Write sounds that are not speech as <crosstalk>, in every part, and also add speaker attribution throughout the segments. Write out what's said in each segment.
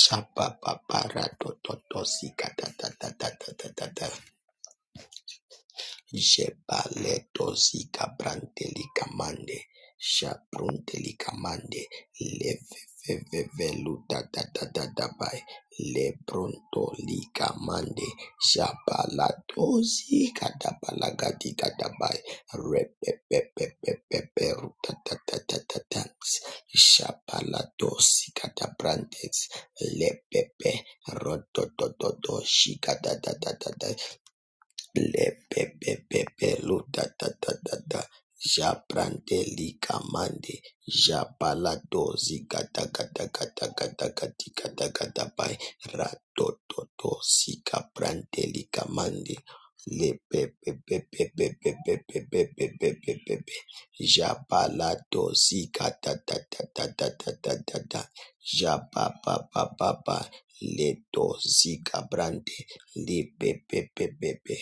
Speaker 1: Shapa pa para to to to si ka ta ta ta ta Jebaleto zika branteli kamande, shabrunteli kamande, leveveveluta da da da da by lebronto lika mande, shabalato zika da balagati kata by repepepepepeperuta da da da da da, dance, shabalato zika da brantes, lepepe roto do do do shika da da da da da Lepepepepelu da da da da da. Jabrante likamande jabalado zigata gata gata gata gati gata gata pai ratototo sikabrante likamande lepepepepepepepepepepepepepepe jabalado zigata da da da da da da da da jababababa leto zikabrante lipepepepepe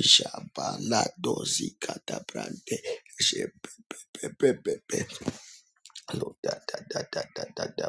Speaker 1: Jabala dozi katabrante. Jepepepepepe. Lo da da da da da da da.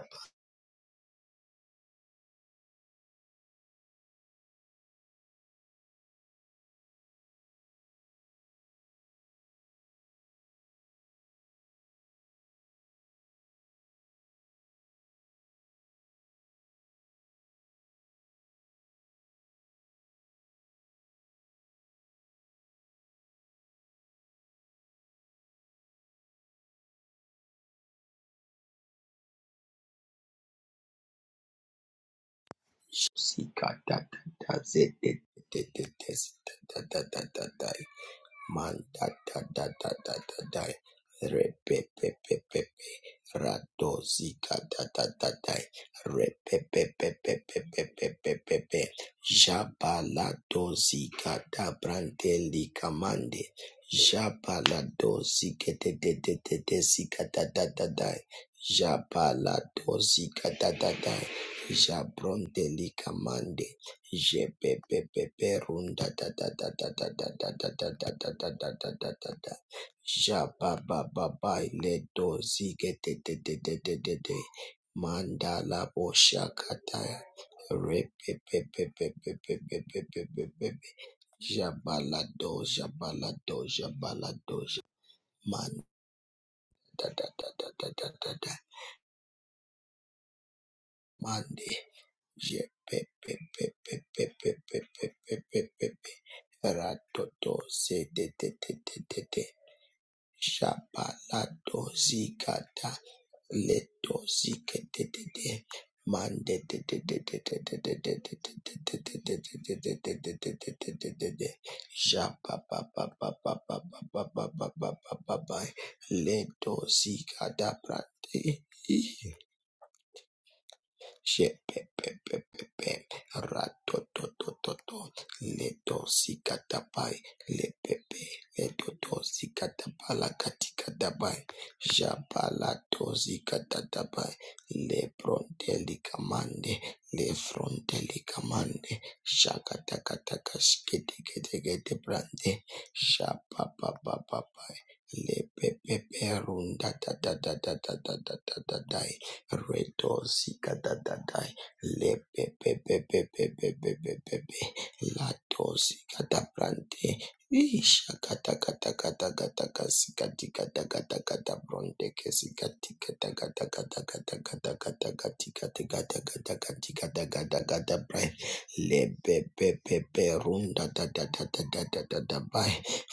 Speaker 1: Zika da da da ze de de de de de ze da da da da da da. Man da da da da da da da. Re pe pe pe pe pe. Ra do zi ga da da da da. Re pe pe pe pe pe pe pe pe da brante li kamande. Jabala de de de de de zi da da da da. Jabala da da da. Jabronte li kamande. Mandala Boshakataya Repepepepepepepepepepepe Jabalado Jabalado Jabalado Man da da da da da da da da pepe pepe pepe le le le pepe leto to sikatapala katikatapai jabala to sikatatapai le fronteli kamande le fronteli kamande kamande brande Shepepepepepe, ratototototo, da da da da da da da da lepepeperundadadadadadadadadadai, Redozica da da da le pe pe pe pe pe pe pe pe pe pe, la dozica da brante, isha kata kata kata kata kasika tika taka taka da bronte kesika tika taka taka taka taka taka taka tika tika taka taka tika taka taka da brante, le pe pe pe pe runda da da da da da le la da da da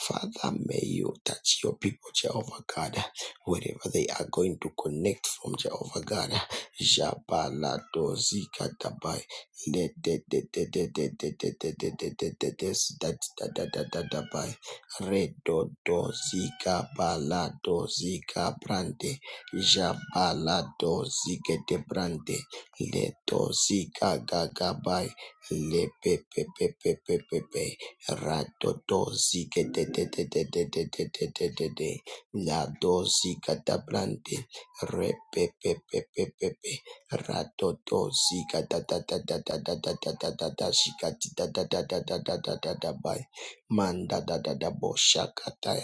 Speaker 1: Father, may you touch your people, Jehovah God. Wherever they are going to connect from Java, Ghana, Jabala, Doziga, Dubai, the the the the the the the the the the the the the this that that that that that by Redo Doziga, Balla Doziga, Brande, Jabala Doziga, the Brande, the Doziga, Gaga by the p p p p p p p, Redo Doziga, the the the the the the the the the the the La dosi catabrante, repepepepepepe, ratotosi catatatatatatatatatatata, shikatitatatatatatatatabai, mandadadadaboshakataya.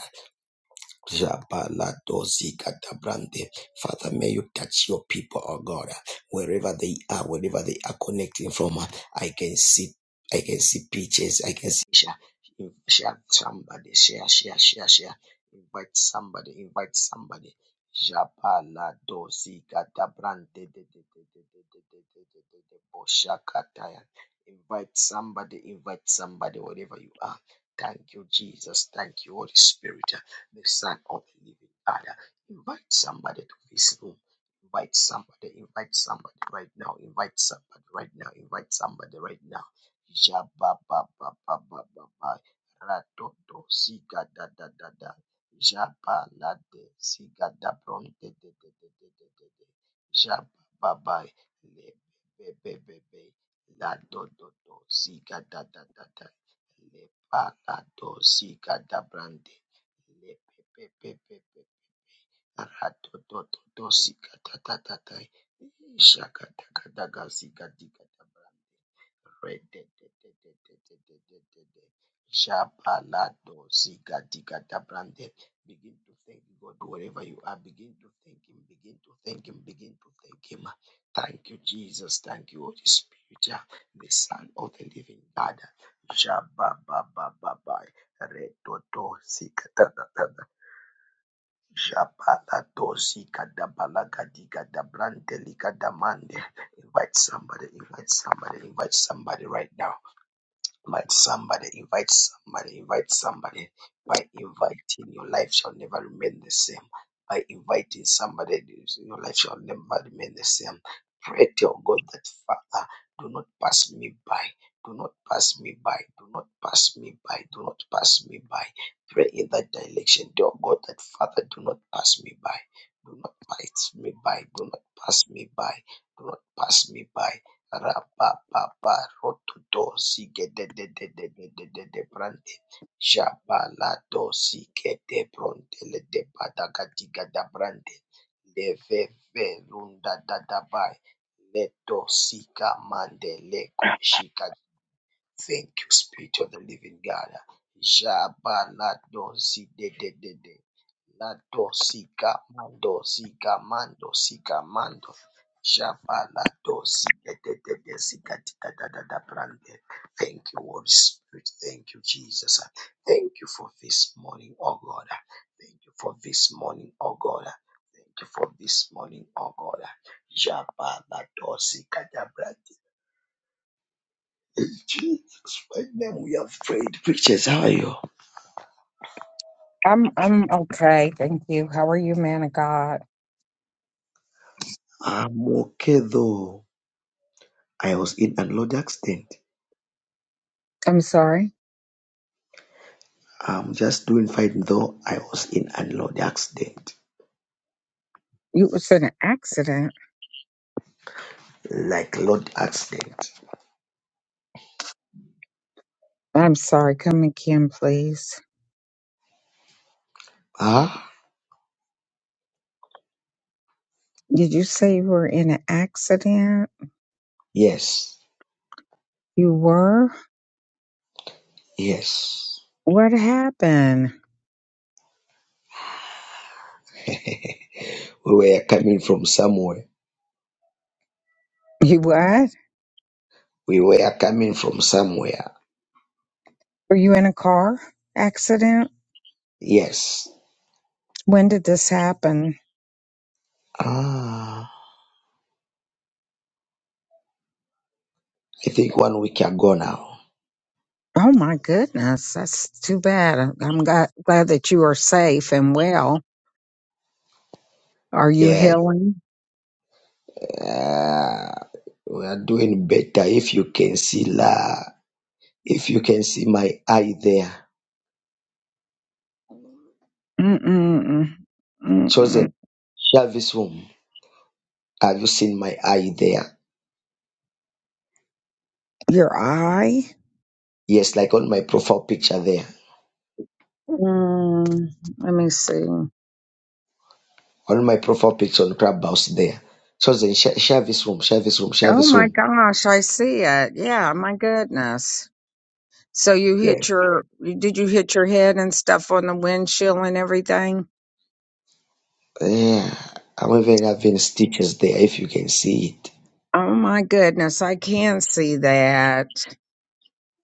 Speaker 1: Jabaladozikadabrande. Father, may you touch your people, oh God, wherever they are, wherever they are connecting from. I can see, I can see pictures, I can see. Share, share somebody, share, share, share, share. Invite somebody, invite somebody. Jabaladozikadabrande. Boshakataya. Invite somebody, invite somebody, wherever you are. Thank you, Jesus. Thank you, Holy Spirit the Son of the Living God. Invite somebody to this room. Invite somebody, invite somebody right now, invite somebody right now, invite somebody right now. Jabba ba ba ba ba ba ba. Ratoto siga da da da da. Jabba la de siga da bron de de de de de de de de. Jabba ba ba le be be be be. La do do do siga da da da da. Le pa da do siga da brande. Begin to thank God wherever you are. Begin to thank Him. Begin to thank Him. Begin to thank Him. Thank you, Jesus. Thank you, Holy Spirit, uh, the Son of the Living God. Shabba, ba, ba, ba, ba. Redodo, Shabala dosi, Shapalatosi kadabalagadi kadabranteli kadamande. Invite somebody, invite somebody, invite somebody right now. Invite somebody, invite somebody, invite somebody. By inviting, your life shall never remain the same. By inviting somebody, your life shall never remain the same. Pray to your God that Father, do not pass me by. Do not pass me by. Do not pass me by. Do not pass me by. Pray in that direction. Dear God, that Father, do not pass me by. Do not pass me by. Do not pass me by. Do not pass me by. Rapapapa rotutosi gededededededede brande Jabalatosi kete pronte le de padagadiga da brante. Leveve runda da dabai. Letosika mande leko shika Thank you, Spirit of the Living God. Jaba Ladosi de de de de. Ladosi Gamando Zigamando Zigamando. Jaba Ladosi de de de de si Zigatika da da da brande. Thank you, Holy Spirit. Thank you, Jesus. Thank you for this morning, oh God. Thank you for this morning, oh God. Thank you for this morning, oh God. Jaba Ladosi in Jesus' mighty name we have prayed. Pictures, how are you?
Speaker 2: I'm I'm okay, thank you. How are you, man of God?
Speaker 1: I'm okay though. I was in an road accident.
Speaker 2: I'm sorry.
Speaker 1: I'm just doing fine though. I was in an road accident.
Speaker 2: You was in an accident.
Speaker 1: Like road accident.
Speaker 2: I'm sorry. Come again, please.
Speaker 1: Ah?
Speaker 2: Did you say you were in an accident?
Speaker 1: Yes.
Speaker 2: You were?
Speaker 1: Yes.
Speaker 2: What happened?
Speaker 1: <laughs> we were coming from somewhere.
Speaker 2: You what?
Speaker 1: We were coming from somewhere.
Speaker 2: Were you in a car accident?
Speaker 1: Yes.
Speaker 2: When did this happen?
Speaker 1: Ah. I think one week ago now.
Speaker 2: Oh my goodness, that's too bad. I'm glad, glad that you are safe and well. Are you
Speaker 1: Yes.
Speaker 2: healing?
Speaker 1: Uh, we are doing better if you can see la. If you can see my eye there,
Speaker 2: Mm-mm-mm. Mm-mm.
Speaker 1: chosen Jarvis room. Have you seen my eye there?
Speaker 2: Your eye?
Speaker 1: Yes, like on my profile picture there,
Speaker 2: Mm, let me see. Oh
Speaker 1: on my profile picture on Clubhouse there. Chosen Sh- Jarvis room, Jarvis room, Jarvis
Speaker 2: my
Speaker 1: room.
Speaker 2: gosh, I see it. Yeah, my goodness. So you
Speaker 1: Yeah,
Speaker 2: hit your, did you hit your head and stuff on the windshield and everything?
Speaker 1: yeah. I'm even having stitches there. If you can see it,
Speaker 2: Oh my goodness, I can see that.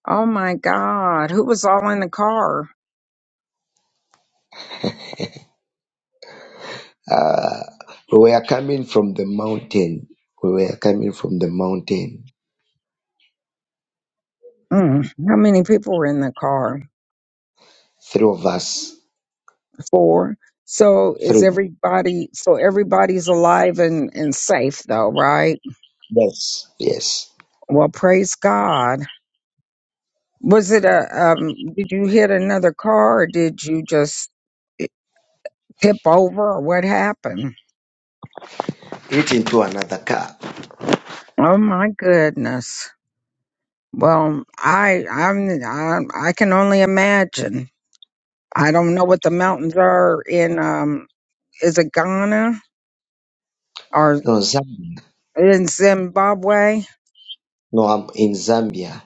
Speaker 2: Oh my God, who was all in the car?
Speaker 1: uh, we were coming from the mountain. We were coming from the mountain.
Speaker 2: Mm, how many people were in the car?
Speaker 1: Three of us,
Speaker 2: Four. So is
Speaker 1: three.
Speaker 2: everybody, so everybody's alive and, and safe though, right?
Speaker 1: Yes, yes.
Speaker 2: Well, praise God. Was it a, um, did you hit another car or did you just tip over or what happened?
Speaker 1: Hit into another car.
Speaker 2: Oh my goodness. Well, I, I'm, I, I can only imagine. I don't know what the mountains are in, um, is it Ghana or
Speaker 1: No, Zambia.
Speaker 2: in Zimbabwe?
Speaker 1: No, I'm in Zambia.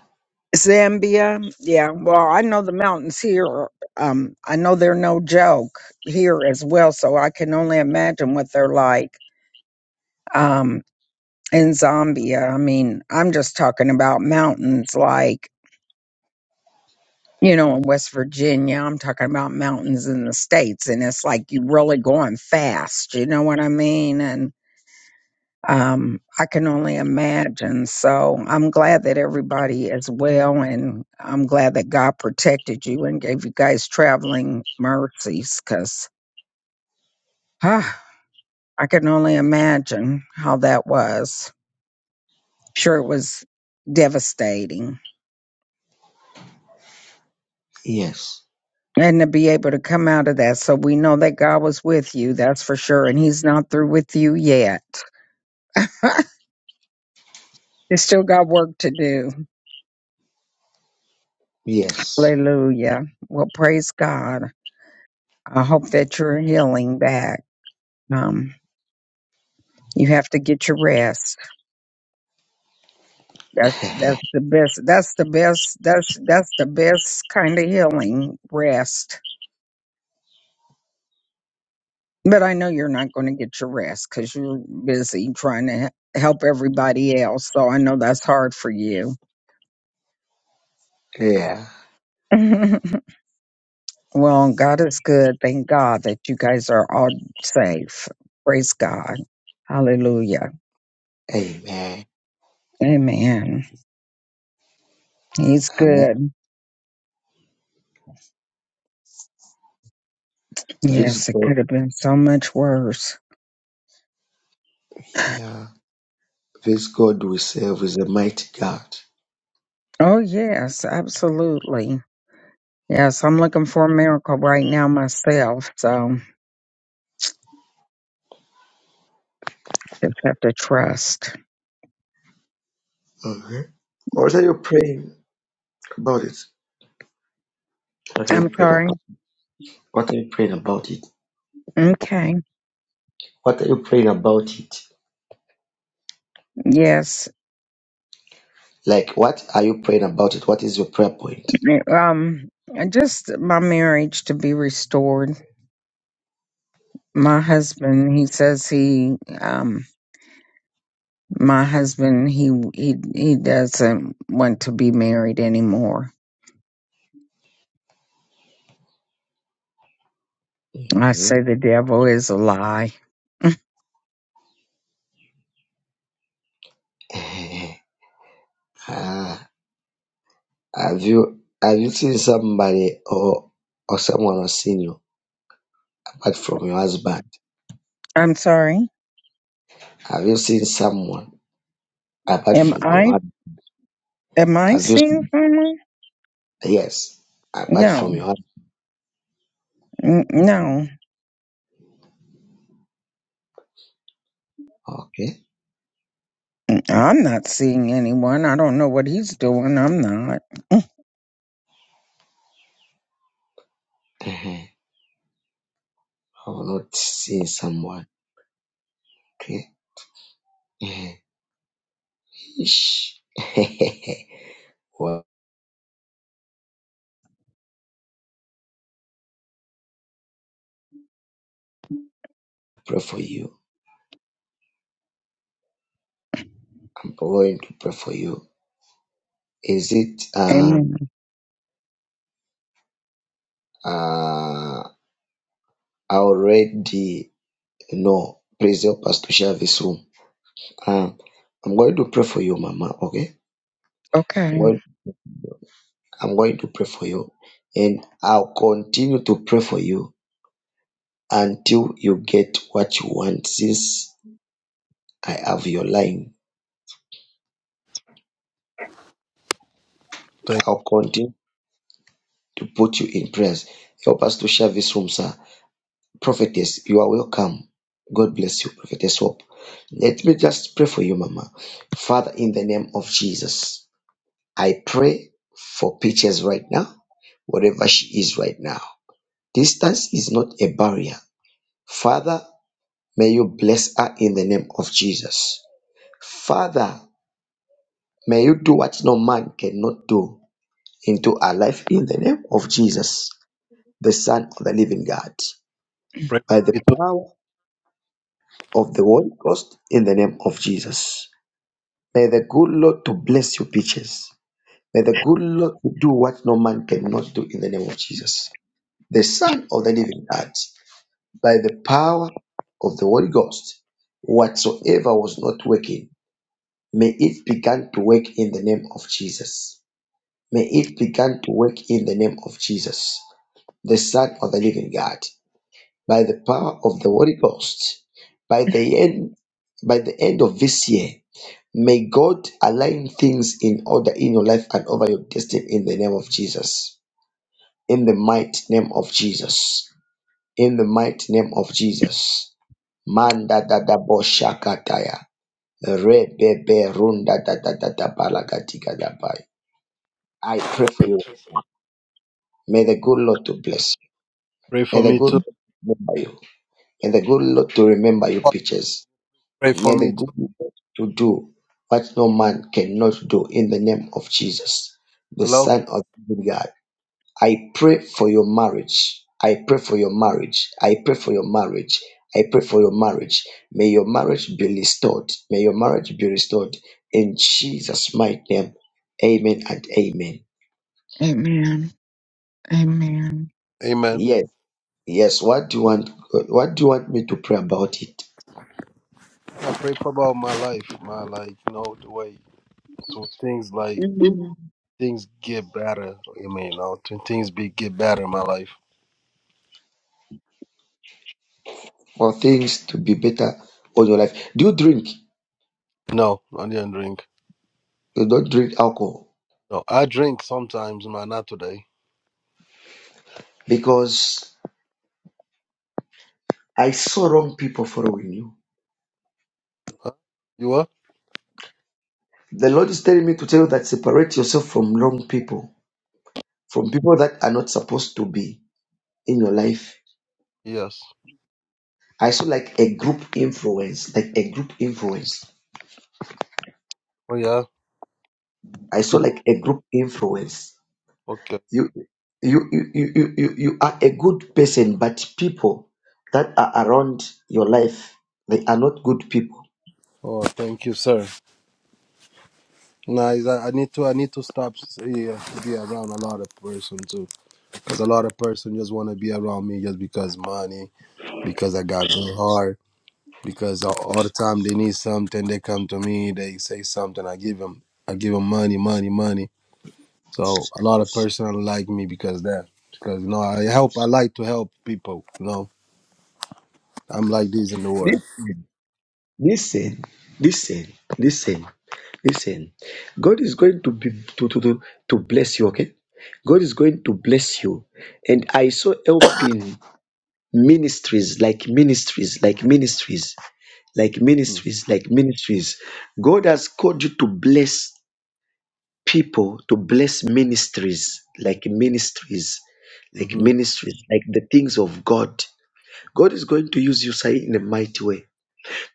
Speaker 2: Zambia. Yeah. Well, I know the mountains here. are- Um, I know they're no joke here as well. So I can only imagine what they're like. Um. in Zambia. I mean, I'm just talking about mountains like, you know, in West Virginia, I'm talking about mountains in the States. And it's like you really going fast. You know what I mean? And um, I can only imagine. So I'm glad that everybody is well. And I'm glad that God protected you and gave you guys traveling mercies because I can only imagine how that was. Sure, it was devastating.
Speaker 1: Yes.
Speaker 2: and to be able to come out of that. So we know that God was with you, that's for sure. And He's not through with you yet. <laughs> you still got work to do.
Speaker 1: Yes.
Speaker 2: Hallelujah. Well, praise God. I hope that you're healing back. Um, you have to get your rest. That's that's the best. That's the best. That's that's the best kind of healing. Rest. But I know you're not going to get your rest because you're busy trying to he- help everybody else. So I know that's hard for you.
Speaker 1: Yeah.
Speaker 2: <laughs> Well, God is good. Thank God that you guys are all safe. Praise God. Hallelujah.
Speaker 1: Amen.
Speaker 2: Amen. He's
Speaker 1: Uh,
Speaker 2: good.
Speaker 1: This
Speaker 2: Yes, it
Speaker 1: God,
Speaker 2: could have been so much worse.
Speaker 1: yeah, this God we serve is a mighty God.
Speaker 2: Oh, yes, absolutely. Yes, I'm looking for a miracle right now myself. So just have to trust.
Speaker 1: Okay. What are you praying about it? What are you
Speaker 2: I'm
Speaker 1: praying about?
Speaker 2: sorry.
Speaker 1: What are you praying about it?
Speaker 2: Okay.
Speaker 1: What are you praying about it?
Speaker 2: Yes.
Speaker 1: Like, what are you praying about it? What is your prayer point?
Speaker 2: Um, just my marriage to be restored. My husband, he says he, um, My husband, he he he doesn't want to be married anymore. I
Speaker 1: hmm
Speaker 2: say the devil is a lie.
Speaker 1: <laughs> ah, have you have you seen somebody or or someone has seen you apart from your husband?
Speaker 2: <laughs> I'm sorry.
Speaker 1: Have you seen someone apart
Speaker 2: Am
Speaker 1: from your
Speaker 2: I
Speaker 1: husband?
Speaker 2: am I
Speaker 1: Have you
Speaker 2: seeing
Speaker 1: seen?
Speaker 2: someone?
Speaker 1: Yes, apart from
Speaker 2: No,
Speaker 1: your husband.
Speaker 2: N- no,
Speaker 1: Okay.
Speaker 2: I'm not seeing anyone. I don't know what he's doing. I'm not.
Speaker 1: Uh-huh. I've not seen someone. Okay. Uh-huh. Ish. <laughs> well, pray for you. I'm going to pray for you. Is it uh,
Speaker 2: Amen.
Speaker 1: uh, already? No. Please help us to share this room. Um, I'm going to pray for you, Mama. Okay. I'm
Speaker 2: Okay.
Speaker 1: going, I'm going to pray for you, and I'll continue to pray for you until you get what you want. Since I have your line,
Speaker 3: Thank
Speaker 1: I'll continue to put you in prayers. Help us to share this room, sir. Prophetess, you are welcome. God bless you, Prophetess Hope. Let me just pray for you, Mama. Father, in the name of Jesus, I pray for Peaches right now, wherever she is right now. Distance is not a barrier. Father, may you bless her in the name of Jesus. Father, May you do what no man cannot do into our life in the name of Jesus, the Son of the living God,
Speaker 3: you. Pray
Speaker 1: by
Speaker 3: for
Speaker 1: the
Speaker 3: me too.
Speaker 1: power of the Holy Ghost in the name of Jesus. May the good Lord to bless your peaches. May the good Lord to do what no man cannot do in the name of Jesus, the Son of the living God, by the power of the Holy Ghost. Whatsoever was not working, may it begin to work in the name of Jesus May it begin to work in the name of Jesus, the Son of the Living God, by the power of the Holy Ghost. By the end, by the end of this year, may God align things in order in your life and over your destiny in the name of Jesus. In the mighty name of Jesus. In the mighty name of Jesus. Manda da da boshakataya. Rebebe runda da da da da balagatika da bai. I pray for you. May the good Lord to bless you.
Speaker 3: Pray
Speaker 1: May
Speaker 3: for
Speaker 1: the
Speaker 3: me
Speaker 1: good Lord
Speaker 3: too.
Speaker 1: remember you. May the good Lord to remember your pictures.
Speaker 3: Pray for
Speaker 1: May the
Speaker 3: me
Speaker 1: good
Speaker 3: too.
Speaker 1: Lord to do what no man cannot do in the name of Jesus, the
Speaker 3: Hello?
Speaker 1: Son of the living God. I pray for your marriage. I pray for your marriage. I pray for your marriage. I pray for your marriage. May your marriage be restored. May your marriage be restored in Jesus' mighty name. Amen and amen.
Speaker 2: Amen. Amen.
Speaker 3: Amen.
Speaker 1: Yes, yes. What do you want? What do you want me to pray about it?
Speaker 3: I pray for about my life, my like, you know, the way to things like
Speaker 2: Mm.
Speaker 3: things get better. You mean, you know, to things be get better in my life.
Speaker 1: for things to be better on your life. Do you drink?
Speaker 3: No, I didn't drink.
Speaker 1: You don't drink alcohol
Speaker 3: No, I drink sometimes, man. Not today.
Speaker 1: because I saw wrong people following you.
Speaker 3: Huh? You what?
Speaker 1: The Lord is telling me to tell you that separate yourself from wrong people, from people that are not supposed to be in your life.
Speaker 3: Yes.
Speaker 1: I saw like a group influence, like a group influence.
Speaker 3: Oh yeah.
Speaker 1: I saw like a group influence.
Speaker 3: Okay.
Speaker 1: You, you, you, you, you, you you are a good person, but people that are around your life, they are not good people.
Speaker 3: Oh, thank you, sir. Nice. I, I need to. I need to stop s- eh, yeah, to be around a lot of person too, because a lot of person just want to be around me just because money because I got good hard. Because all, all the time they need something, they come to me. They say something, I give them, I give them money, money, money. So a lot of person like me because that, because you know I help. I like to help people. You know, I'm like this in the world.
Speaker 1: Listen. Listen, listen, listen, listen. God is going to be to, to, to, to bless you, okay? God is going to bless you. And I saw helping ministries like ministries, like ministries, like ministries, like ministries. God has called you to bless people, to bless ministries, like ministries, like
Speaker 3: Mm-hmm.
Speaker 1: ministries, like the things of God. God is going to use you, Sai, in a mighty way.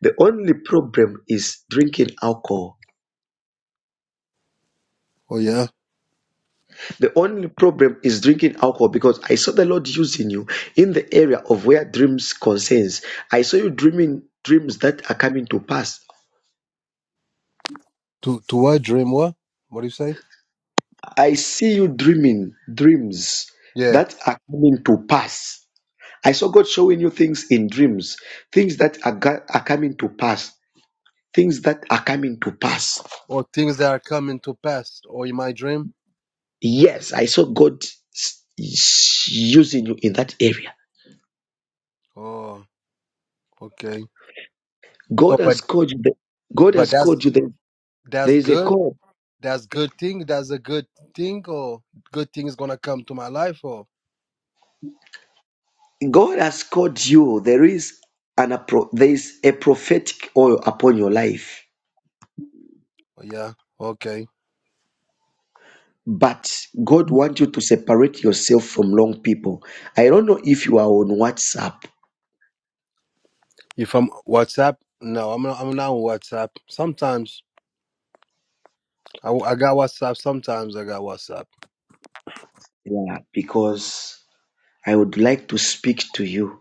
Speaker 1: The only problem is drinking alcohol
Speaker 3: Oh yeah.
Speaker 1: The only problem is drinking alcohol because I saw the Lord using you in the area of where dreams concerns. I saw you dreaming dreams that are coming to pass.
Speaker 3: To to what dream? What? What do you say?
Speaker 1: I see you dreaming dreams
Speaker 3: Yeah.
Speaker 1: that are coming to pass. I saw God showing you things in dreams, things that are, go- are coming to pass, things that are coming to pass.
Speaker 3: Or things that are coming to pass, or in my dream.
Speaker 1: Yes, I saw God s- s- using you in that area.
Speaker 3: Oh, okay.
Speaker 1: God
Speaker 3: So, but
Speaker 1: has called you. the- God
Speaker 3: but
Speaker 1: has
Speaker 3: that's
Speaker 1: called you. the-
Speaker 3: that's
Speaker 1: There is a
Speaker 3: good
Speaker 1: call
Speaker 3: that's good thing that's a good thing or good thing is gonna come to my life or
Speaker 1: God has called you. There is an appro- there is a prophetic oil upon your life.
Speaker 3: or yeah okay
Speaker 1: But God wants you to separate yourself from wrong people. I don't know if you are on WhatsApp.
Speaker 3: if i'm whatsapp no i'm not i'm not on whatsapp sometimes I, I got whatsapp sometimes i got whatsapp
Speaker 1: Yeah, because I would like to speak to you.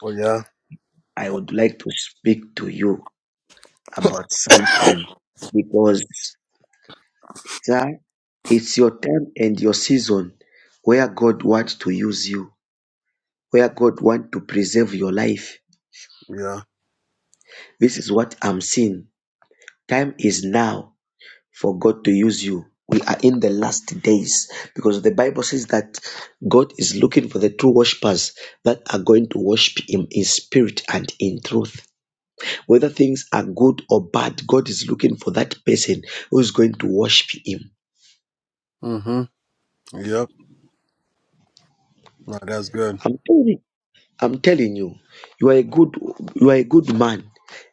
Speaker 3: oh yeah
Speaker 1: I
Speaker 3: oh,
Speaker 1: would like to speak to you about something because sir, it's your time and your season where God wants to use you, where God wants to preserve your life.
Speaker 3: yeah
Speaker 1: This is what I'm seeing Time is now for God to use you. We are in the last days because the Bible says that God is looking for the true worshippers that are going to worship Him in spirit and in truth. Whether things are good or bad, God is looking for that person who is going to worship Him.
Speaker 3: hmm yep no that's good
Speaker 1: I'm telling you. I'm telling you, you are a good you are a good man.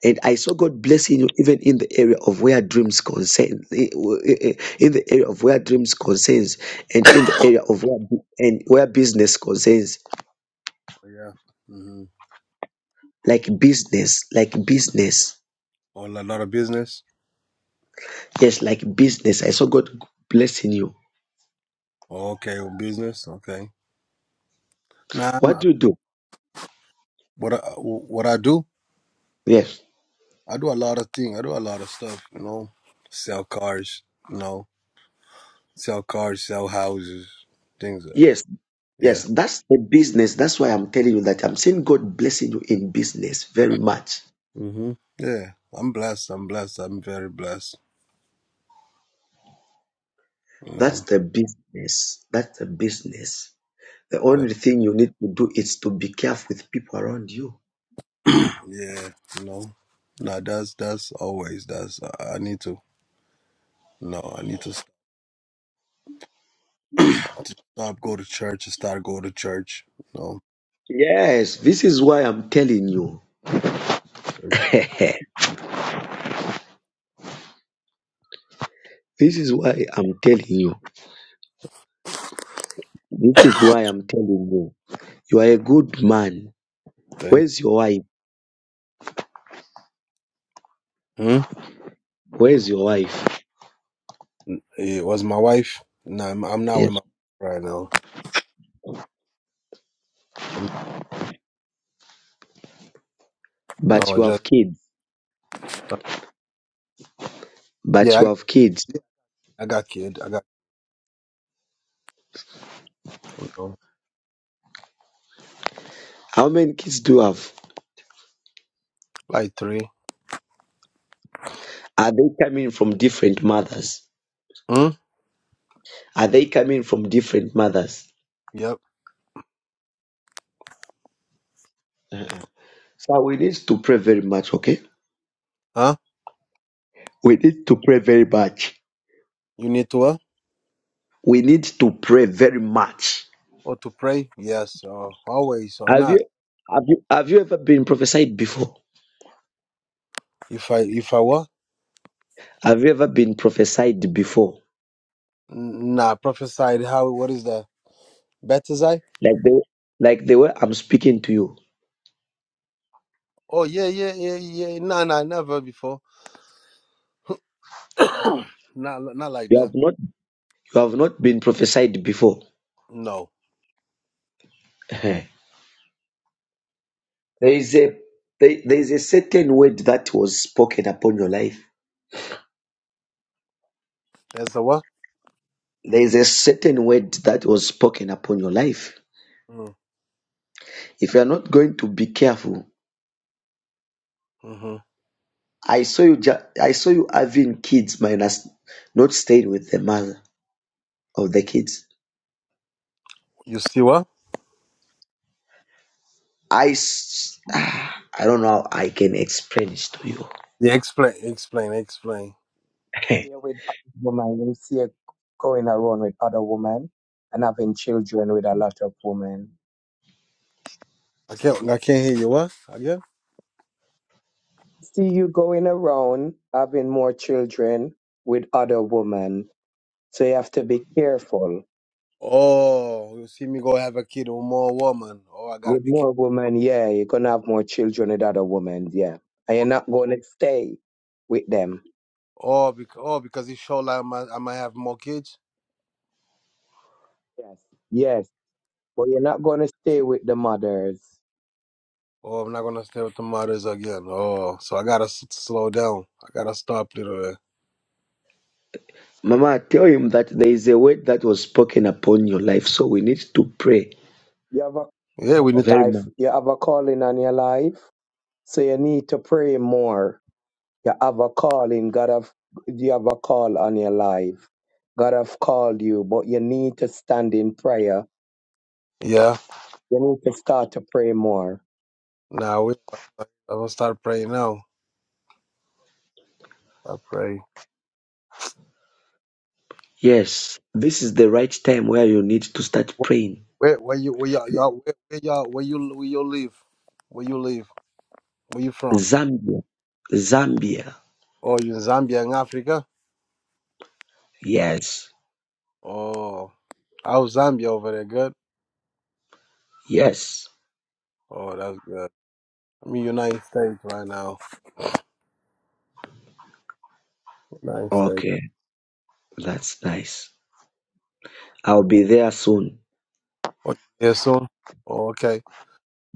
Speaker 1: And I saw God blessing you even in the area of where dreams concern, in the area of where dreams concerns,
Speaker 3: <coughs>
Speaker 1: and in the
Speaker 3: oh,
Speaker 1: area of where and where business concerns,
Speaker 3: yeah hmm
Speaker 1: like business, like business,
Speaker 3: or a lot of business
Speaker 1: yes, like business. I saw God blessing you.
Speaker 3: oh, okay business okay nah I'm,
Speaker 1: What do you do?
Speaker 3: what I, what i do
Speaker 1: Yes,
Speaker 3: i do a lot of things i do a lot of stuff you know sell cars you know sell cars, sell houses, things like that.
Speaker 1: yes,
Speaker 3: Yeah.
Speaker 1: yes. That's the business. That's why I'm telling you that I'm seeing God blessing you in business very much.
Speaker 3: hmm Yeah. I'm blessed. I'm blessed. I'm very blessed. You
Speaker 1: That's
Speaker 3: know.
Speaker 1: the business. That's the business. The
Speaker 3: But
Speaker 1: only thing you need to do is to be careful with people around you.
Speaker 3: yeah, you know. Nah, that's that's always that's I I need to no, I need to stop, <clears throat> to stop go to church and start go to church. No
Speaker 1: Yes, this is why I'm telling you. This is why I'm telling you. This is why I'm telling you. You are a good man.
Speaker 3: thing.
Speaker 1: Where's your wife?
Speaker 3: Hmm?
Speaker 1: Where's your wife?
Speaker 3: It was my wife. No, I'm I'm not
Speaker 1: Yes.
Speaker 3: with my wife right now. I'm,
Speaker 1: But
Speaker 3: no, I
Speaker 1: you have
Speaker 3: just
Speaker 1: kids. But
Speaker 3: yeah,
Speaker 1: you have kids.
Speaker 3: I, I got kid. I got you know,
Speaker 1: How many kids do you have?
Speaker 3: like three.
Speaker 1: Are they coming from different mothers?
Speaker 3: Hmm?
Speaker 1: Are they coming from different mothers?
Speaker 3: Yep.
Speaker 1: So we need to pray very much, okay?
Speaker 3: Huh?
Speaker 1: We need to pray very much.
Speaker 3: You need to? what?
Speaker 1: We need to pray very much.
Speaker 3: or to pray? Yes, or always or
Speaker 1: Have
Speaker 3: not.
Speaker 1: you have you have you ever been prophesied before?
Speaker 3: If I if I were,
Speaker 1: Have you ever been prophesied before?
Speaker 3: nah, prophesied how what is the Bethesda?
Speaker 1: Like the like the way I'm speaking to you.
Speaker 3: Oh yeah, yeah, yeah, yeah. Nah, nah, never before. <coughs> not not like
Speaker 1: You
Speaker 3: that.
Speaker 1: have not you have not been prophesied before.
Speaker 3: No,
Speaker 1: <laughs> there is a there, there is a certain word that was spoken upon your life.
Speaker 3: that's the what?
Speaker 1: There is a certain word that was spoken upon your life.
Speaker 3: Mm,
Speaker 1: If you are not going to be careful,
Speaker 3: Mm-hmm.
Speaker 1: I saw you ju- I saw you having kids minus not staying with the mother of the kids
Speaker 3: You see what?
Speaker 1: I s- ah, I don't know how I can explain this to you.
Speaker 3: Yeah, explain, explain, explain.
Speaker 1: <laughs>
Speaker 4: here with other women, you see her going around with other women and having children with a lot of women.
Speaker 3: I can't I can't hear you. What again?
Speaker 4: See you going around having more children with other women. So you have to be careful.
Speaker 3: Oh, you see me go have a kid with more woman. Oh, I gotta
Speaker 4: With
Speaker 3: be. ca-
Speaker 4: more women, yeah, you're gonna have more children with other women, yeah. And you're
Speaker 3: Oh,
Speaker 4: not gonna stay with them.
Speaker 3: oh, because, oh, because it show like I might, I might have more kids.
Speaker 4: Yes. Yes. But you're not gonna stay with the mothers.
Speaker 3: Oh, I'm not gonna stay with the mothers again. Oh, so I gotta s- slow down. I gotta stop little bit.
Speaker 1: Mama, tell him that there is a word that was spoken upon your life, so we need to pray
Speaker 4: You have
Speaker 3: Yeah, we need
Speaker 4: a
Speaker 3: to.
Speaker 1: very much.
Speaker 4: life you have a calling on your life. So you need to pray more You have a calling. God have you have a call on your life. God have called you, but you need to stand in prayer.
Speaker 3: Yeah,
Speaker 4: You need to start to pray more.
Speaker 3: now we. I'm gonna start praying now. I pray.
Speaker 1: Yes, this is the right time where you need to start
Speaker 3: Wh-
Speaker 1: praying.
Speaker 3: Where, where you, where y'all, y'all where, where y'all, where you, where you live? Where you live? Where you from?
Speaker 1: Zambia, Zambia.
Speaker 3: Oh, you in Zambia in Africa?
Speaker 1: Yes,
Speaker 3: Oh, how's Zambia over there? Good.
Speaker 1: yes.
Speaker 3: Oh, that's good. I'm in United States right now. United States.
Speaker 1: Okay, that's nice. I'll be there soon.
Speaker 3: Oh, yeah, soon. Oh, okay.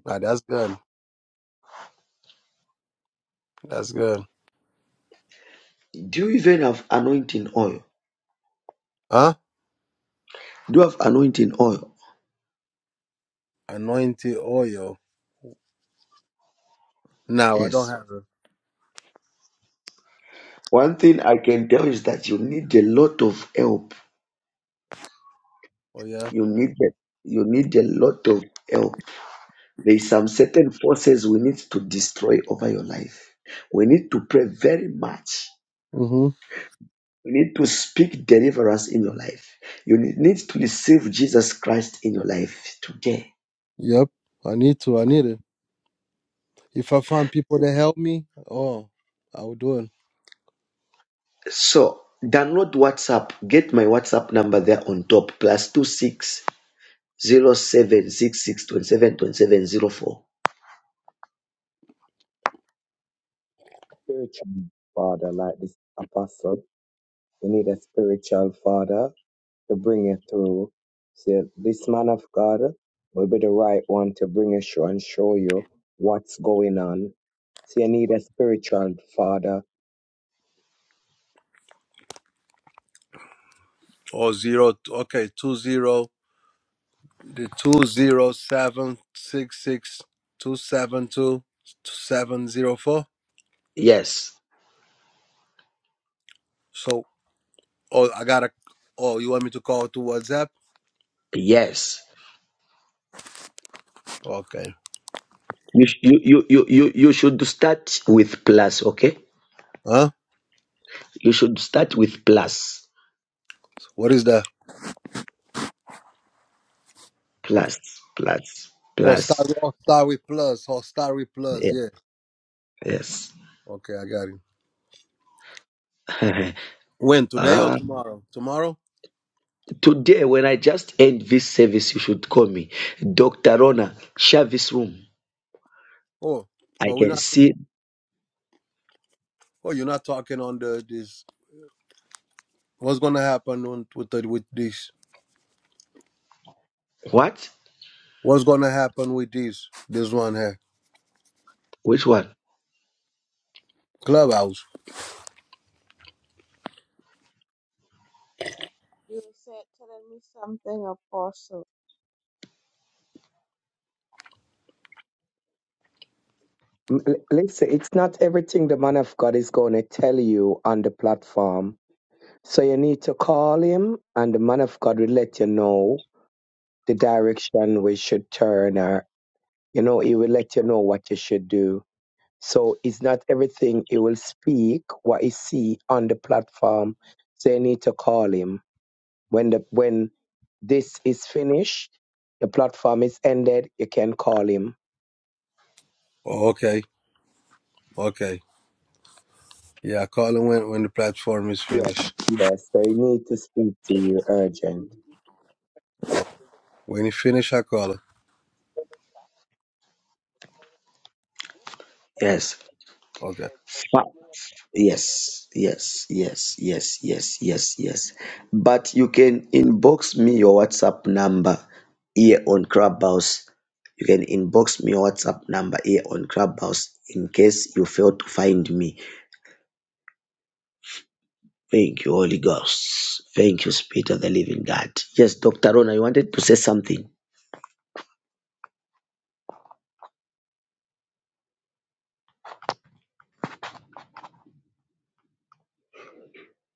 Speaker 3: Now that's good. That's good.
Speaker 1: Do you even have anointing oil?
Speaker 3: Huh?
Speaker 1: Do you have anointing oil?
Speaker 3: Anointed oil. No, I don't
Speaker 1: Yes.
Speaker 3: have it.
Speaker 1: One thing I can tell is that you need a lot of help
Speaker 3: Oh yeah.
Speaker 1: You need it. You need a lot of help. There is some certain forces we need to destroy over your life. We need to pray very much.
Speaker 3: Mm-hmm.
Speaker 1: You need to speak deliverance in your life. You ne- need to receive Jesus Christ in your life today.
Speaker 3: Yep. I need to. I need it. If I find people that help me, oh, I will do it.
Speaker 1: So download WhatsApp. Get my WhatsApp number there on top. Plus two six zero seven six six twenty seven twenty seven zero four.
Speaker 4: Spiritual father, like this apostle. You need a spiritual father to bring you through. See, this man of God will be the right one to bring you through and show you what's going on. So you need a spiritual father.
Speaker 3: Oh zero. Okay, two zero. The two zero seven six six two seven two seven zero four.
Speaker 1: Yes.
Speaker 3: So, oh, I gotta. Oh, you want me to call to WhatsApp?
Speaker 1: Yes.
Speaker 3: Okay.
Speaker 1: You, sh- you, you, you, you you should start with plus, okay?
Speaker 3: Huh?
Speaker 1: You should start with plus,
Speaker 3: What is that?
Speaker 1: plus, plus,
Speaker 3: Oh,
Speaker 1: plus.
Speaker 3: start. Oh, start with plus. Oh, start with plus.
Speaker 1: Yeah,
Speaker 3: Yeah.
Speaker 1: Yes.
Speaker 3: Okay, I got it.
Speaker 1: <laughs>
Speaker 3: When today or
Speaker 1: Ah,
Speaker 3: tomorrow? Tomorrow.
Speaker 1: today, when I just end this service, you should call me Dr. Rona, share this room.
Speaker 3: Oh,
Speaker 1: I
Speaker 3: but we're
Speaker 1: can
Speaker 3: not.
Speaker 1: see
Speaker 3: Oh, you're not talking on the this. What's gonna happen on, with the, with this?
Speaker 1: what?
Speaker 3: What's gonna happen with this? This one here,
Speaker 1: Which one?
Speaker 3: clubhouse.
Speaker 5: You were sa- telling me something, Apostle.
Speaker 4: M- l- Listen, it's not everything the man of God is going to tell you on the platform So you need to call him, and the man of God will let you know the direction we should turn, or, you know, he will let you know what you should do. So it's not everything he will speak, what he see on the platform. So you need to call him. When the when this is finished, the platform is ended, you can call him.
Speaker 3: Oh, okay, okay. Yeah, I call him when when the platform is
Speaker 4: Yeah.
Speaker 3: finished.
Speaker 4: Yes. So he need to speak to you urgent.
Speaker 3: Oh, when he finish, I call him.
Speaker 1: Yes.
Speaker 3: Okay.
Speaker 1: Yes, yes, yes, yes, yes, yes, yes. But you can inbox me your WhatsApp number here on Clubhouse. You can inbox me your WhatsApp number here on Clubhouse in case you fail to find me. Thank you, Holy Ghost. Thank you, Spirit of the Living God. Yes, Dr. Rona, you wanted to say something.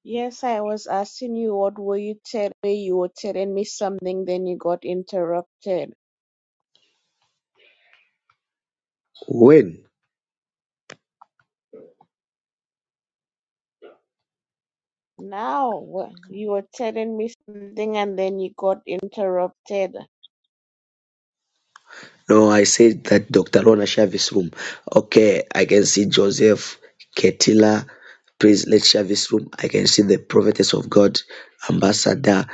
Speaker 5: Yes, I was asking you what were you telling me. You were telling me something, then you got interrupted.
Speaker 1: When?
Speaker 5: Now wha- you were telling me something, and then you got interrupted.
Speaker 1: No, I said that Dr. Rona Shavis room. Okay, I can see Joseph, Ketila, Prince Let Shavis room. I can see the prophetess of God, Ambassador.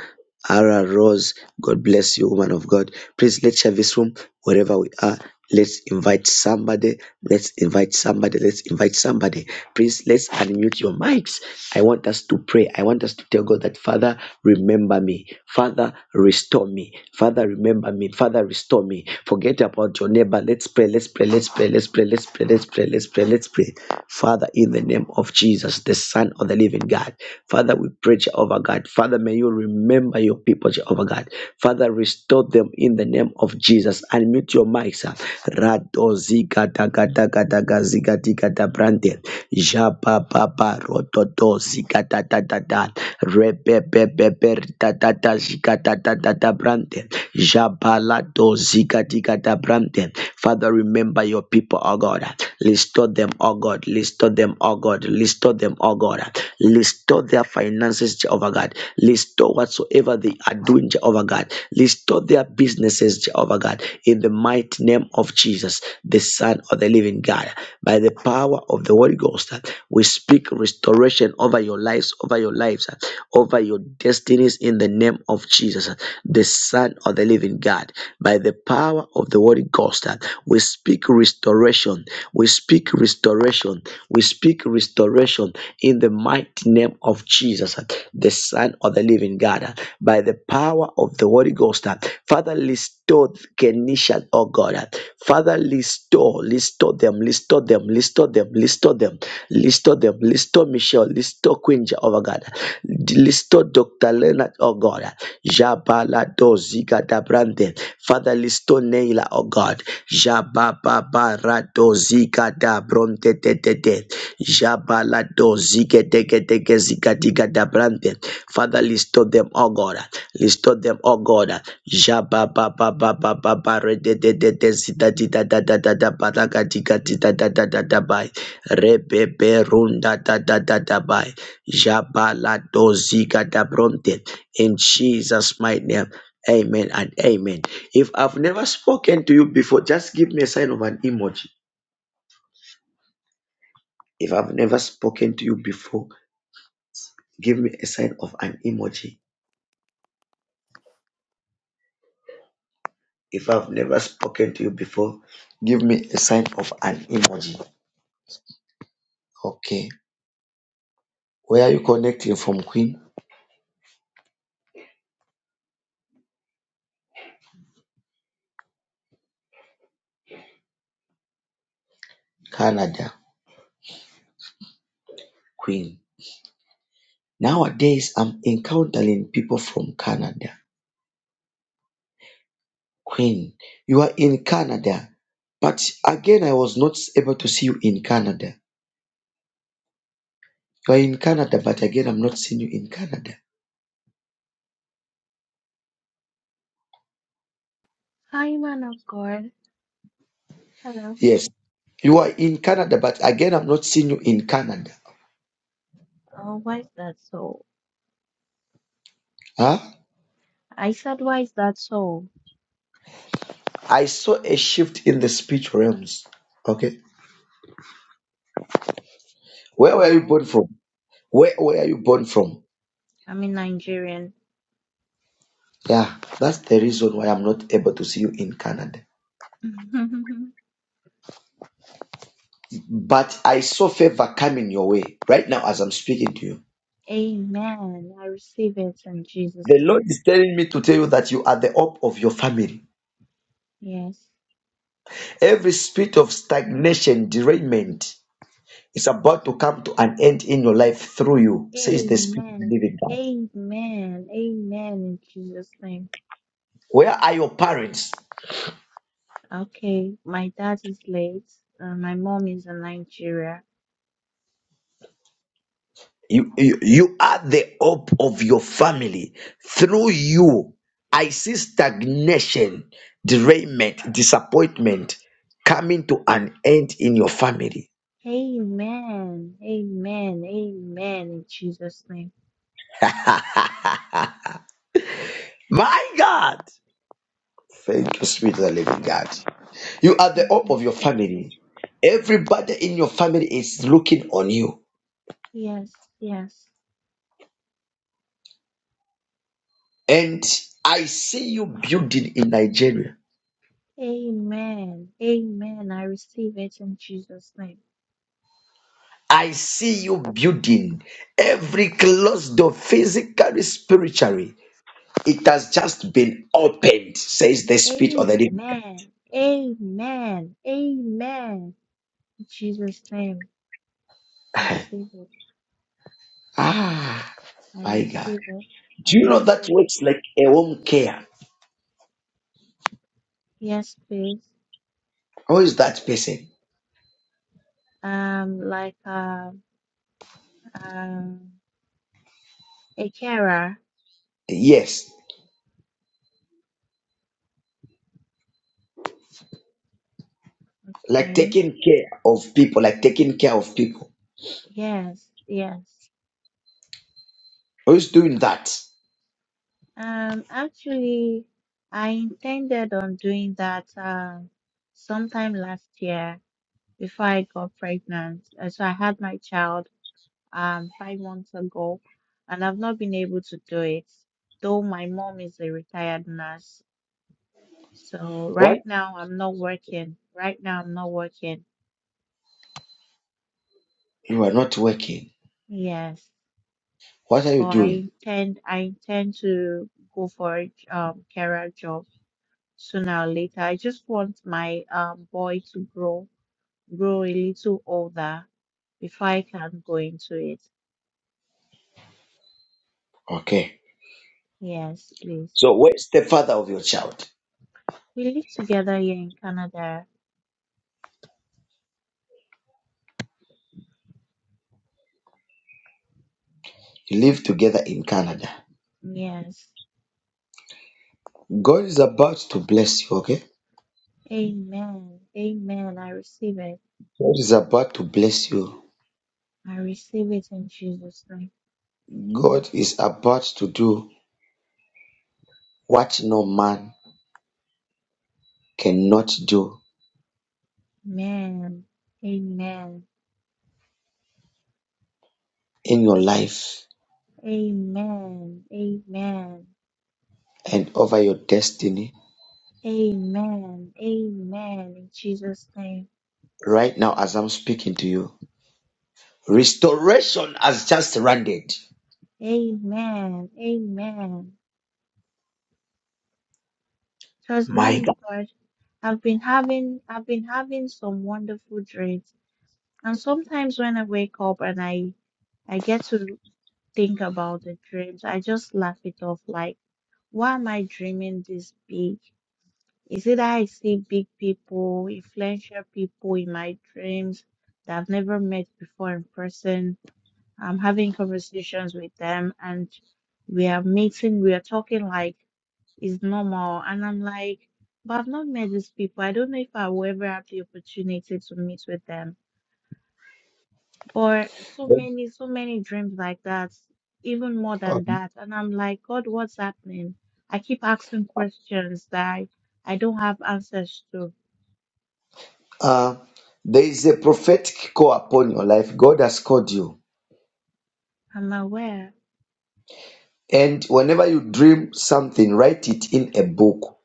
Speaker 1: Ara Rose, God bless you, woman of God. Please let's share this room wherever we are. Let's invite somebody. Let's invite somebody. Let's invite somebody. Please let's unmute your mics. I want us to pray. I want us to tell God that Father, remember me. Father, restore me. Father, remember me. Father, restore me. Forget about your neighbor. Let's pray. Let's pray. Let's pray. Let's pray. Let's pray. Let's pray. Let's pray. Let's pray. Father, in the name of Jesus, the Son of the Living God. Father, we pray, Jehovah God. God. Father, may you remember your people, Jehovah God. Father, restore them in the name of Jesus. And mute your mics. ah. Rado ziga daga daga daga ziga diga da brande. Jaba baba rototo do ziga da da da da. Rebe be be be da da da ziga da da da da brande. Jaba la do ziga diga da brande. Father, remember your people, oh God. Restore them, oh God. Restore them, oh God. Restore them, oh God. Restore Restore their finances, Jehovah God. Restore whatsoever they are doing, Jehovah God. Restore their businesses, Jehovah God. In the mighty name of Jesus, the Son of the living God. By the power of the Holy Ghost, we speak restoration over your lives, over your lives, over your destinies in the name of Jesus, the Son of the living God. By the power of the Holy Ghost, we speak restoration. We speak restoration. We speak restoration in the mighty name of Jesus, uh, the Son of the Living God, uh, by the power of the Holy Ghost. uh, Father, restore Kenisha, oh God. uh, Father, restore, restore them, restore them, restore them, restore them, restore them, restore Michelle, restore Queen Jehovah God, restore Dr. Leonard, oh God. uh, Jabala doziga dabrande. Father, restore Neila, oh God. Jababa doziga dabronte de de de. Jabalado ziketekedeke zikadikadabrante. Father, restore them, oh God. Restore them, oh God. Jabababababababarededededezidadidadadadadabadakadikadidadadadabai. Rebeberundadadadadabai. Jabalado zikadabronte. In Jesus' mighty name. Amen and amen. If I've never spoken to you before, just give me a sign of an emoji. If I've never spoken to you before, give me a sign of an emoji. If I've never spoken to you before, give me a sign of an emoji. Okay. Where are you connecting from, Queen? Canada. Queen. Nowadays, I'm encountering people from Canada. Queen, you are in Canada, but again, I was not able to see you in Canada. You are in Canada, but again, I'm not seeing you in Canada.
Speaker 6: Hi, man of God. Hello.
Speaker 1: Yes. You are in Canada, but again, I'm not seeing you in Canada.
Speaker 6: Oh, why is that so?
Speaker 1: Huh?
Speaker 6: I said, why is that so?
Speaker 1: I saw a shift in the speech realms. Okay. Where were you
Speaker 6: Wow.
Speaker 1: born from? Where were you born from?
Speaker 6: I'm in Nigerian.
Speaker 1: Yeah, that's the reason why I'm not able to see you in Canada.
Speaker 6: <laughs> Amen.
Speaker 1: But I saw favor coming your way right now as I'm speaking to you.
Speaker 6: I receive it in Jesus'
Speaker 1: The Lord
Speaker 6: name.
Speaker 1: is telling me to tell you that you are the hope of your family.
Speaker 6: Yes.
Speaker 1: Every spirit of stagnation, derangement is about to come to an end in your life through you, says the Spirit of the
Speaker 6: Amen.
Speaker 1: Living God.
Speaker 6: Amen. Amen in Jesus' name.
Speaker 1: Where are your parents?
Speaker 6: Okay. My dad is late. Uh, my mom is in Nigeria.
Speaker 1: You, you, you are the hope of your family. Through you, I see stagnation, derailment, disappointment coming to an end in your family.
Speaker 6: Amen. Amen. Amen in Jesus' name.
Speaker 1: My God! Thank you, Spirit of the Living God. You are the
Speaker 6: Thank
Speaker 1: hope
Speaker 6: you,
Speaker 1: of your
Speaker 6: Jesus.
Speaker 1: family. Everybody in your family is looking on you.
Speaker 6: Yes. Yes.
Speaker 1: And I see you building in Nigeria.
Speaker 6: Amen. Amen. I receive it in Jesus' name.
Speaker 1: I see you building every closed door, physically, spiritually. It has just been opened, says the Spirit of the Living God.
Speaker 6: Amen. Amen. Amen. In Jesus' name. Receive it.
Speaker 1: Ah,
Speaker 6: I
Speaker 1: my God.
Speaker 6: receive it. I
Speaker 1: Do you know
Speaker 6: receive
Speaker 1: that
Speaker 6: it.
Speaker 1: works like a home care?
Speaker 6: Yes, please.
Speaker 1: Who is that person?
Speaker 6: Um, like um um a carer.
Speaker 1: Yes, like
Speaker 6: Okay.
Speaker 1: taking care of people, like taking care of people.
Speaker 6: Yes, yes.
Speaker 1: Who is doing that?
Speaker 6: Um, actually, I intended on doing that um sometime last year. before I got pregnant. Uh, So I had my child um five months ago, and I've not been able to do it. Though my mom is a retired nurse, so
Speaker 1: What?
Speaker 6: right now I'm not working. Right now I'm not working.
Speaker 1: You are not working.
Speaker 6: Yes,
Speaker 1: What are you
Speaker 6: but I
Speaker 1: doing?
Speaker 6: intend I intend to go for a j- um career job sooner or later. I just want my um boy to grow grow a little older before I can go into it.
Speaker 1: Okay.
Speaker 6: Yes, please.
Speaker 1: So, where's the father of your child?
Speaker 6: We live together here in Canada.
Speaker 1: You live together in Canada.
Speaker 6: Yes.
Speaker 1: God is about to bless you, okay?
Speaker 6: Amen. Amen. I receive it.
Speaker 1: God is about to bless you.
Speaker 6: I receive it in Jesus' name.
Speaker 1: God is about to do what no man cannot do
Speaker 6: Amen. Amen.
Speaker 1: in your life
Speaker 6: Amen. Amen.
Speaker 1: and over your destiny
Speaker 6: Amen. Amen. In Jesus' name.
Speaker 1: right now as I'm speaking to you. Restoration has just landed.
Speaker 6: Amen. Amen. Because
Speaker 1: My
Speaker 6: man of God, I've been having I've been having some wonderful dreams. And sometimes when I wake up and I I get to think about the dreams, I just laugh it off like, why am I dreaming this big? Is it that I see big people, influential people in my dreams that I've never met before in person? I'm having conversations with them and we are meeting, we are talking like it's normal. And I'm like, but I've not met these people. I don't know if I will ever have the opportunity to meet with them But so
Speaker 1: God.
Speaker 6: many, so many dreams like that, even more
Speaker 1: Oh,
Speaker 6: than that. And I'm like, God, what's happening? I keep asking questions that I, I don't have answers to.
Speaker 1: Uh, there is a prophetic call upon your life. God has called you.
Speaker 6: I'm aware.
Speaker 1: And whenever you dream something, write it in a book.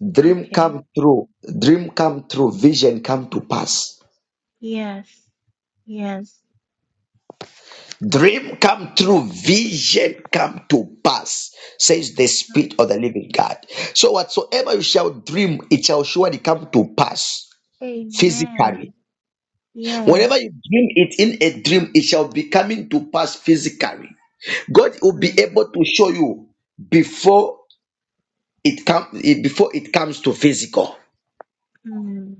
Speaker 1: Dream
Speaker 6: Okay.
Speaker 1: come true. Dream come true. Vision come to pass.
Speaker 6: Yes. Yes.
Speaker 1: Dream come true, vision come to pass, says the Spirit
Speaker 6: Mm.
Speaker 1: of the living God. So, whatsoever you shall dream, it shall surely come to pass physically.
Speaker 6: Amen.
Speaker 1: Whenever
Speaker 6: Yes.
Speaker 1: you dream it in a dream, it shall be coming to pass physically. God will be
Speaker 6: Mm.
Speaker 1: able to show you before it comes before it comes to physical.
Speaker 6: Mm.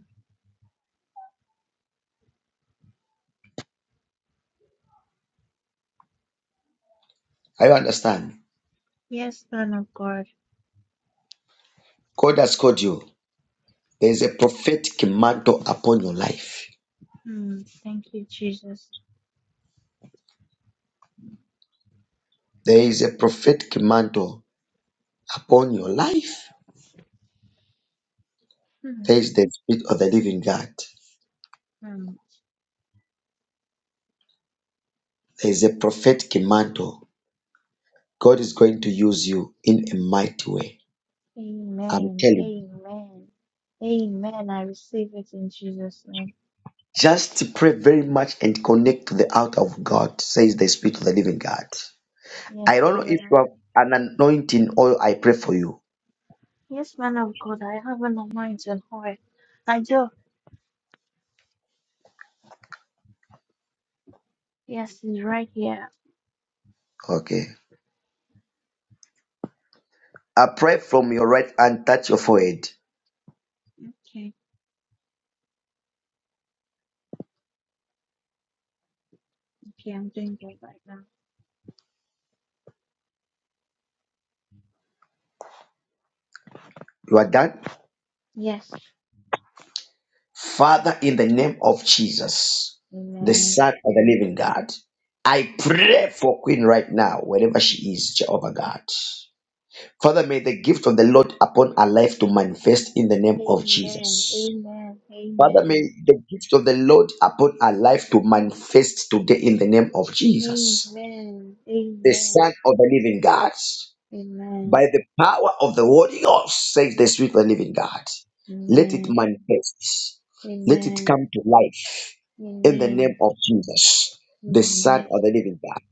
Speaker 1: I understand.
Speaker 6: Yes, Son of God.
Speaker 1: God has called you. There is a prophetic mantle upon your life.
Speaker 6: Mm. Thank you, Jesus.
Speaker 1: There is a prophetic mantle upon your life.
Speaker 6: Mm.
Speaker 1: Face the Spirit of the living God.
Speaker 6: Mm.
Speaker 1: There is a prophetic mantle. God is going to use you in a mighty way. I'm
Speaker 6: Amen.
Speaker 1: telling you.
Speaker 6: Amen. Amen. I receive it in Jesus' name.
Speaker 1: Just pray very much and connect to the out of God, says the Spirit of the living God. I
Speaker 6: Yes,
Speaker 1: don't
Speaker 6: I
Speaker 1: know
Speaker 6: will.
Speaker 1: if you have an anointing oil. I pray for you.
Speaker 6: Yes, man of God, I have an anointing and oil. I do. Yes, it's right here.
Speaker 1: Okay. I pray from your right hand, touch your forehead.
Speaker 6: Okay, okay, I'm doing that right now.
Speaker 1: You are done?
Speaker 6: Yes.
Speaker 1: Father, in the name of Jesus, the
Speaker 6: Amen.
Speaker 1: Son of the living God, I
Speaker 6: It's
Speaker 1: pray
Speaker 6: fine.
Speaker 1: for Queen right now, wherever she
Speaker 6: Mhm.
Speaker 1: is, Jehovah God. Father, may the gift of the Lord upon our life to manifest in the name of
Speaker 6: Amen.
Speaker 1: Jesus.
Speaker 6: Amen.
Speaker 1: Father, may
Speaker 6: Amen.
Speaker 1: the gift of the Lord upon our life to manifest today in the name of
Speaker 6: Amen.
Speaker 1: Jesus, the Son
Speaker 6: Amen.
Speaker 1: of the Living God. By
Speaker 6: Amen.
Speaker 1: the power of the Holy Ghost, says the Spirit of the Living God, let it
Speaker 6: Amen.
Speaker 1: manifest. Let it
Speaker 6: Amen.
Speaker 1: come to life in the name
Speaker 6: Amen.
Speaker 1: of Jesus, the Son of the Living God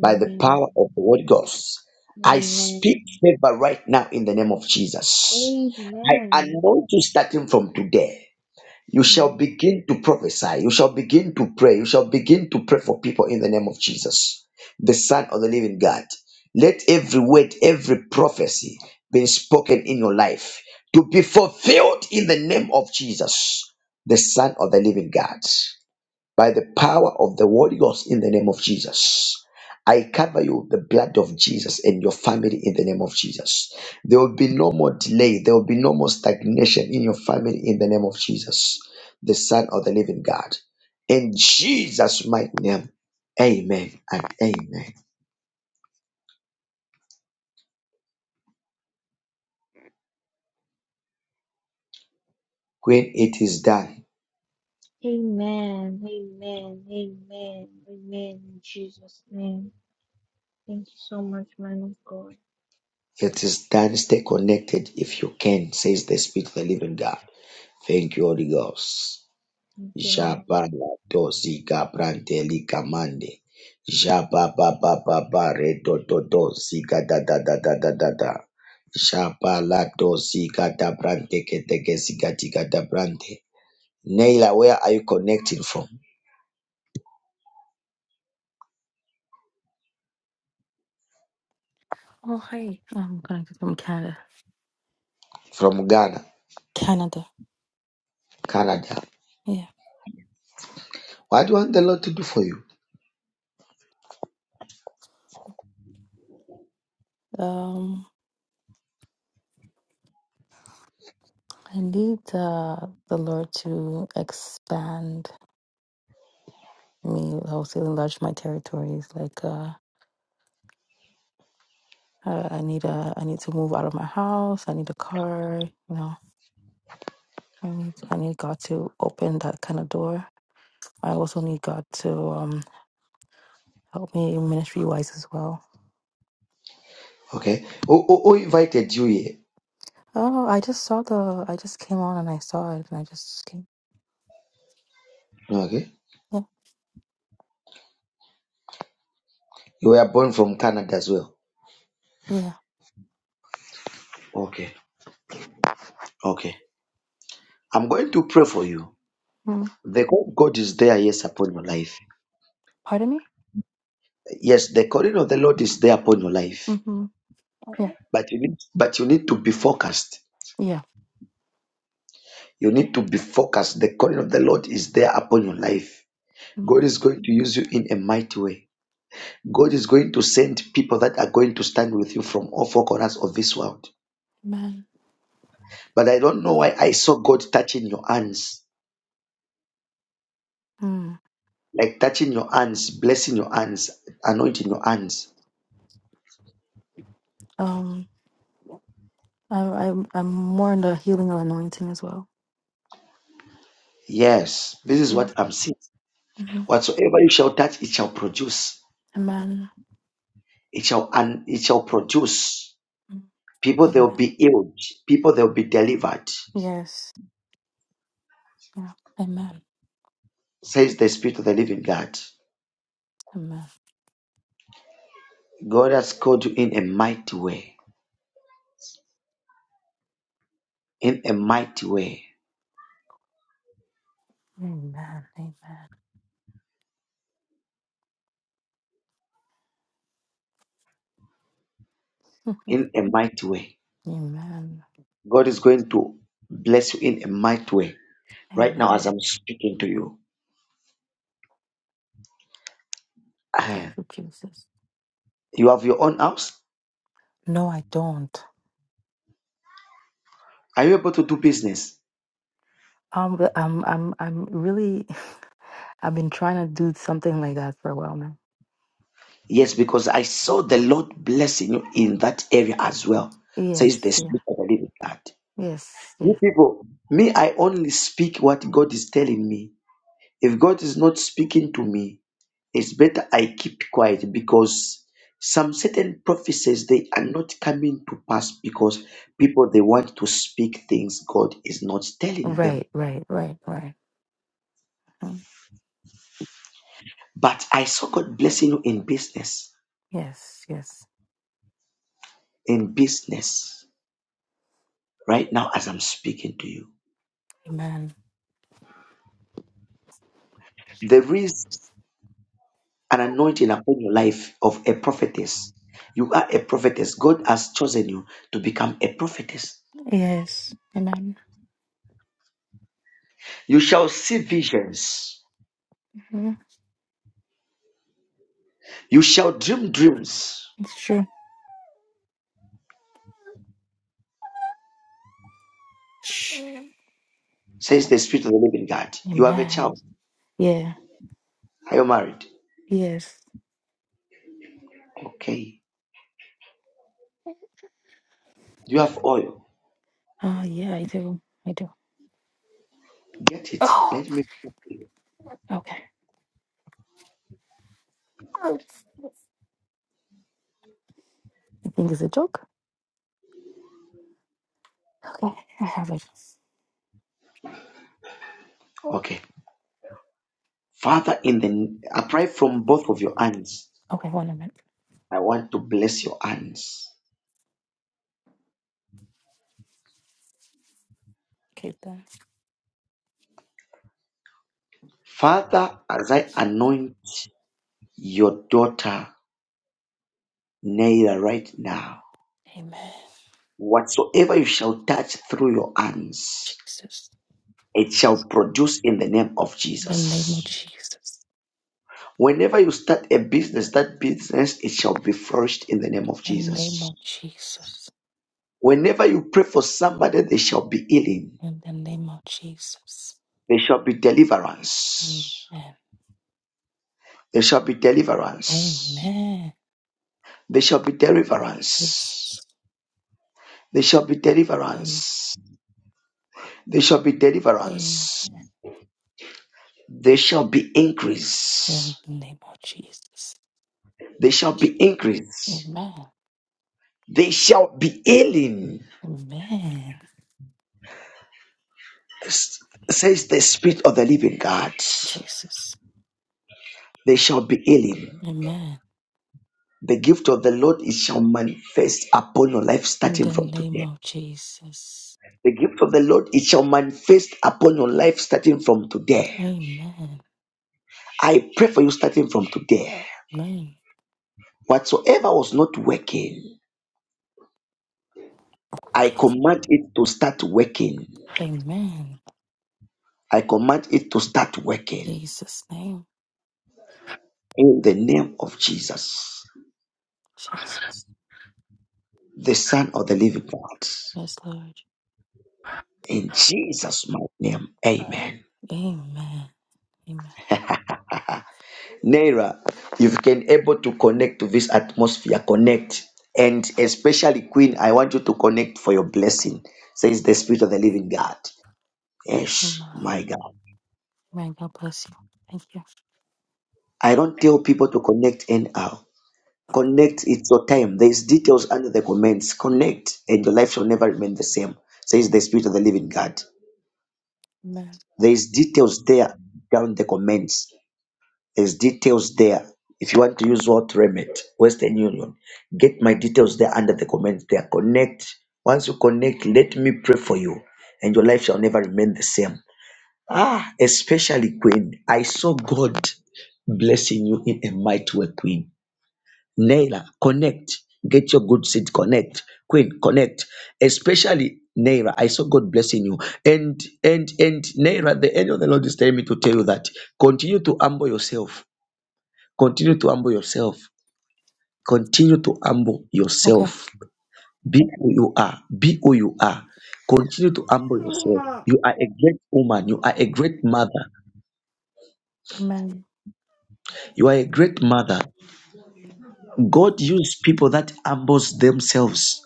Speaker 1: by the power of the Holy Ghost. I
Speaker 6: Amen.
Speaker 1: speak favor right now in the name of Jesus. I
Speaker 6: Amen.
Speaker 1: anoint you starting from today. You
Speaker 6: Amen.
Speaker 1: shall begin to prophesy. You shall begin to pray. You shall begin to pray for people in the name of Jesus, the Son of the Living God. Let every word, every prophecy being spoken in your life to be fulfilled in the name of Jesus, the Son of the Living God by the power of the Holy Ghost in the name of Jesus. I cover you with the blood of Jesus and your family in the name of Jesus. There will be no more delay. There will be no more stagnation in your family in the name of Jesus, the Son of the Living God. In Jesus' mighty name, amen and amen. When it is done,
Speaker 6: Amen. Amen. Amen. Amen. In Jesus' name. Thank you so much, man of God.
Speaker 1: it is done. Stay connected if you can, says the Spirit of the Living God. Thank you, Holy Ghost.
Speaker 6: Thank you, Lord.
Speaker 1: Jabala dosi gabranteli kamande. Jaba ba ba ba ba re do do do zika da da da da da da da. Jaba la do zika da brante ke teke zika tika da brante. Naila, where are you connecting from?
Speaker 7: Oh, hi. I'm connected from Canada.
Speaker 1: From Ghana,
Speaker 7: Canada.
Speaker 1: Canada.
Speaker 7: Yeah.
Speaker 1: What do you want the Lord to do for you?
Speaker 7: Um, I need uh, the Lord to expand me. I would say enlarge my territories. Like, uh, I, I need a, I need to move out of my house. I need a car. You know, I need, I need God to open that kind of door. I also need God to um help me ministry wise as well.
Speaker 1: Okay. Who, who, who invited you here?
Speaker 7: Oh, I just saw the, I just came on and I saw it and I just came.
Speaker 1: Okay.
Speaker 7: Yeah.
Speaker 1: You were born from Canada as well.
Speaker 7: Yeah.
Speaker 1: Okay. Okay. I'm going to pray for you.
Speaker 7: Mm.
Speaker 1: The God God is there, yes, upon your life.
Speaker 7: Pardon me.
Speaker 1: Yes, the calling of the Lord is there upon your life,
Speaker 7: Mm-hmm. Yeah.
Speaker 1: but you need, but you need to be focused.
Speaker 7: Yeah.
Speaker 1: You need to be focused. The calling of the Lord is there upon your life.
Speaker 7: Mm,
Speaker 1: God is going to use you in a mighty way. God is going to send people that are going to stand with you from all four corners of this world.
Speaker 7: Amen.
Speaker 1: But I don't know why I saw God touching your hands,
Speaker 7: Mm.
Speaker 1: like touching your hands, blessing your hands, anointing your hands.
Speaker 7: Um, I, I, I'm more in the healing and anointing as well.
Speaker 1: Yes, this is
Speaker 7: Yeah.
Speaker 1: what I'm seeing.
Speaker 7: hmm
Speaker 1: Whatsoever you shall touch, it shall produce.
Speaker 7: Amen.
Speaker 1: It shall and it shall produce.
Speaker 7: Mm.
Speaker 1: People they'll
Speaker 7: Amen.
Speaker 1: be healed. People they'll be delivered.
Speaker 7: Yes. Yeah. Amen.
Speaker 1: Says the Spirit of the Living God.
Speaker 7: Amen.
Speaker 1: God has called you in a mighty way. In a mighty way.
Speaker 7: Amen. Amen. <laughs>
Speaker 1: In a mighty way.
Speaker 7: Mm. Amen.
Speaker 1: God is going to bless you in a mighty way. Right now, as
Speaker 7: Amen.
Speaker 1: I'm speaking to you.
Speaker 7: Thank
Speaker 1: Ah,
Speaker 7: you, Jesus.
Speaker 1: You have your own house?
Speaker 7: No, I don't.
Speaker 1: Are you able to do business?
Speaker 7: Um, but I'm, I'm, I'm really. <laughs> I've been trying to do something like that for a while now.
Speaker 1: Yes, because I saw the Lord blessing you in that area as well. Says the
Speaker 7: Yes. Yeah.
Speaker 1: Spirit of the Living God.
Speaker 7: Yes.
Speaker 1: You
Speaker 7: Yeah.
Speaker 1: people, me, I only speak what God is telling me If God is not speaking to me, it's better I keep quiet because some certain prophecies they are not coming to pass because people they want to speak things God is not telling them.
Speaker 7: Right. Right. Right. Right. Mm.
Speaker 1: But I saw God blessing you in business,
Speaker 7: Yes. Yes.
Speaker 1: in business right now as I'm speaking to you.
Speaker 7: Amen.
Speaker 1: There is an anointing upon your life of a prophetess. You are a prophetess. God has chosen you to become a prophetess.
Speaker 7: Yes. Amen.
Speaker 1: You shall see visions
Speaker 7: Mhm.
Speaker 1: You shall dream dreams,
Speaker 7: It's true. Shh.
Speaker 1: says the Spirit of the living God. You have a
Speaker 7: Amen.
Speaker 1: child.
Speaker 7: Yeah.
Speaker 1: Are you married?
Speaker 7: Yes.
Speaker 1: Okay. Do You have oil.
Speaker 7: Oh, yeah, I do. I do.
Speaker 1: Get it.
Speaker 7: Oh,
Speaker 1: Let me.
Speaker 7: okay. I think it's a joke. Okay. I have it.
Speaker 1: Okay. Father, in the I pray from both of your hands.
Speaker 7: Okay, one minute.
Speaker 1: I want to bless your hands.
Speaker 7: Okay, then.
Speaker 1: Father, as I anoint your daughter Naira right now,
Speaker 7: Amen.
Speaker 1: whatsoever you shall touch through your hands,
Speaker 7: Jesus.
Speaker 1: it shall produce in the name of
Speaker 7: In the name
Speaker 1: Jesus.
Speaker 7: of Jesus.
Speaker 1: Whenever you start a business, that business it shall be flourished in the name of
Speaker 7: In the name
Speaker 1: Jesus.
Speaker 7: of Jesus.
Speaker 1: Whenever you pray for somebody, there shall be healing.
Speaker 7: In the name of Jesus.
Speaker 1: There shall be
Speaker 7: Amen.
Speaker 1: deliverance. There shall be deliverance.
Speaker 7: Amen.
Speaker 1: There shall be deliverance.
Speaker 7: Jesus.
Speaker 1: There shall be
Speaker 7: Amen.
Speaker 1: deliverance. There shall be
Speaker 7: Amen.
Speaker 1: deliverance. There shall be
Speaker 7: In
Speaker 1: increase.
Speaker 7: the name of Jesus.
Speaker 1: There shall be increase.
Speaker 7: Amen.
Speaker 1: There shall be healing,
Speaker 7: Amen.
Speaker 1: s- says the Spirit of the Living God.
Speaker 7: Jesus.
Speaker 1: There shall be healing
Speaker 7: Amen.
Speaker 1: The gift of the Lord it shall manifest upon your life
Speaker 7: In
Speaker 1: starting
Speaker 7: the
Speaker 1: from
Speaker 7: name
Speaker 1: today.
Speaker 7: of Jesus.
Speaker 1: The gift of the Lord it shall manifest upon your life starting from today.
Speaker 7: Amen.
Speaker 1: I pray for you starting from today.
Speaker 7: Amen.
Speaker 1: Whatsoever was not working, I command it to start working.
Speaker 7: Amen.
Speaker 1: I command it to start working
Speaker 7: Jesus' name.
Speaker 1: in the name of Jesus,
Speaker 7: Jesus.
Speaker 1: the Son of the Living God.
Speaker 7: Yes, Lord.
Speaker 1: In Jesus' mighty name, Amen.
Speaker 7: Amen. Amen.
Speaker 1: Naira, you've been able to connect to this atmosphere, connect. And especially, Queen, I want you to connect for your blessing, says the Spirit of the Living God. Yes,
Speaker 7: Amen.
Speaker 1: my God.
Speaker 7: Amen. God bless you. Thank you.
Speaker 1: I don't tell people to connect anyhow. Connect, it's your time. There's details under the comments. Connect, and your life shall never remain the same, says the Spirit of the Living God.
Speaker 7: Amen.
Speaker 1: There's details there down the comments. His details there. If you want to use what remit, Western Union, get my details there under the comments there. Connect. Once you connect, let me pray for you, and your life shall never remain the same. Ah, especially Queen. I saw God blessing you in a mighty way, Queen. Naila, connect. Get your good seed, connect. Queen, connect. Especially Naira, I saw God blessing you. And and and Naira, the angel of the Lord is telling me to tell you that continue to humble yourself Continue to humble yourself. Continue to humble
Speaker 7: Okay.
Speaker 1: yourself. Be who you are. Be who you are. Continue to humble yourself. You are a great woman. You are a great mother.
Speaker 7: Amen.
Speaker 1: You are a great mother. God uses people that humbles themselves.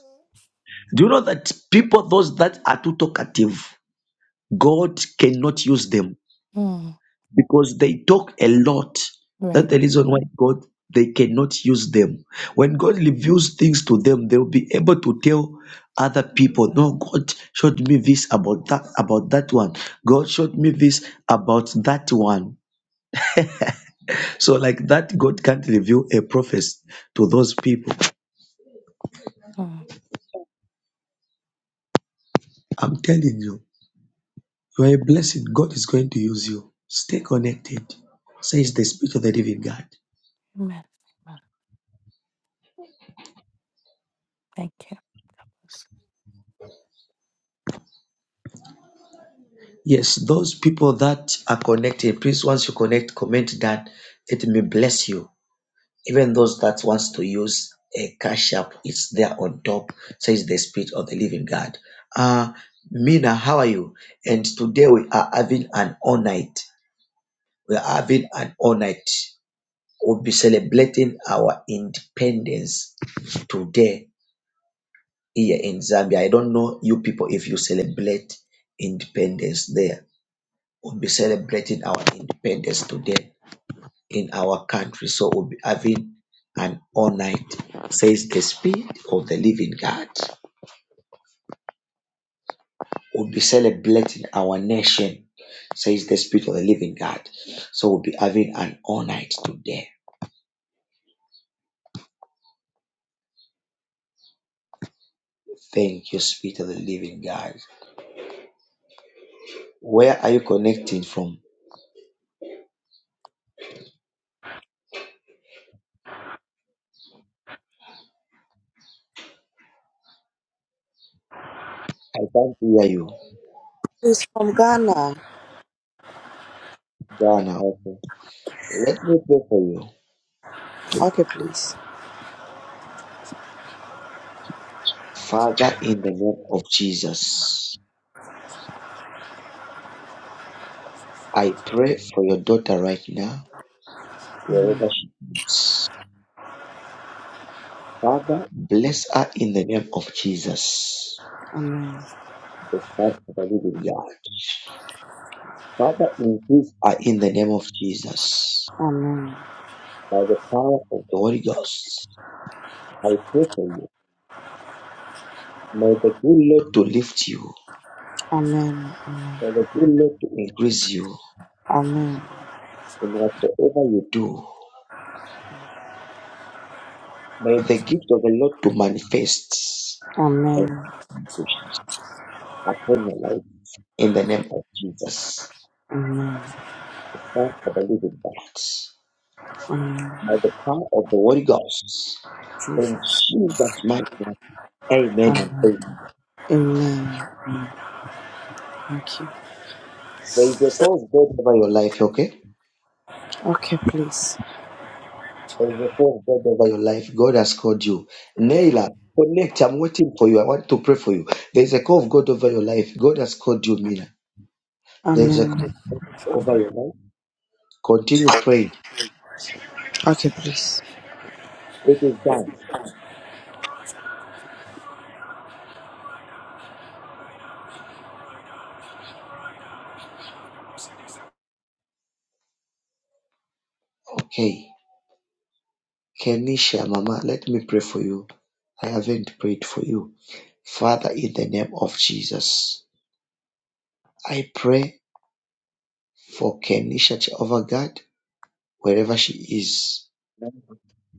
Speaker 1: Do you know that people, those that are too talkative, God cannot use them.
Speaker 7: Mm.
Speaker 1: because they talk a lot. That's
Speaker 7: Right.
Speaker 1: the reason why God they cannot use them. When God reveals things to them, they'll be able to tell other people, no, God showed me this about that about that one. God showed me this about that one. So like that, God can't reveal a prophet to those people.
Speaker 7: Mm.
Speaker 1: I'm telling you, you are a blessing. God is going to use you. Stay connected, says the Spirit of the Living God.
Speaker 7: Amen. Amen. Thank you.
Speaker 1: Yes, those people that are connecting, please once you connect, comment that it may bless you. Even those that wants to use a cash app, it's there on top, says the spirit of the living God. Uh Mina, how are you? And today we are having an all night. We are having an all night. We'll be celebrating our independence today here in Zambia. I don't know you people if you celebrate independence there we'll be celebrating our independence today in our country. So we'll be having an all night, says the Spirit of the Living God. We'll be celebrating our nation, says the Spirit of the Living God. So we'll be having an all night today. Thank you, Spirit of the Living God. Where are you connecting from? I can't hear you.
Speaker 8: He's from Ghana.
Speaker 1: Ghana, okay. Let me pray for you.
Speaker 8: Okay, please.
Speaker 1: Father, in the name of Jesus, I pray for your daughter right now. wherever she is. Father, bless her in the name of Jesus,
Speaker 8: Amen.
Speaker 1: the Son of the living God. Father, increase her in the name of Jesus,
Speaker 8: Amen.
Speaker 1: by the power of the Holy Ghost. I pray for you. May the good Lord to lift you.
Speaker 8: Amen.
Speaker 1: May the good Lord to increase you
Speaker 8: Amen.
Speaker 1: in whatsoever you do. May the gift of the Lord to manifest and
Speaker 8: Amen.
Speaker 1: push upon your life in the name of Jesus,
Speaker 8: Amen.
Speaker 1: the Son of the living God.
Speaker 8: Amen.
Speaker 1: by the power of the Holy Ghost. In
Speaker 8: Jesus.
Speaker 1: Jesus' mighty name, amen and
Speaker 8: Amen.
Speaker 1: amen.
Speaker 8: Amen. Thank you.
Speaker 1: There is a call of God over your life, okay?
Speaker 8: Okay, please.
Speaker 1: There is a call of God over your life. God has called you. Naila, connect. I'm waiting for you. I want to pray for you. There is a call of God over your life. God has called you, Mina. There is a call
Speaker 8: Amen.
Speaker 1: of God over your life. Continue praying.
Speaker 8: Okay, please.
Speaker 1: It is done. Okay. Kenisha, Mama, let me pray for you. I haven't prayed for you. Father, in the name of Jesus, I pray for Kenisha Jehovah God, wherever she is.
Speaker 4: Amen.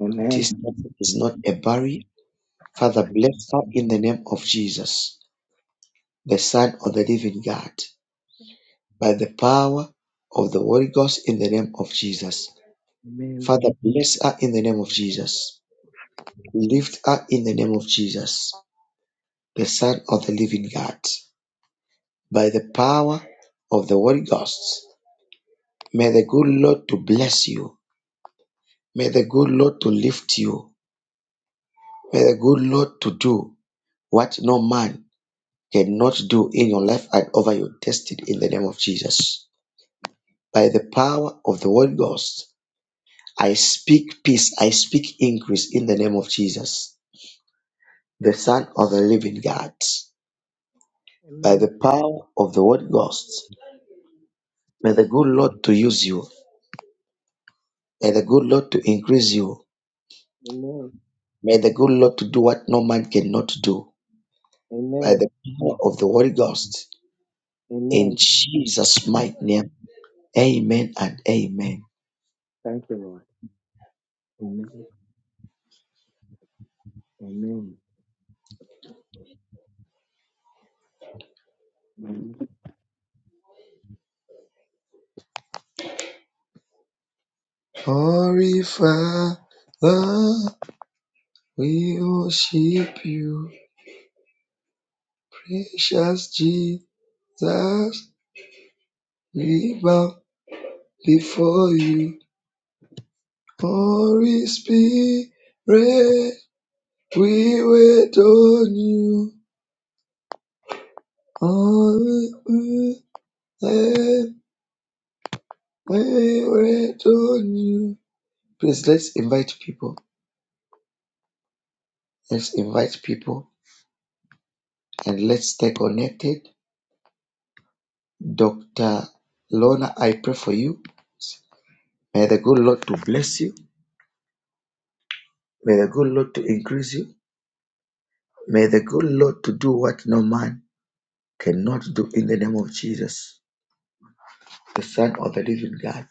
Speaker 4: Amen.
Speaker 1: This is not a barrier. Father, bless her in the name of Jesus, the Son of the living God, by the power of the Holy Ghost in the name of Jesus.
Speaker 4: Amen.
Speaker 1: Father, bless her in the name of Jesus. Lift her in the name of Jesus, the Son of the living God, by the power of the Holy Ghost. May the good Lord to bless you. May the good Lord to lift you. May the good Lord to do what no man cannot do in your life and over your destiny in the name of Jesus. By the power of the Holy Ghost, I speak peace, I speak increase in the name of Jesus, the Son of the living God. By the power of the Holy Ghost, may the good Lord to use you, may the good Lord to increase you,
Speaker 4: Amen.
Speaker 1: may the good Lord to do what no man cannot do. By
Speaker 4: Amen.
Speaker 1: the power of the Holy Ghost, in
Speaker 4: Amen.
Speaker 1: Jesus' mighty name, amen and amen.
Speaker 4: Thank you, Lord. Amen. Amen. Amen.
Speaker 1: Purify Father, we worship you, precious Jesus. We bow before you, Holy Spirit. We wait on you, Holy Spirit. We wait on you. Please let's invite people. Let's invite people and let's stay connected. Dr. Lorna, I pray for you May the good Lord to bless you. May the good Lord to increase you. May the good Lord to do what no man cannot do in the name of Jesus, the Son of the living God.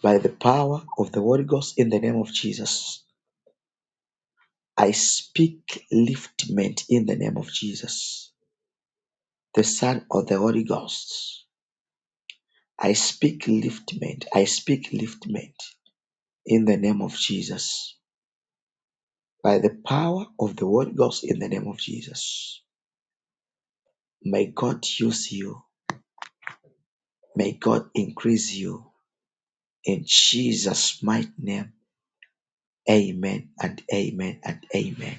Speaker 1: By the power of the Holy Ghost in the name of Jesus, I speak liftment in the name of Jesus, the Son of the Holy Ghost. I speak liftment. I speak liftment in the name of Jesus. By the power of the Holy Ghost in the name of Jesus. May God use you May God increase you in Jesus' mighty name. Amen and amen and amen.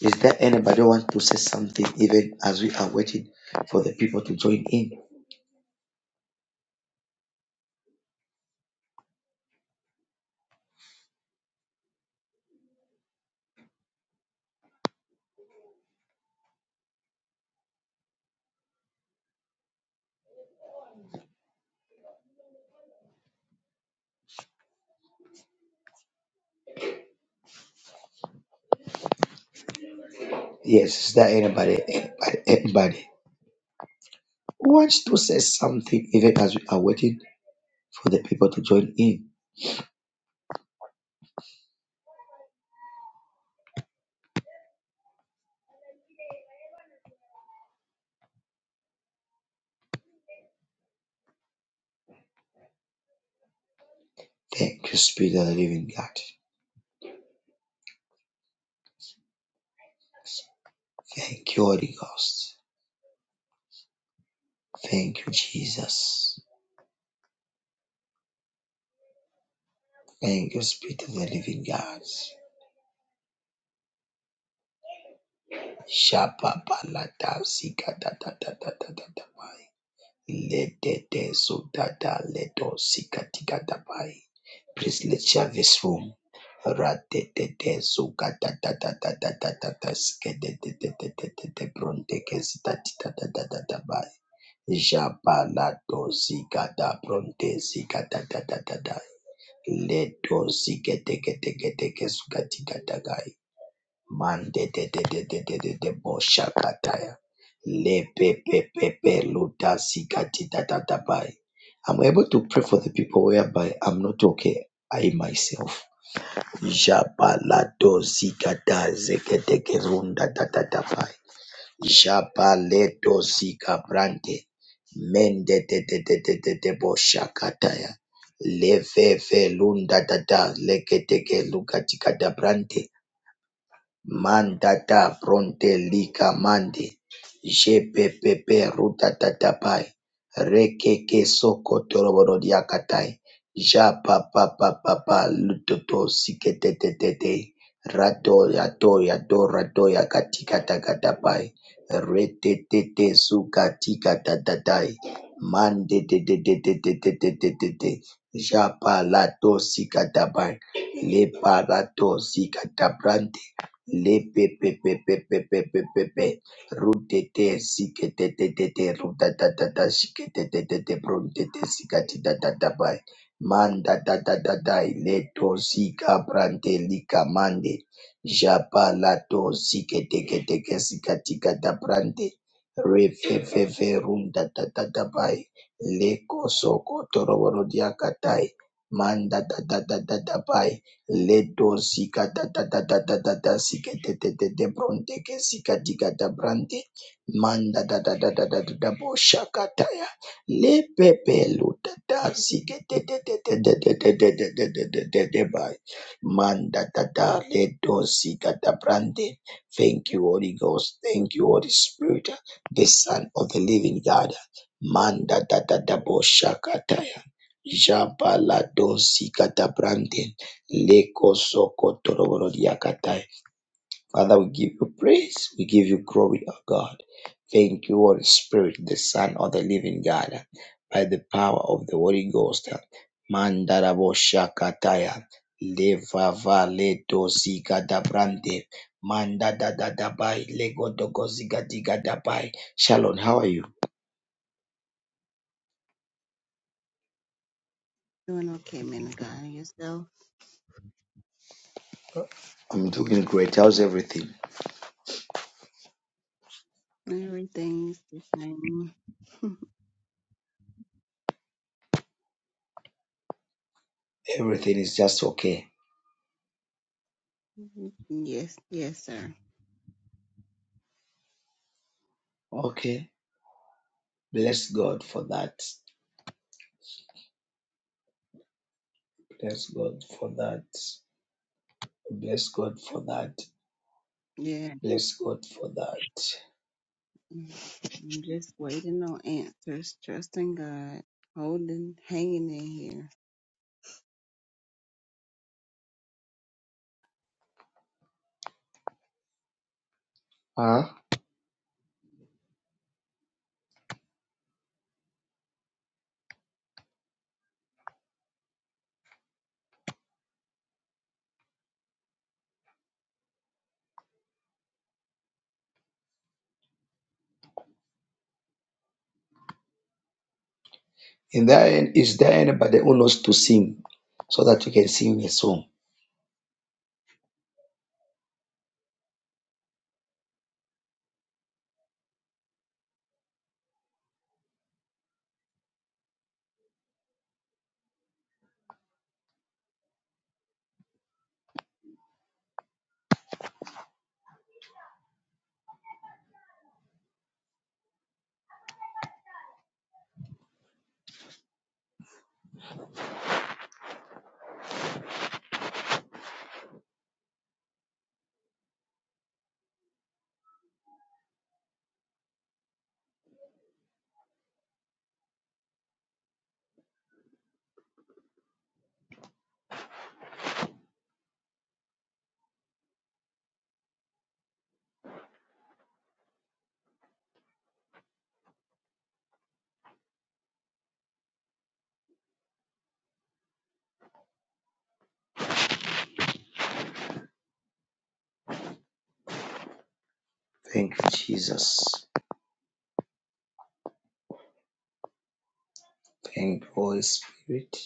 Speaker 1: Is there anybody who want to say something even as we are waiting for the people to join in? Yes, is there anybody, anybody, anybody who wants to say something even as we are waiting for the people to join in? Thank you, Spirit of the Living God. Thank you, Holy Ghost. Thank you, Jesus. Thank you, Spirit of the Living God. Shapabalata sika da da da da da da da bai. Lede de so da da ledo sika tika da bai. Please let's share this room. Rate de de so ga da da da da da da da da sika de de de de de de de bronte ke sita tita da da da da bai. Jabalato sika da bronte sika da da da da da. Ledo sika teke teke teke suka tika da gai. Mande de de de de de de de boshakataya. Le pe pe pe pe luta sikati da da da bai. I'm able to pray for the people whereby I'm not okay. I myself. Jabalato zikata zeketeke runda da da da bai. Jabaleto zikabrante. Mende de de de de de de boshakataya. Leve ve lunda da da leketeke lukatika da brante. Mandata fronte lika mande jepepepe rutatatapai rekeke soko toroboro diakatai Japa papa papa lutoto siketetetete rato yato yato rato yakatikatakatai retetete sukatikatatai mandetetetetetetetetete japalato sikatabai leparato sikatabrante Lepepepepepepepepepe. Rutete siketetetete rutatatata siketetetete pruntetete sikatitatabai. Mandatatatai leto sika prante lika mande. Japa lato siketeketeke sikatikata prante. Refefefe runtatatabai. Leko soko toroboro diakatai. Mandatatatatatabai. Leto sika da da da da da da da sika de te te te bronte ke sika diga da brante manda da da da da da da da bo shaka taya le pepe lu da da sika te te te te te te te te te te te te te de by manda da da leto sika da brante. Thank you Holy Ghost, thank you Holy Spirit, the Son of the Living God. Manda da da da bo shaka taya. Jabala dosi katabrante Leko soko toroboro diakatai. Father, we give you praise. We give you glory, O God. Thank you, Holy Spirit, the Son of the living God, by the power of the Holy Ghost. Mandarabo shakataya. Levava leto zika dabrante. Manda da da da Lego dogo zika diga da bai. Shalom, how are you?
Speaker 9: Doing okay, man of God. Yourself?
Speaker 1: I'm doing great. How's everything?
Speaker 9: Everything's the same. <laughs>
Speaker 1: Everything is just okay.
Speaker 9: yes, yes, sir.
Speaker 1: Okay. Bless God for that. Bless God for that. Bless God for that.
Speaker 9: Yeah.
Speaker 1: Bless God for that.
Speaker 9: I'm just waiting on answers, trusting God, holding, hanging in here.
Speaker 1: Huh? In that end, is there anybody who knows to sing so that you can sing a song? Thank you, Jesus. Thank you, Holy Spirit.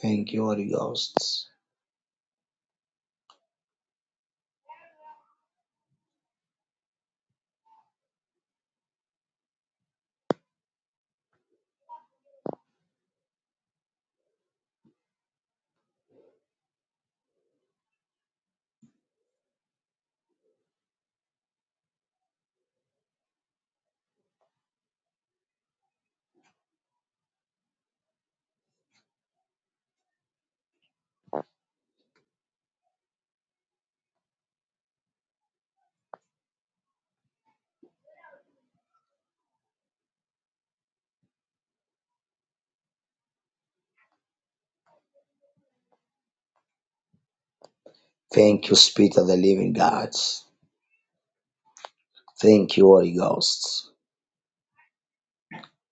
Speaker 1: Thank you, Holy Ghost. Thank you, Spirit of the Living God. Thank you, Holy Ghost.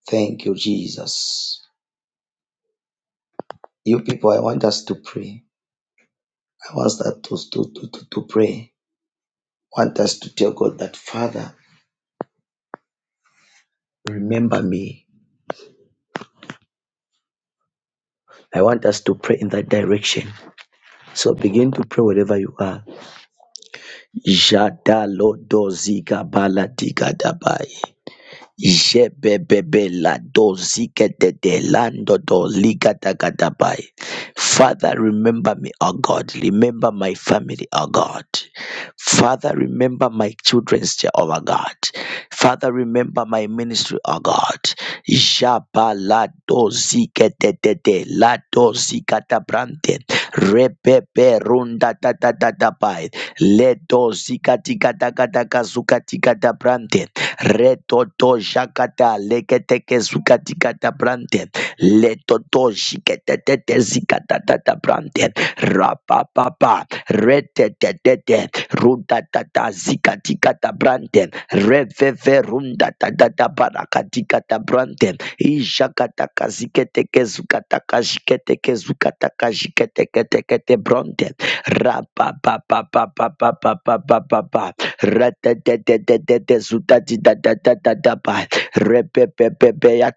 Speaker 1: Thank you, Jesus. You people, I want us to pray. I want us to, to, to, to, to pray. I want us to tell God that, Father, remember me I want us to pray in that direction. So begin to pray wherever you are. Jada lo do ziga bala Diga Dabai. Jebebebe la doziketete landodo ligatagadabai. Father, remember me, O God. Remember my family, O God. Father, remember my children, Jehovah God. Father, remember my ministry, O God. Jaba la doziketete la dozikatabrante. Rebebe runda da da da da bai. Ledo zikatikatakataka zukatikata brante. Reto to jakata leketeke zukatikata brante. Leto to jiketetete zikatatata brante. Rapapapa. Retetetete. Rudatata zikatikata brante. Reveve rundatatata barakatikata brante. Ijakataka ziketeke zukataka jiketeke zukataka jiketekete brante. Ra-pa-pa-pa-pa-pa-pa-pa-pa-pa. Ra-ta-ta-ta-ta-ta-ta. Zuta-ti-ta-ta-ta-ta-ta-pa. ta ta pa pa pa pa pa pa. Rata te te te te te suta ti da da da da da pa. Repe pe pe pe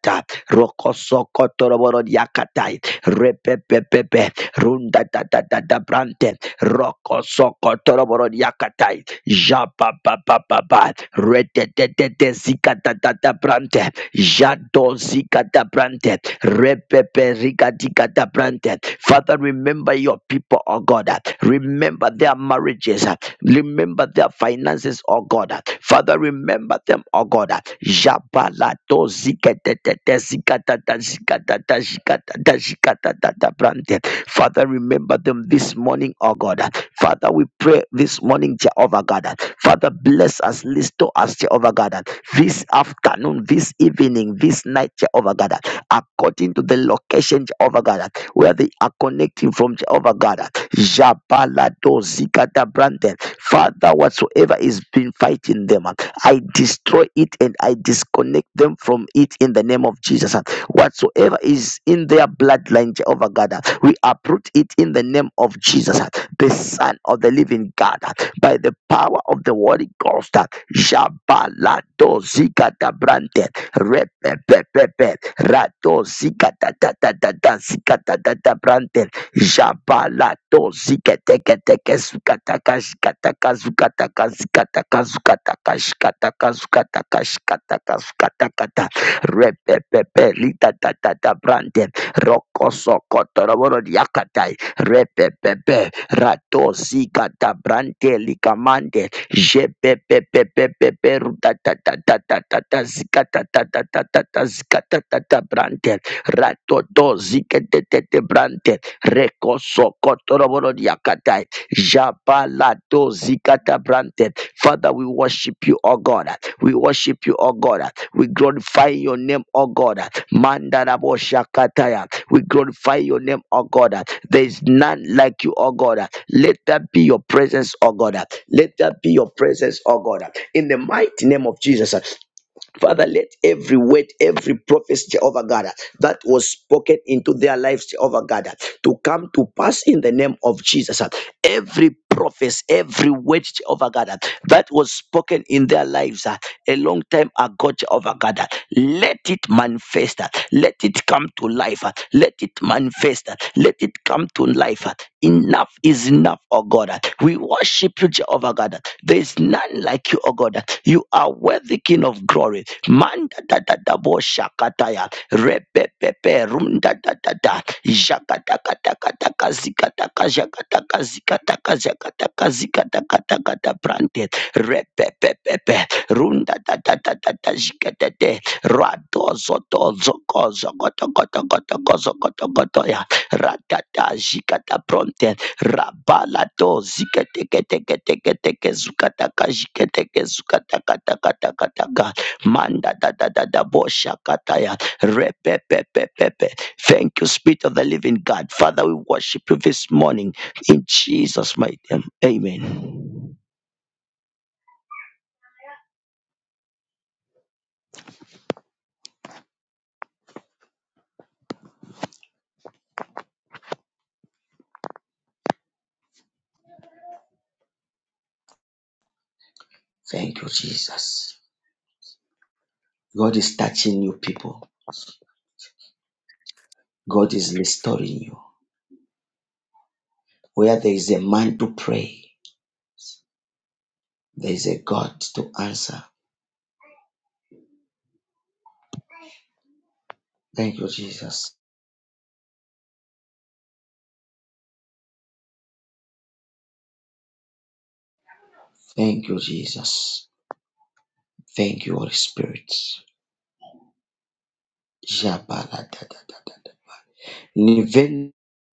Speaker 1: Roko-soko-toro-boro-diakatai repepepepe runda da da da da brante roko soko toroboro yakatai japa pa pa pa pa rete te te te zika da da da brante jado zika da brante repepe rika dika da brante father remember your people oh god remember their marriages Remember their finances, oh God. Father, remember them, oh God. Jabalato zikatatata zikatata zikatata zikatata zikatatata brante. Father, remember them this morning, oh God. Father, we pray this morning, Jehovah God. Father, bless us, listen to us, Jehovah God. This afternoon, this evening, this night, Jehovah God. According to the location, Jehovah God, where they are connecting from, Jehovah God. Jabalato zikata brante. Father, whatsoever is been fighting them, uh, I destroy it and I disconnect them from it in the name of Jesus. uh. Whatsoever is in their bloodline, Jehovah God, uh, we uproot it in the name of Jesus, uh, the Son of the Living God, uh, by the power of the Holy Ghost. uh. Shabalado zikata brante, repepepepe, rado zikata da da da da zikata da da brante. Jabalato ziketeketeke zukataka zikataka zukataka zikataka zukataka zikataka zukataka zikataka zukatakata repepepe litatatata brande rokosokotoroboro diakatai repepepe rato zikata brande likamande jepepepepepepe rutatatatata zikatatatata zikatatata brande Rato Ratoto ziketetete brante. Rekoso kotoroboro diakatai. Jabalato zikata brante. Father, we worship you, O God. We worship you, O God. We glorify your name, O God. Mandarabo shakataya. We glorify your name, O God. There is none like you, O God. Let that be your presence, O God. Let that be your presence, O God. In the mighty name of Jesus. Father, let every word, every prophecy, Jehovah God, that was spoken into their lives, Jehovah God, to come to pass in the name of Jesus. Every prophecy, every word, Jehovah God, that was spoken in their lives uh, a long time ago, Jehovah God, let it manifest. uh, Let it come to life. uh, Let it manifest. uh, Let it come to life. uh, In enough is enough, oh God. We worship you, Jehovah God. There is none like you, oh God. You are worthy, King of glory. Man da da da bo shakataya. Repe rum da da da da. Jakata kata kata kazikata kajakata kazikata brante. Repe Rum da da da da da da jikete Rado zoto zoko zogoto goto goto gozo goto goto ya. Ratata jikata pronte. Rabala do ziketeketeketeketeke zukataka ziketeke zukatakatakatakatakataka manda da da da da bosha kataya repepepepepe. Thank you, Spirit of the Living God, Father. We worship you this morning in Jesus' mighty name. Amen. Thank you, Jesus. God is touching you, people. God is restoring you. Where there is a man to pray, there is a God to answer. Thank you, Jesus. Thank you, Jesus. Thank you, Holy Spirit. Jabalakadadada. If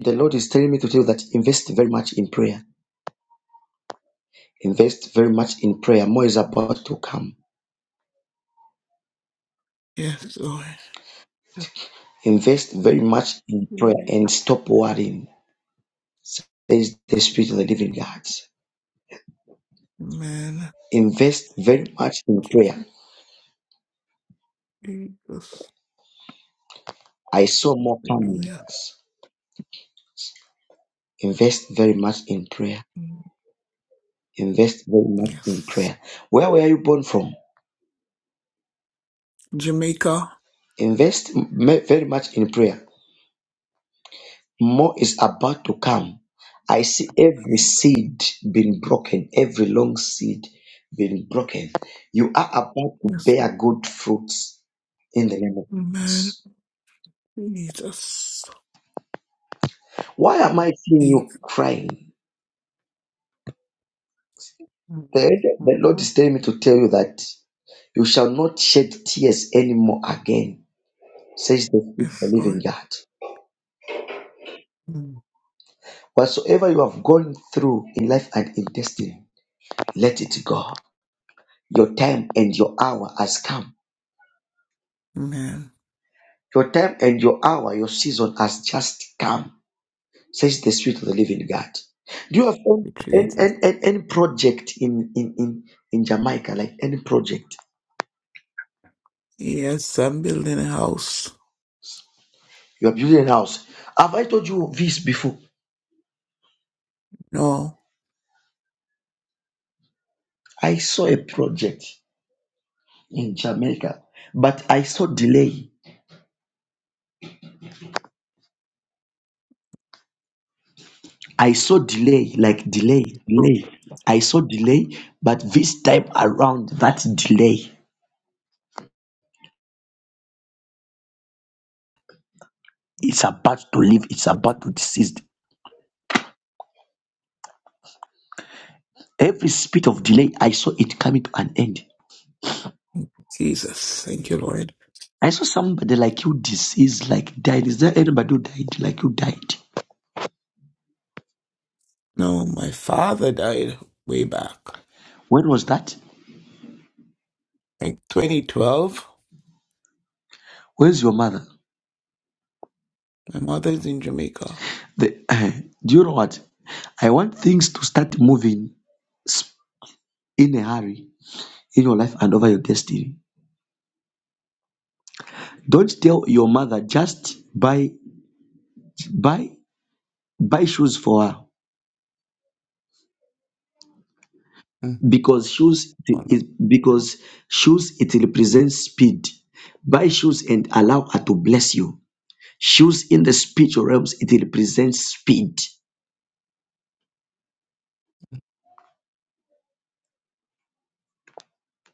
Speaker 1: the Lord me to tell you that just very invest in prayer, more to come.
Speaker 10: Yes, Lord.
Speaker 1: Invest very much in prayer
Speaker 10: Mm,
Speaker 1: and stop worrying. There is the spirit of the living
Speaker 10: Lord.
Speaker 1: God.
Speaker 10: Amen.
Speaker 1: Invest in
Speaker 10: Thank
Speaker 1: prayer.
Speaker 10: you, Jesus.
Speaker 1: I saw more comings.
Speaker 10: Hallelujah.
Speaker 1: Invest very much in prayer.
Speaker 10: Mm,
Speaker 1: Invest very much in
Speaker 10: Yes.
Speaker 1: prayer. Where were you born from?
Speaker 10: Jamaica.
Speaker 1: Invest m- very much in prayer. More is about to come. I see every seed being broken, every long seed being broken. You are about to
Speaker 10: Yes.
Speaker 1: bear good fruits in the name of
Speaker 10: Amen.
Speaker 1: Jesus.
Speaker 10: Jesus.
Speaker 1: Why am I seeing
Speaker 10: Mm,
Speaker 1: you crying? The, the Lord
Speaker 10: mhm.
Speaker 1: is telling me to tell you that you shall not shed tears anymore again, says the Spirit of the
Speaker 10: Yes,
Speaker 1: living
Speaker 10: Lord.
Speaker 1: God.
Speaker 10: Mm,
Speaker 1: Whatsoever you have gone through in life and in destiny, let it go. Your time and your hour has come
Speaker 10: Amen.
Speaker 1: Your time and your hour, your season has just come, says the Spirit of the Living God. Do you have
Speaker 10: Thank you,
Speaker 1: any,
Speaker 10: Jesus.
Speaker 1: any, any, any project in, in, in, in Jamaica, like any project?
Speaker 10: Yes, I'm building a house.
Speaker 1: You are building a house. Have I told you this before?
Speaker 10: No.
Speaker 1: I saw a project in Jamaica, but I saw delay. I saw delay, like delay,
Speaker 10: Oh,
Speaker 1: delay. I saw delay, but this time around, that delay is about to leave, it's about to desist. Every speed of delay, I saw it coming to an end.
Speaker 10: Jesus. Thank you, Lord.
Speaker 1: I saw somebody like you deceased, like died. Is there anybody who died like you died?
Speaker 10: No, my father died way back,
Speaker 1: When was that?
Speaker 10: like 2012.
Speaker 1: Where's your mother?
Speaker 10: My mother is in Jamaica.
Speaker 1: The, <clears throat> uh, do you know what? I want things to start moving in a hurry in your life and over your destiny. Don't tell your mother just buy buy buy shoes for her
Speaker 10: Mm.
Speaker 1: because shoes is
Speaker 10: Oh, no.
Speaker 1: because shoes it represents speed. Buy shoes and allow her to bless you. Shoes in the spiritual realms it represents speed
Speaker 10: Mm.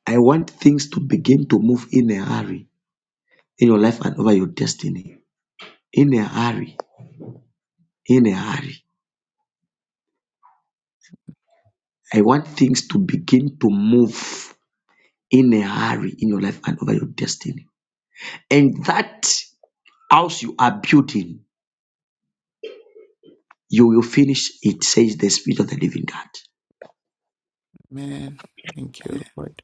Speaker 1: I want things to begin to move in a hurry in your life and over your destiny. In a hurry, in a hurry. I want things to begin to move in a hurry in your life and over your destiny. And that house you are building, you will finish it, says the Spirit of the Living God.
Speaker 10: Man, thank you, Lord.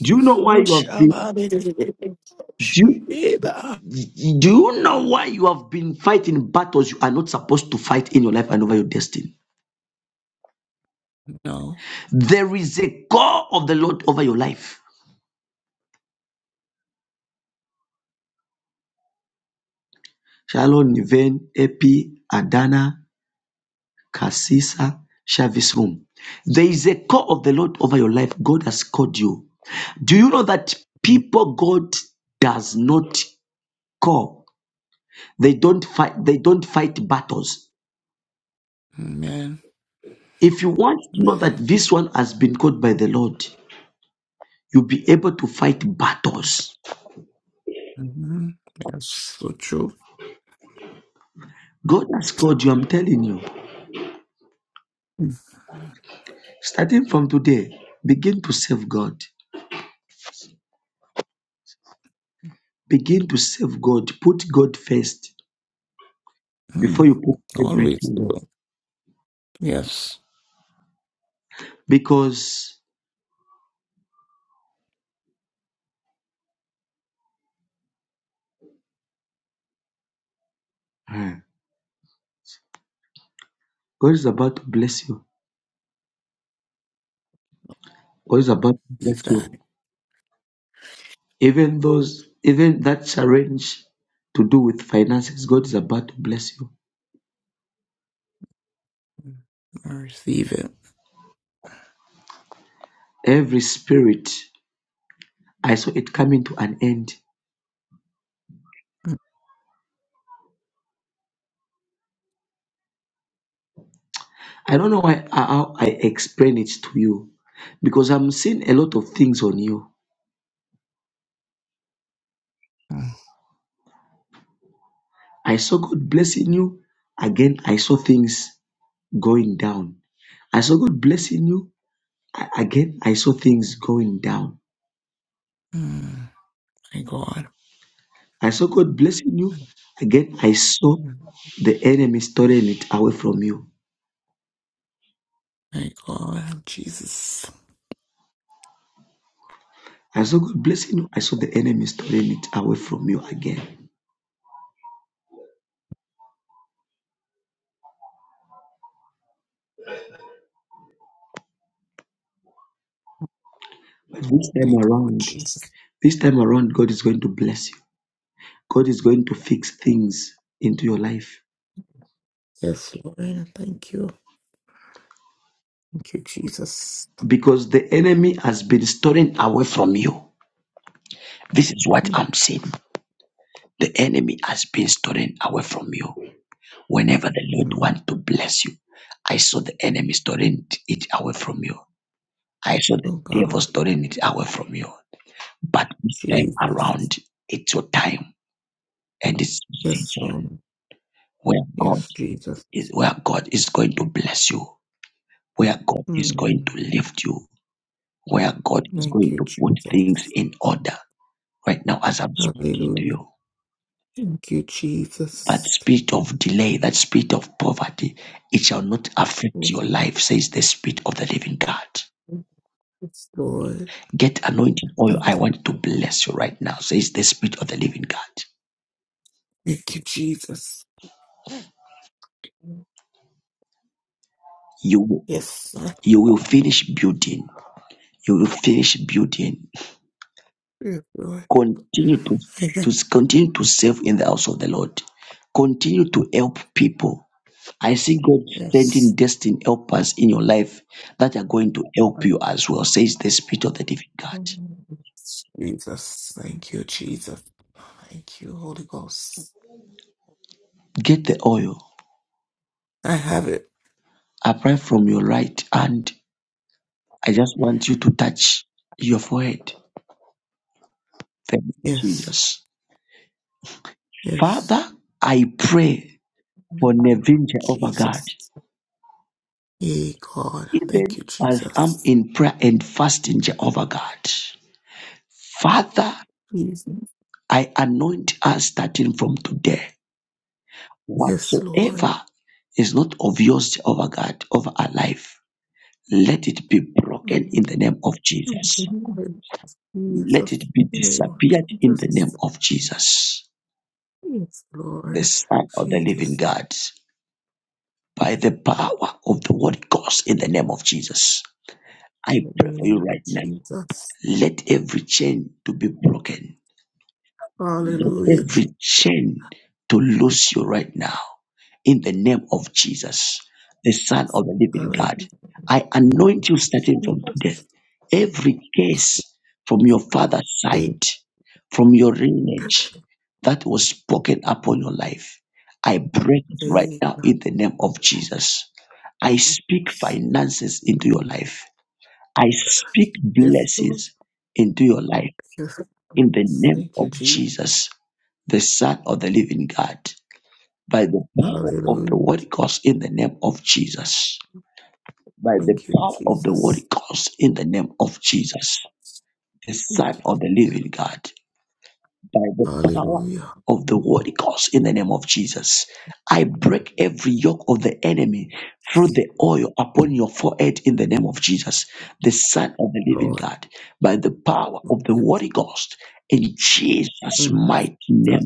Speaker 1: Do you know why you have been?
Speaker 11: Sheba.
Speaker 1: Do you, do you know why you have been fighting battles you are not supposed to fight in your life and over your destiny?
Speaker 10: No.
Speaker 1: There is a call of the Lord over your life. Shalom, Niven, Epi, Adana, Kasisa, Shavis Home. There is a call of the Lord over your life. God has called you. Do you know that
Speaker 10: Mm,
Speaker 1: people God does not call? They don't fight, they don't fight battles.
Speaker 10: Man,
Speaker 1: If you want to know that
Speaker 10: man.
Speaker 1: this one has been called by the Lord, you'll be able to fight battles.
Speaker 10: hmm That's so true.
Speaker 1: God has called you, I'm telling you.
Speaker 10: hmm
Speaker 1: Starting from today, begin to serve God. Begin to serve God. Put God first. before you put
Speaker 10: Always do.
Speaker 1: everything
Speaker 10: Yes.
Speaker 1: because uh, God is about to bless you. God is about to bless
Speaker 10: Receive that.
Speaker 1: you. Even those, even that challenge to do with finances, God is about to bless you.
Speaker 10: I receive it.
Speaker 1: Every spirit, I saw it coming to an end.
Speaker 10: Mm.
Speaker 1: I don't know why how I explain it to you, because I'm seeing a lot of things on you.
Speaker 10: Mm.
Speaker 1: I saw God blessing you. Again, I saw things going down. I saw God blessing you. A- Again, I saw things going down.
Speaker 10: Mm. Thank God.
Speaker 1: I saw God blessing you. Again, I saw
Speaker 10: Mm.
Speaker 1: the enemy storing it away from you.
Speaker 10: Thank God. Jesus.
Speaker 1: I saw God blessing you. I saw the enemy storing it away from you again. But this time
Speaker 10: Thank God.
Speaker 1: around,
Speaker 10: Jesus.
Speaker 1: this time around, God is going to bless you. God is going to fix things into your life
Speaker 10: Yes, Lord. I Thank you. Thank you, Jesus.
Speaker 1: because the enemy has been storing away from you. This is what
Speaker 10: Mm.
Speaker 1: I'm saying. The enemy has been storing away from you. Whenever the Lord
Speaker 10: Mhm.
Speaker 1: wants to bless you, I saw the enemy storing it away from you. I saw the
Speaker 10: Oh, God.
Speaker 1: devil stealing it away from you. But this time
Speaker 10: Jesus.
Speaker 1: around, it's your time and it's your
Speaker 10: Yes,
Speaker 1: season
Speaker 10: Lord.
Speaker 1: where God
Speaker 10: Yes, Jesus.
Speaker 1: is where God is going to bless you, where God is going
Speaker 10: Mm.
Speaker 1: to lift you, where God is
Speaker 10: Thank
Speaker 1: going
Speaker 10: you,
Speaker 1: to put
Speaker 10: Jesus.
Speaker 1: things in order. Right now, as I'm speaking to
Speaker 10: Hallelujah.
Speaker 1: you,
Speaker 10: Thank you,
Speaker 1: that
Speaker 10: Jesus.
Speaker 1: spirit of delay, that spirit of poverty, it shall not affect
Speaker 10: Yes,
Speaker 1: your life, says the spirit of the living God.
Speaker 10: yes, Lord.
Speaker 1: Get anointed oil. I
Speaker 10: Thank you.
Speaker 1: want to bless you right now, says the spirit of the living God
Speaker 10: Thank you, Jesus.
Speaker 1: you
Speaker 10: Yes, I
Speaker 1: You will finish building. You will finish building.
Speaker 10: feel Lord.
Speaker 1: Continue to,
Speaker 10: <laughs>
Speaker 1: to continue to serve in the house of the Lord. Continue to help people. I see God sending
Speaker 10: Yes.
Speaker 1: destiny helpers in your life that are going to help
Speaker 10: Thank
Speaker 1: you as well, says the Spirit of the Living God.
Speaker 10: you, Jesus. Thank you, Jesus. Thank you, Holy Ghost.
Speaker 1: Get the oil,
Speaker 10: I have it.
Speaker 1: apply from your right hand. I just want you to touch your forehead. Thank you,
Speaker 10: Yes.
Speaker 1: Jesus. Father,
Speaker 10: Yes.
Speaker 1: I pray for Nevin Jehovah God.
Speaker 10: Jesus. Yea, God. Thank you,
Speaker 1: even as I'm
Speaker 10: Jesus.
Speaker 1: in prayer and fasting, Jehovah God. Father,
Speaker 10: Jesus.
Speaker 1: I anoint us starting from today.
Speaker 10: Yes, Lord.
Speaker 1: Whatsoever is not of yours, Jehovah God, over our life, let it be broken in the name of Jesus. Let it
Speaker 10: Jesus,
Speaker 1: be
Speaker 10: in the name of
Speaker 1: disappeared in the name
Speaker 10: Jesus,
Speaker 1: of Jesus,
Speaker 10: yes,
Speaker 1: the
Speaker 10: Lord,
Speaker 1: Son of the living
Speaker 10: Jesus,
Speaker 1: God, by the power of the Holy Ghost in the name of Jesus. I
Speaker 10: in the
Speaker 1: pray for you
Speaker 10: name of
Speaker 1: right now.
Speaker 10: Jesus,
Speaker 1: Let every chain to be broken
Speaker 10: Hallelujah,
Speaker 1: every
Speaker 10: Jesus,
Speaker 1: chain to lose you right now in the name of Jesus, the Son of the Living God.
Speaker 10: Hallelujah,
Speaker 1: I anoint you starting from today. Every case from your father's
Speaker 10: Jesus,
Speaker 1: side, from your lineage that was spoken upon your life, I break it right
Speaker 10: Thank you,
Speaker 1: now in the name of Jesus. I speak
Speaker 10: Jesus.
Speaker 1: finances into your life. I speak
Speaker 10: yes, Lord,
Speaker 1: blessings into your life
Speaker 10: yes, Lord.
Speaker 1: in the name
Speaker 10: thank
Speaker 1: of
Speaker 10: you, Jesus,
Speaker 1: Jesus, the Son of the Living God by the power of the
Speaker 10: Hallelujah,
Speaker 1: Holy Ghost in the name of Jesus. By the
Speaker 10: thank you,
Speaker 1: power of the
Speaker 10: Jesus,
Speaker 1: Holy Ghost in the name of Jesus, the Son
Speaker 10: thank you,
Speaker 1: of
Speaker 10: Jesus.
Speaker 1: the Living God. By the power
Speaker 10: Hallelujah,
Speaker 1: of the Holy Ghost in the name of Jesus, I break every yoke of the enemy through the oil upon
Speaker 10: Mm,
Speaker 1: your forehead in the name of Jesus, the Son of the Living
Speaker 10: Lord,
Speaker 1: God. By the power of the
Speaker 10: yes,
Speaker 1: Holy Ghost in Jesus'
Speaker 10: Mm,
Speaker 1: mighty name.
Speaker 10: Jesus,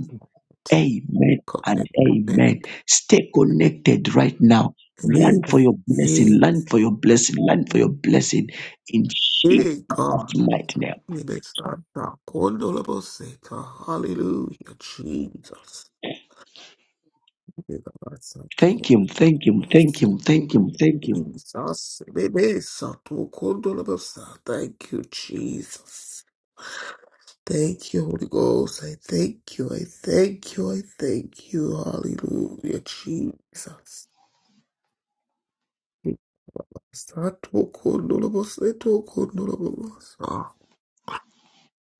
Speaker 1: Amen
Speaker 10: come
Speaker 1: and
Speaker 10: in,
Speaker 1: amen. Stay connected right now. Learn for
Speaker 10: agreement.
Speaker 1: your blessing.
Speaker 10: Hey,
Speaker 1: Learn for your blessing. Learn for your blessing in
Speaker 10: hey, hey, God.
Speaker 1: Jesus' mighty name.
Speaker 10: Ibesata kondoloboseka. Hallelujah, Jesus. Ibebasato
Speaker 1: Thank Him. Thank Him. Thank
Speaker 10: kose-
Speaker 1: Him. Thank Him. Thank Him.
Speaker 10: Jesus. Ibebesato kondolobosa. Thank you, Jesus. Thank you, Holy Ghost. I thank you. I thank you. I thank you. Hallelujah, Jesus. Ibesato kondoloboseto kondolobosa.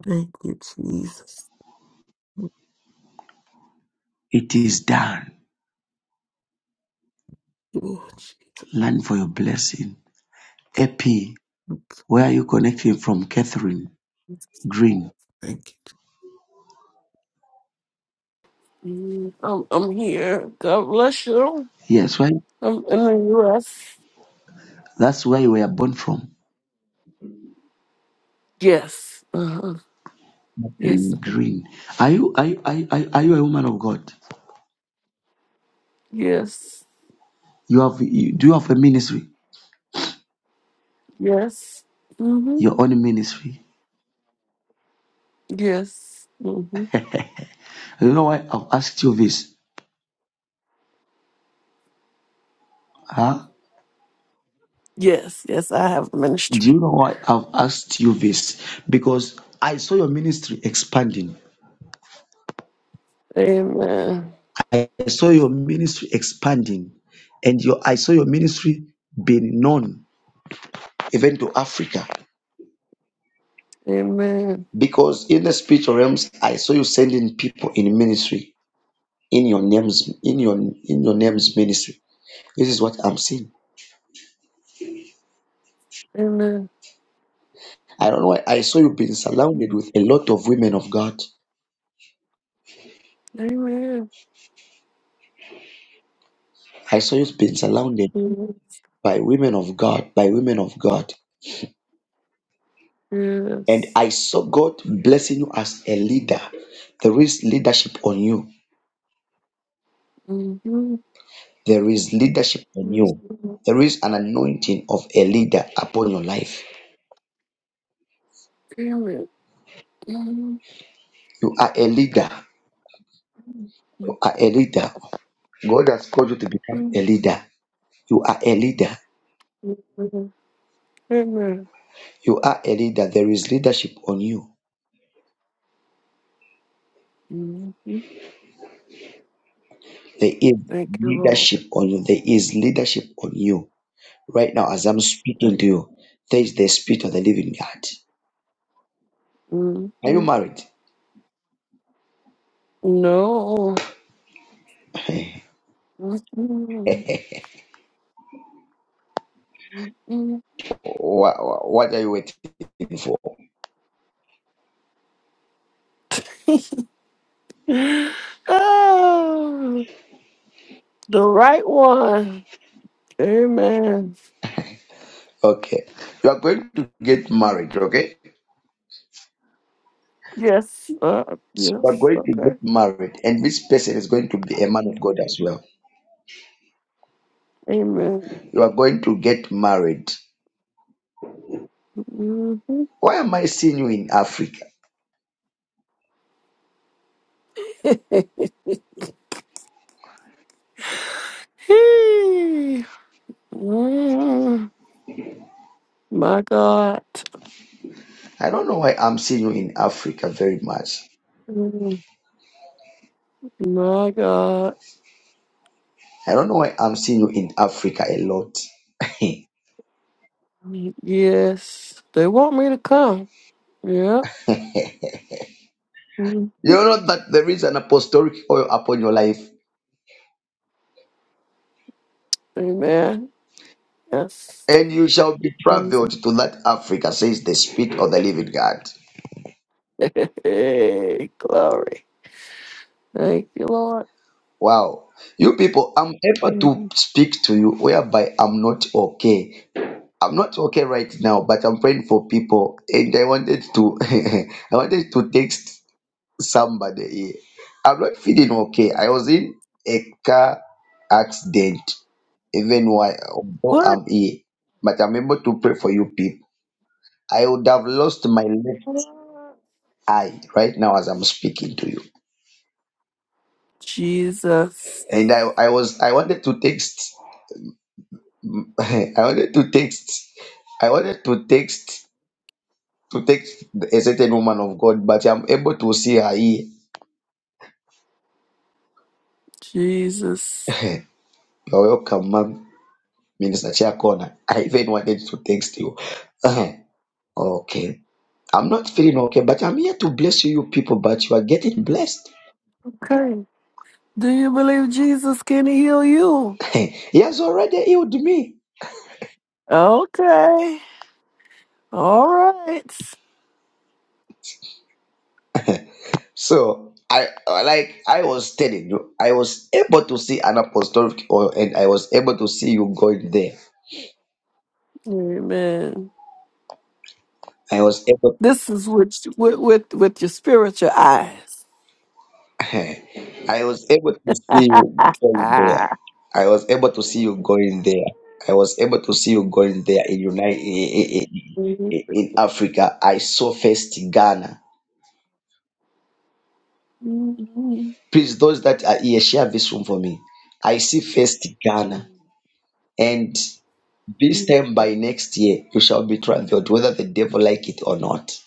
Speaker 10: Thank you, Jesus.
Speaker 1: It is done.
Speaker 10: Oh, Jesus.
Speaker 1: Learn for your blessing. AP, where are you connecting from? Catherine Green.
Speaker 10: Thank you.
Speaker 11: Mm, I'm, I'm here. God bless you.
Speaker 1: Yes, why?
Speaker 11: I'm in the U.S.
Speaker 1: That's where you were born from.
Speaker 11: Yes. Uh-huh. Yes.
Speaker 1: Catherine Green. Are you are you, are you, are you a woman of God?
Speaker 11: Yes.
Speaker 1: You have you, do you have a ministry?
Speaker 11: Yes. Mm-hmm.
Speaker 1: Your own ministry.
Speaker 11: Yes. Mm-hmm.
Speaker 1: You know why I've asked you this? Huh?
Speaker 11: Yes. Yes, I have a
Speaker 1: Do
Speaker 11: ministry.
Speaker 1: you know why I've asked you this? Because I saw your ministry expanding.
Speaker 11: Amen.
Speaker 1: I saw your ministry expanding, and your I saw your ministry being known even to Africa.
Speaker 11: Amen.
Speaker 1: Because in the spiritual realms, I saw you sending people in ministry in your names in your in your names ministry. This is what I'm seeing.
Speaker 11: Amen.
Speaker 1: I don't know why I saw you being surrounded with a lot of women of God.
Speaker 11: Amen.
Speaker 1: I saw you being surrounded.
Speaker 11: Yes.
Speaker 1: by women of God, by women of God. And
Speaker 11: Yes.
Speaker 1: I saw God blessing you as a leader. There is leadership on you.
Speaker 11: Mm-hmm.
Speaker 1: There is leadership on
Speaker 11: Yes.
Speaker 1: you. There is an anointing of a leader upon your life.
Speaker 11: Amen.
Speaker 1: You are a leader. You are a leader. God has called you to become a leader. You are a leader.
Speaker 11: Mm-hmm. Amen.
Speaker 1: You are a leader. There is leadership on you.
Speaker 11: Mm-hmm.
Speaker 1: There is
Speaker 11: Thank you, Lord.
Speaker 1: leadership on you. There is leadership on you. Right now, as I'm speaking
Speaker 11: Thank
Speaker 1: to you, there is the spirit of the living God. Are you
Speaker 11: hmm
Speaker 1: married?
Speaker 11: No.
Speaker 1: Okay.
Speaker 11: Mhm. Mhm.
Speaker 1: What, what are you waiting for?
Speaker 11: <laughs> oh, like, mm-hmm. <laughs> the right one. Amen.
Speaker 1: Okay. You are going to get married, okay?
Speaker 11: Yes. Uh,
Speaker 1: You are
Speaker 11: yes.
Speaker 1: going to get
Speaker 11: Okay.
Speaker 1: married, and this person is going to be a man of God as well.
Speaker 11: Amen.
Speaker 1: You are going to get married.
Speaker 11: hmm
Speaker 1: Why am I seeing you in Africa?
Speaker 11: Hey. Mm. My God.
Speaker 1: I don't know why I'm seeing you in Africa very much.
Speaker 11: Mm. My God.
Speaker 1: I don't know why I'm seeing you in Africa a lot. <laughs> you
Speaker 11: Yes. They want me to come. Yeah.
Speaker 1: know that there is an apostolic oil upon your life,
Speaker 11: Amen. Yes.
Speaker 1: and you shall be
Speaker 11: <laughs>
Speaker 1: traveled to that Africa, says the Spirit of the Living God.
Speaker 11: Hey, glory. Thank you, Lord.
Speaker 1: Wow. You people, I'm able to
Speaker 11: Mhm.
Speaker 1: speak to you whereby I'm not okay. I'm not okay right now, but I'm praying for people. And I wanted to <laughs> I wanted to text somebody here. I'm not feeling okay. I was in a car accident, even while although
Speaker 11: What?
Speaker 1: I'm here. But I'm able to pray for you people. I would have lost my left eye right now as I'm speaking to you.
Speaker 11: Jesus.
Speaker 1: And I, I was I wanted to text <laughs> I wanted to text. I wanted to text to text a certain woman of God, but I'm able to see her here.
Speaker 11: Jesus.
Speaker 1: <laughs> You're welcome, ma'am. Minister Chiakona. I even wanted to text you. <laughs> okay. I'm not feeling okay, but I'm here to bless you, you people, but you are getting blessed.
Speaker 11: Okay. Do you believe Jesus can heal you?
Speaker 1: <laughs> he has already healed me.
Speaker 11: Okay. All right.
Speaker 1: So I like I was telling you, I was able to see an apostolic oil and I was able to see you going there.
Speaker 11: Amen.
Speaker 1: I was able
Speaker 11: This is with with with, with your spiritual eyes.
Speaker 1: <laughs> I was able to see you going there.
Speaker 11: Ah.
Speaker 1: I was able to see you going there. I was able to see you going there in United in,
Speaker 11: <laughs>
Speaker 1: in, in Africa. I saw first Ghana. Please, those that are here, share this room for me. I see first Ghana, and this time by next year you shall be traveled, whether the devil like it or not.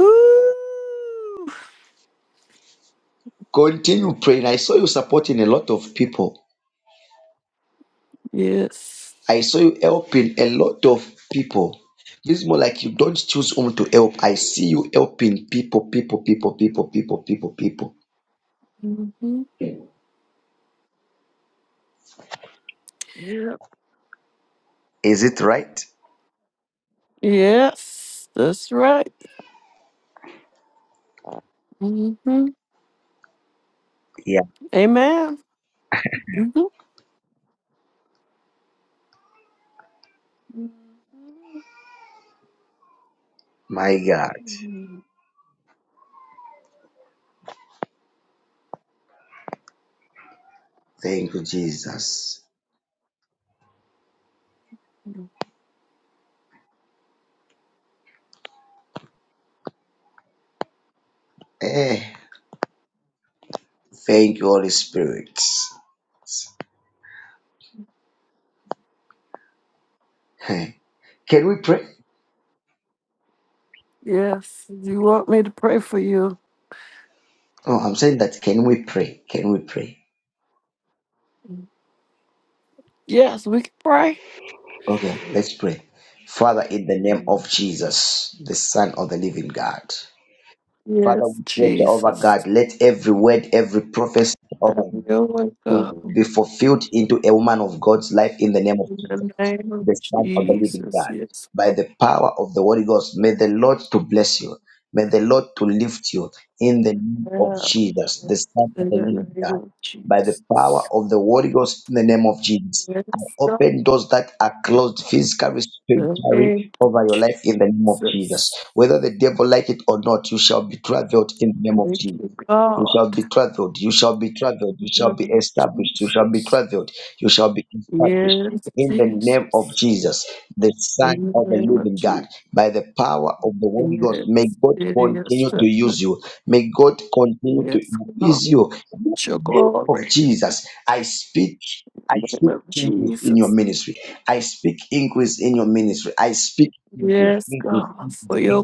Speaker 11: Ooh.
Speaker 1: Continue praying. I saw you supporting a lot of people.
Speaker 11: Yes.
Speaker 1: I saw you helping a lot of people. It's more like you don't choose whom to help. I see you helping people, people, people, people, people, people, people.
Speaker 11: hmm Yep.
Speaker 1: Is it right?
Speaker 11: Yes. That's right. hmm
Speaker 1: Yeah.
Speaker 11: Amen. hmm
Speaker 1: My God. Thank you, Jesus. Eh, thank you, Holy Spirit. Eh, Can we pray?
Speaker 11: Yes. You want me to pray for you?
Speaker 1: Oh, I'm saying that. Can we pray? Can we pray?
Speaker 11: Yes, we can pray.
Speaker 1: Okay, let's pray. Father, in the name of Jesus, the Son of the Living God. Father,
Speaker 11: Yes,
Speaker 1: we pray, Jehovah God,
Speaker 11: Jesus.
Speaker 1: let every word, every prophecy,
Speaker 11: Have
Speaker 1: Jehovah
Speaker 11: your way,
Speaker 1: you
Speaker 11: God.
Speaker 1: will be fulfilled into a woman of God's life in the name of
Speaker 11: In
Speaker 1: Jesus,
Speaker 11: the name of
Speaker 1: the Son of the Living
Speaker 11: Jesus.
Speaker 1: God.
Speaker 11: Yes,
Speaker 1: By
Speaker 11: God.
Speaker 1: the power of the Holy Ghost, may the Lord to bless you. May the Lord to lift you in the name of
Speaker 11: Yes,
Speaker 1: Jesus, the Son of
Speaker 11: In
Speaker 1: the
Speaker 11: the
Speaker 1: Living
Speaker 11: name
Speaker 1: God.
Speaker 11: of
Speaker 1: By the power
Speaker 11: Jesus.
Speaker 1: of the Holy Ghost, in the name of Jesus, I
Speaker 11: Yes, God.
Speaker 1: open doors that are closed physically,
Speaker 11: In the
Speaker 1: spiritually
Speaker 11: name of
Speaker 1: over your life in the name of Jesus.
Speaker 11: Jesus.
Speaker 1: Whether the devil like it or not, you shall be traveled in the name of
Speaker 11: Thank
Speaker 1: Jesus.
Speaker 11: you,
Speaker 1: You
Speaker 11: God.
Speaker 1: shall be traveled. You shall be traveled.
Speaker 11: In
Speaker 1: You shall
Speaker 11: the
Speaker 1: be
Speaker 11: name of
Speaker 1: established. You shall be
Speaker 11: Jesus.
Speaker 1: traveled. You shall be established.
Speaker 11: Yes,
Speaker 1: In the name of
Speaker 11: Jesus.
Speaker 1: Jesus, the Son
Speaker 11: In
Speaker 1: of
Speaker 11: the
Speaker 1: the
Speaker 11: name of
Speaker 1: Living God,
Speaker 11: Jesus.
Speaker 1: by the power of the Holy Ghost, may
Speaker 11: Yes,
Speaker 1: God
Speaker 11: it is
Speaker 1: continue to
Speaker 11: so.
Speaker 1: use you. May God continue to
Speaker 11: Yes, God.
Speaker 1: increase you. In the
Speaker 11: Your
Speaker 1: name of
Speaker 11: glory.
Speaker 1: Jesus, I speak. I
Speaker 11: In the name
Speaker 1: speak
Speaker 11: of
Speaker 1: increase in your
Speaker 11: Jesus.
Speaker 1: ministry. I speak increase in your ministry. I speak increase,
Speaker 11: Yes,
Speaker 1: increase,
Speaker 11: God. For
Speaker 1: increase,
Speaker 11: your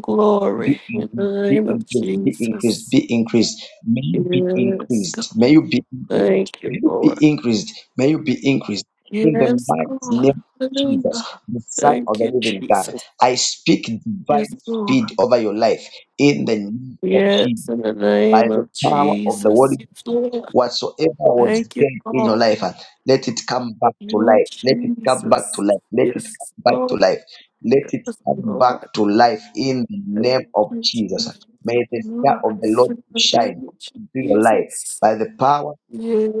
Speaker 1: be
Speaker 11: glory. In
Speaker 1: increased,
Speaker 11: the
Speaker 1: be
Speaker 11: name of
Speaker 1: increased, be increased,
Speaker 11: Jesus.
Speaker 1: be increased. May you be
Speaker 11: Yes,
Speaker 1: increased.
Speaker 11: God.
Speaker 1: May you be increased.
Speaker 11: Thank you,
Speaker 1: May you
Speaker 11: Lord.
Speaker 1: be increased. May you be increased. In the
Speaker 11: Yes,
Speaker 1: mighty name
Speaker 11: God.
Speaker 1: of Jesus,
Speaker 11: Hallelujah.
Speaker 1: the Son of
Speaker 11: Thank
Speaker 1: the
Speaker 11: you,
Speaker 1: Living God,
Speaker 11: Jesus.
Speaker 1: I speak
Speaker 11: Yes,
Speaker 1: divine
Speaker 11: Lord.
Speaker 1: speed over your life in the name of Jesus
Speaker 11: Yes, in the
Speaker 1: by
Speaker 11: name
Speaker 1: the
Speaker 11: of
Speaker 1: power of the
Speaker 11: Jesus.
Speaker 1: Holy
Speaker 11: Yes, Lord.
Speaker 1: whatsoever was
Speaker 11: Thank you,
Speaker 1: dead in your
Speaker 11: God.
Speaker 1: life, uh, let it come back to
Speaker 11: You are
Speaker 1: life. Let it come back to
Speaker 11: Jesus.
Speaker 1: life. Let it
Speaker 11: Yes,
Speaker 1: come back to
Speaker 11: Lord.
Speaker 1: life. Let it
Speaker 11: Yes,
Speaker 1: come
Speaker 11: Lord.
Speaker 1: back to life in the
Speaker 11: Thank
Speaker 1: name of
Speaker 11: you,
Speaker 1: Jesus.
Speaker 11: Jesus. for
Speaker 1: May the
Speaker 11: New
Speaker 1: star of the
Speaker 11: life
Speaker 1: Lord
Speaker 11: in the
Speaker 1: shine
Speaker 11: name of
Speaker 1: through your life
Speaker 11: Jesus.
Speaker 1: by the power of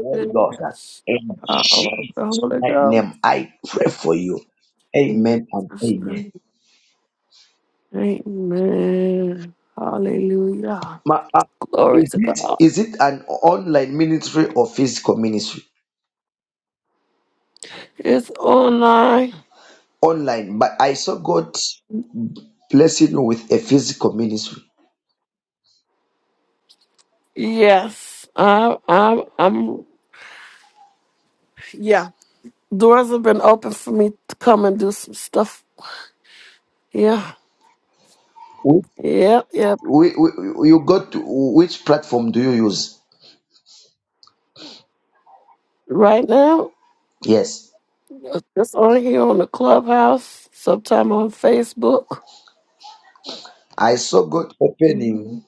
Speaker 1: the Holy Ghost. uh,
Speaker 11: the
Speaker 1: In
Speaker 11: power of the
Speaker 1: Jesus'
Speaker 11: Holy
Speaker 1: mighty
Speaker 11: Ghost.
Speaker 1: name, I pray for you.
Speaker 11: In
Speaker 1: Amen and
Speaker 11: Jesus'
Speaker 1: amen.
Speaker 11: name. Amen. Hallelujah.
Speaker 1: Ma- uh,
Speaker 11: Glory
Speaker 1: is
Speaker 11: to
Speaker 1: it
Speaker 11: God.
Speaker 1: is it an online ministry or physical ministry?
Speaker 11: It's online.
Speaker 1: online, but I saw God blessing you with a physical ministry.
Speaker 11: Yes, I'm. I'm. I'm Yeah, doors have been open for me to come and do some stuff. Yeah,
Speaker 1: Wh-
Speaker 11: yeah, yeah.
Speaker 1: wh- wh- You got to, which platform do you use?
Speaker 11: Right now,
Speaker 1: Yes,
Speaker 11: just on here on the clubhouse, sometime on Facebook.
Speaker 1: I saw God
Speaker 11: hmm
Speaker 1: opening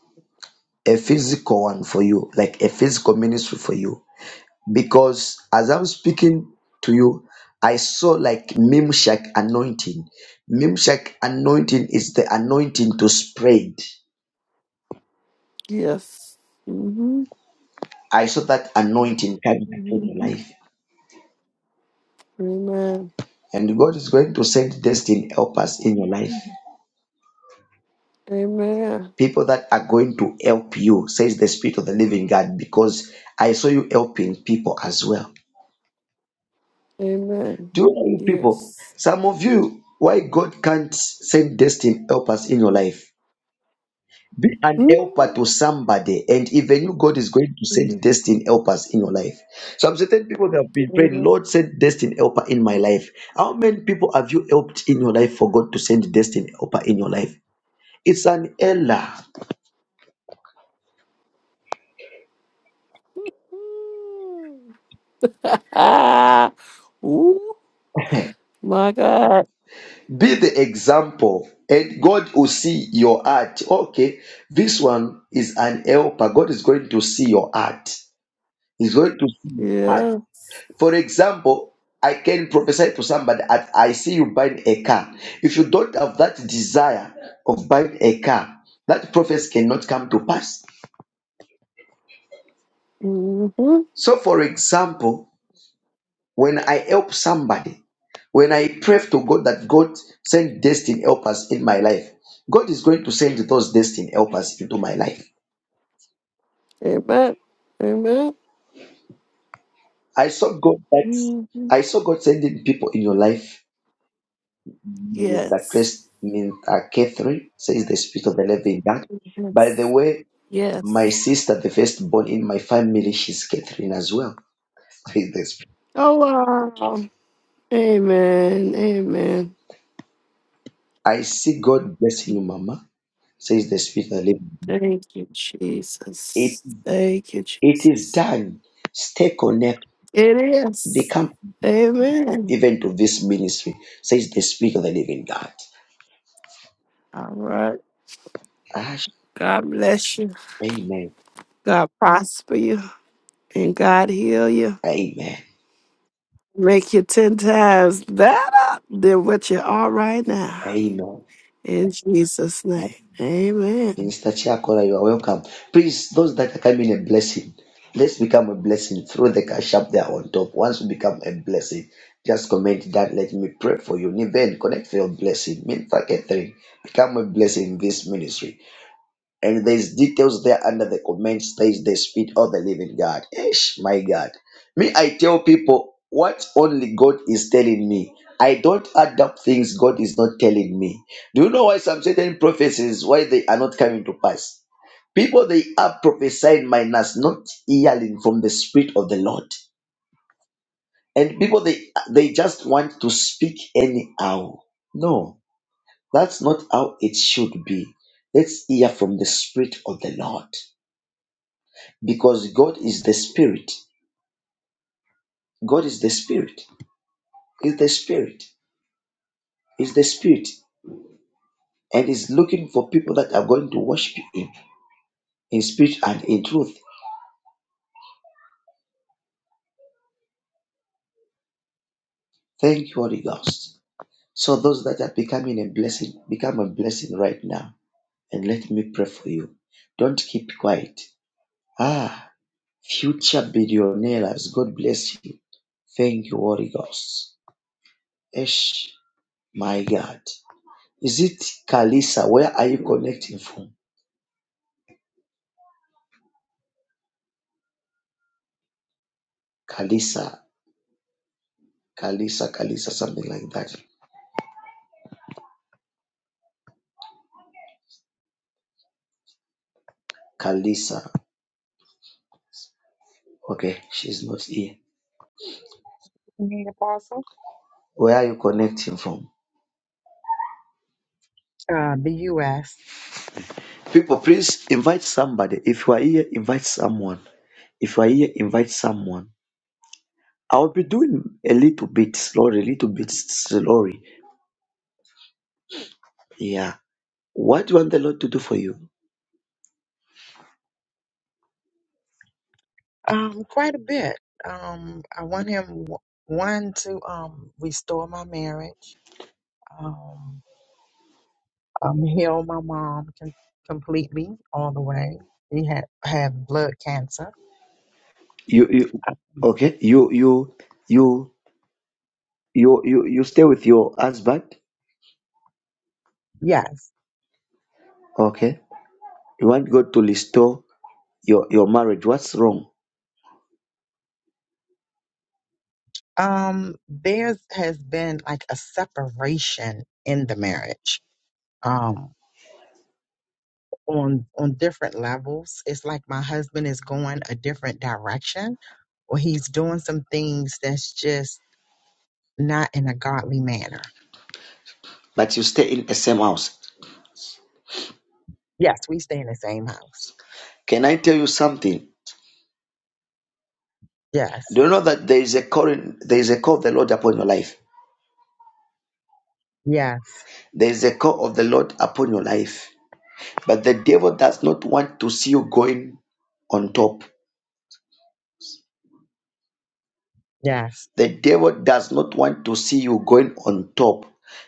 Speaker 1: a physical one for you, like a physical ministry for you. Because as I'm speaking to you, I saw like Mimshak anointing. Mimshak anointing is the anointing to spread.
Speaker 11: Yes. hmm
Speaker 1: I saw that anointing coming upon your
Speaker 11: hmm
Speaker 1: life.
Speaker 11: Amen.
Speaker 1: And God is going to send destiny helpers in your life.
Speaker 11: Amen.
Speaker 1: People that are going to help you, says the Spirit of the Living God, because I saw you helping people as well.
Speaker 11: Amen.
Speaker 1: Do you know people?
Speaker 11: Yes.
Speaker 1: Some of you, why God can't send destiny helpers in your life? Be an
Speaker 11: <laughs>
Speaker 1: helper to somebody, and even you, God is going to
Speaker 11: Mm.
Speaker 1: send destiny helpers in your life. Some certain people that have
Speaker 11: Mm.
Speaker 1: been praying,
Speaker 11: Amen.
Speaker 1: Lord, send destiny helper in my life. How many people have you helped in your life for God to send destiny helper in your life? It's an error.
Speaker 11: Mm. <laughs> Ooh,
Speaker 1: Hmm.
Speaker 11: my God.
Speaker 1: Be the example, and God will see your heart. Okay, this one is an helper. God is going to see your heart. He's going to see your heart.
Speaker 11: Yeah.
Speaker 1: For example, I can prophesy to somebody that I see you buying a car. If you don't have that desire of buying a car, that prophecy cannot come to pass.
Speaker 11: hmm
Speaker 1: So, for example, When I help somebody, when I pray to God that God send destiny helpers in my life, God is going to send those destiny helpers into my life.
Speaker 11: Amen. Amen.
Speaker 1: I saw God that
Speaker 11: Mhm.
Speaker 1: I saw God sending people in your life. Minister
Speaker 11: Yes.
Speaker 1: Chris, Minister Catherine says the spirit of the living God. By the
Speaker 11: Yes.
Speaker 1: way, my
Speaker 11: Yes.
Speaker 1: sister, the firstborn in my family, she's Catherine as well. <laughs> Says the Spirit.
Speaker 11: Oh, wow. Amen. Amen.
Speaker 1: I see God blessing you, Mama. Says the spirit of the living.
Speaker 11: Thank you,
Speaker 1: It
Speaker 11: Jesus. Thank you,
Speaker 1: it is
Speaker 11: Jesus.
Speaker 1: done. Stay connected
Speaker 11: It
Speaker 1: They
Speaker 11: is.
Speaker 1: come
Speaker 11: Amen.
Speaker 1: even to this ministry, says the Spirit of the Living God.
Speaker 11: All right.
Speaker 1: Ash,
Speaker 11: God bless you.
Speaker 1: amen.
Speaker 11: God prosper you. And God heal you.
Speaker 1: Amen.
Speaker 11: Make you 10 times better than what you are right now.
Speaker 1: Amen.
Speaker 11: In Jesus'
Speaker 1: Eh,
Speaker 11: name. Amen.
Speaker 1: Minister Chiakola, you are welcome. Please, those that are coming a blessing, let's become a blessing. Throw the cash up there on top. Once we become a blessing, just comment that. Let me pray for you. Niven, connect for your blessing. Minister Catherine, become a blessing in this ministry. And there's details there under the comments. Says the Spirit of the Living God. Esh, my God. Me, I tell people what only God is telling me. I don't add up things God is not telling me. Do you know why some certain prophecies why they are not coming to pass? People they are prophesying minus not hearing from the Spirit of the Lord. And people they they just want to speak anyhow. No, that's not how it should be. Let's hear from the Spirit of the Lord. because God is the spirit. God is the spirit. Is the spirit. Is the spirit. And is looking for people that are going to worship him in spirit and in truth. Thank you, Holy Ghost. So those that are becoming a blessing, become a blessing right now. And let me pray for you. Don't keep quiet. Ah, future billionaires, God bless you. Thank you, Holy Ghost. Esh, my God. Is it Kalisa? Where are you connecting from? Kalisa. Kalisa, Kalisa, something like that. Kalisa. Okay, she's not here.
Speaker 12: Mhm, Apostle?
Speaker 1: Where are you connecting from?
Speaker 12: Uh, the U.S.
Speaker 1: People, please invite somebody. If you are here, invite someone. If you are here, invite someone. I'll be doing a little bit slowly, a little bit slowly. Yeah. What do you want the Lord to do for you?
Speaker 12: Um, quite a bit. Um, I want him w- one to um restore my marriage, um, um heal my mom com- completely all the way. He had had blood cancer.
Speaker 1: You, you okay? You, you, you, you, you, you stay with your husband.
Speaker 12: Yes.
Speaker 1: Okay. You want God to restore your your marriage. What's wrong?
Speaker 12: Um, there has been like a separation in the marriage. Um, on on different levels. It's like my husband is going a different direction, or he's doing some things that's just not in a godly manner.
Speaker 1: But you stay in the same house.
Speaker 12: Yes, we stay in the same house.
Speaker 1: Can I tell you something?
Speaker 12: Yes,
Speaker 1: Do you know that there is a call in, there is a call of the Lord upon your life?
Speaker 12: yes,
Speaker 1: There is a call of the Lord upon your life. But the devil does not want to see you going on top.
Speaker 12: yes,
Speaker 1: The devil does not want to see you going on top.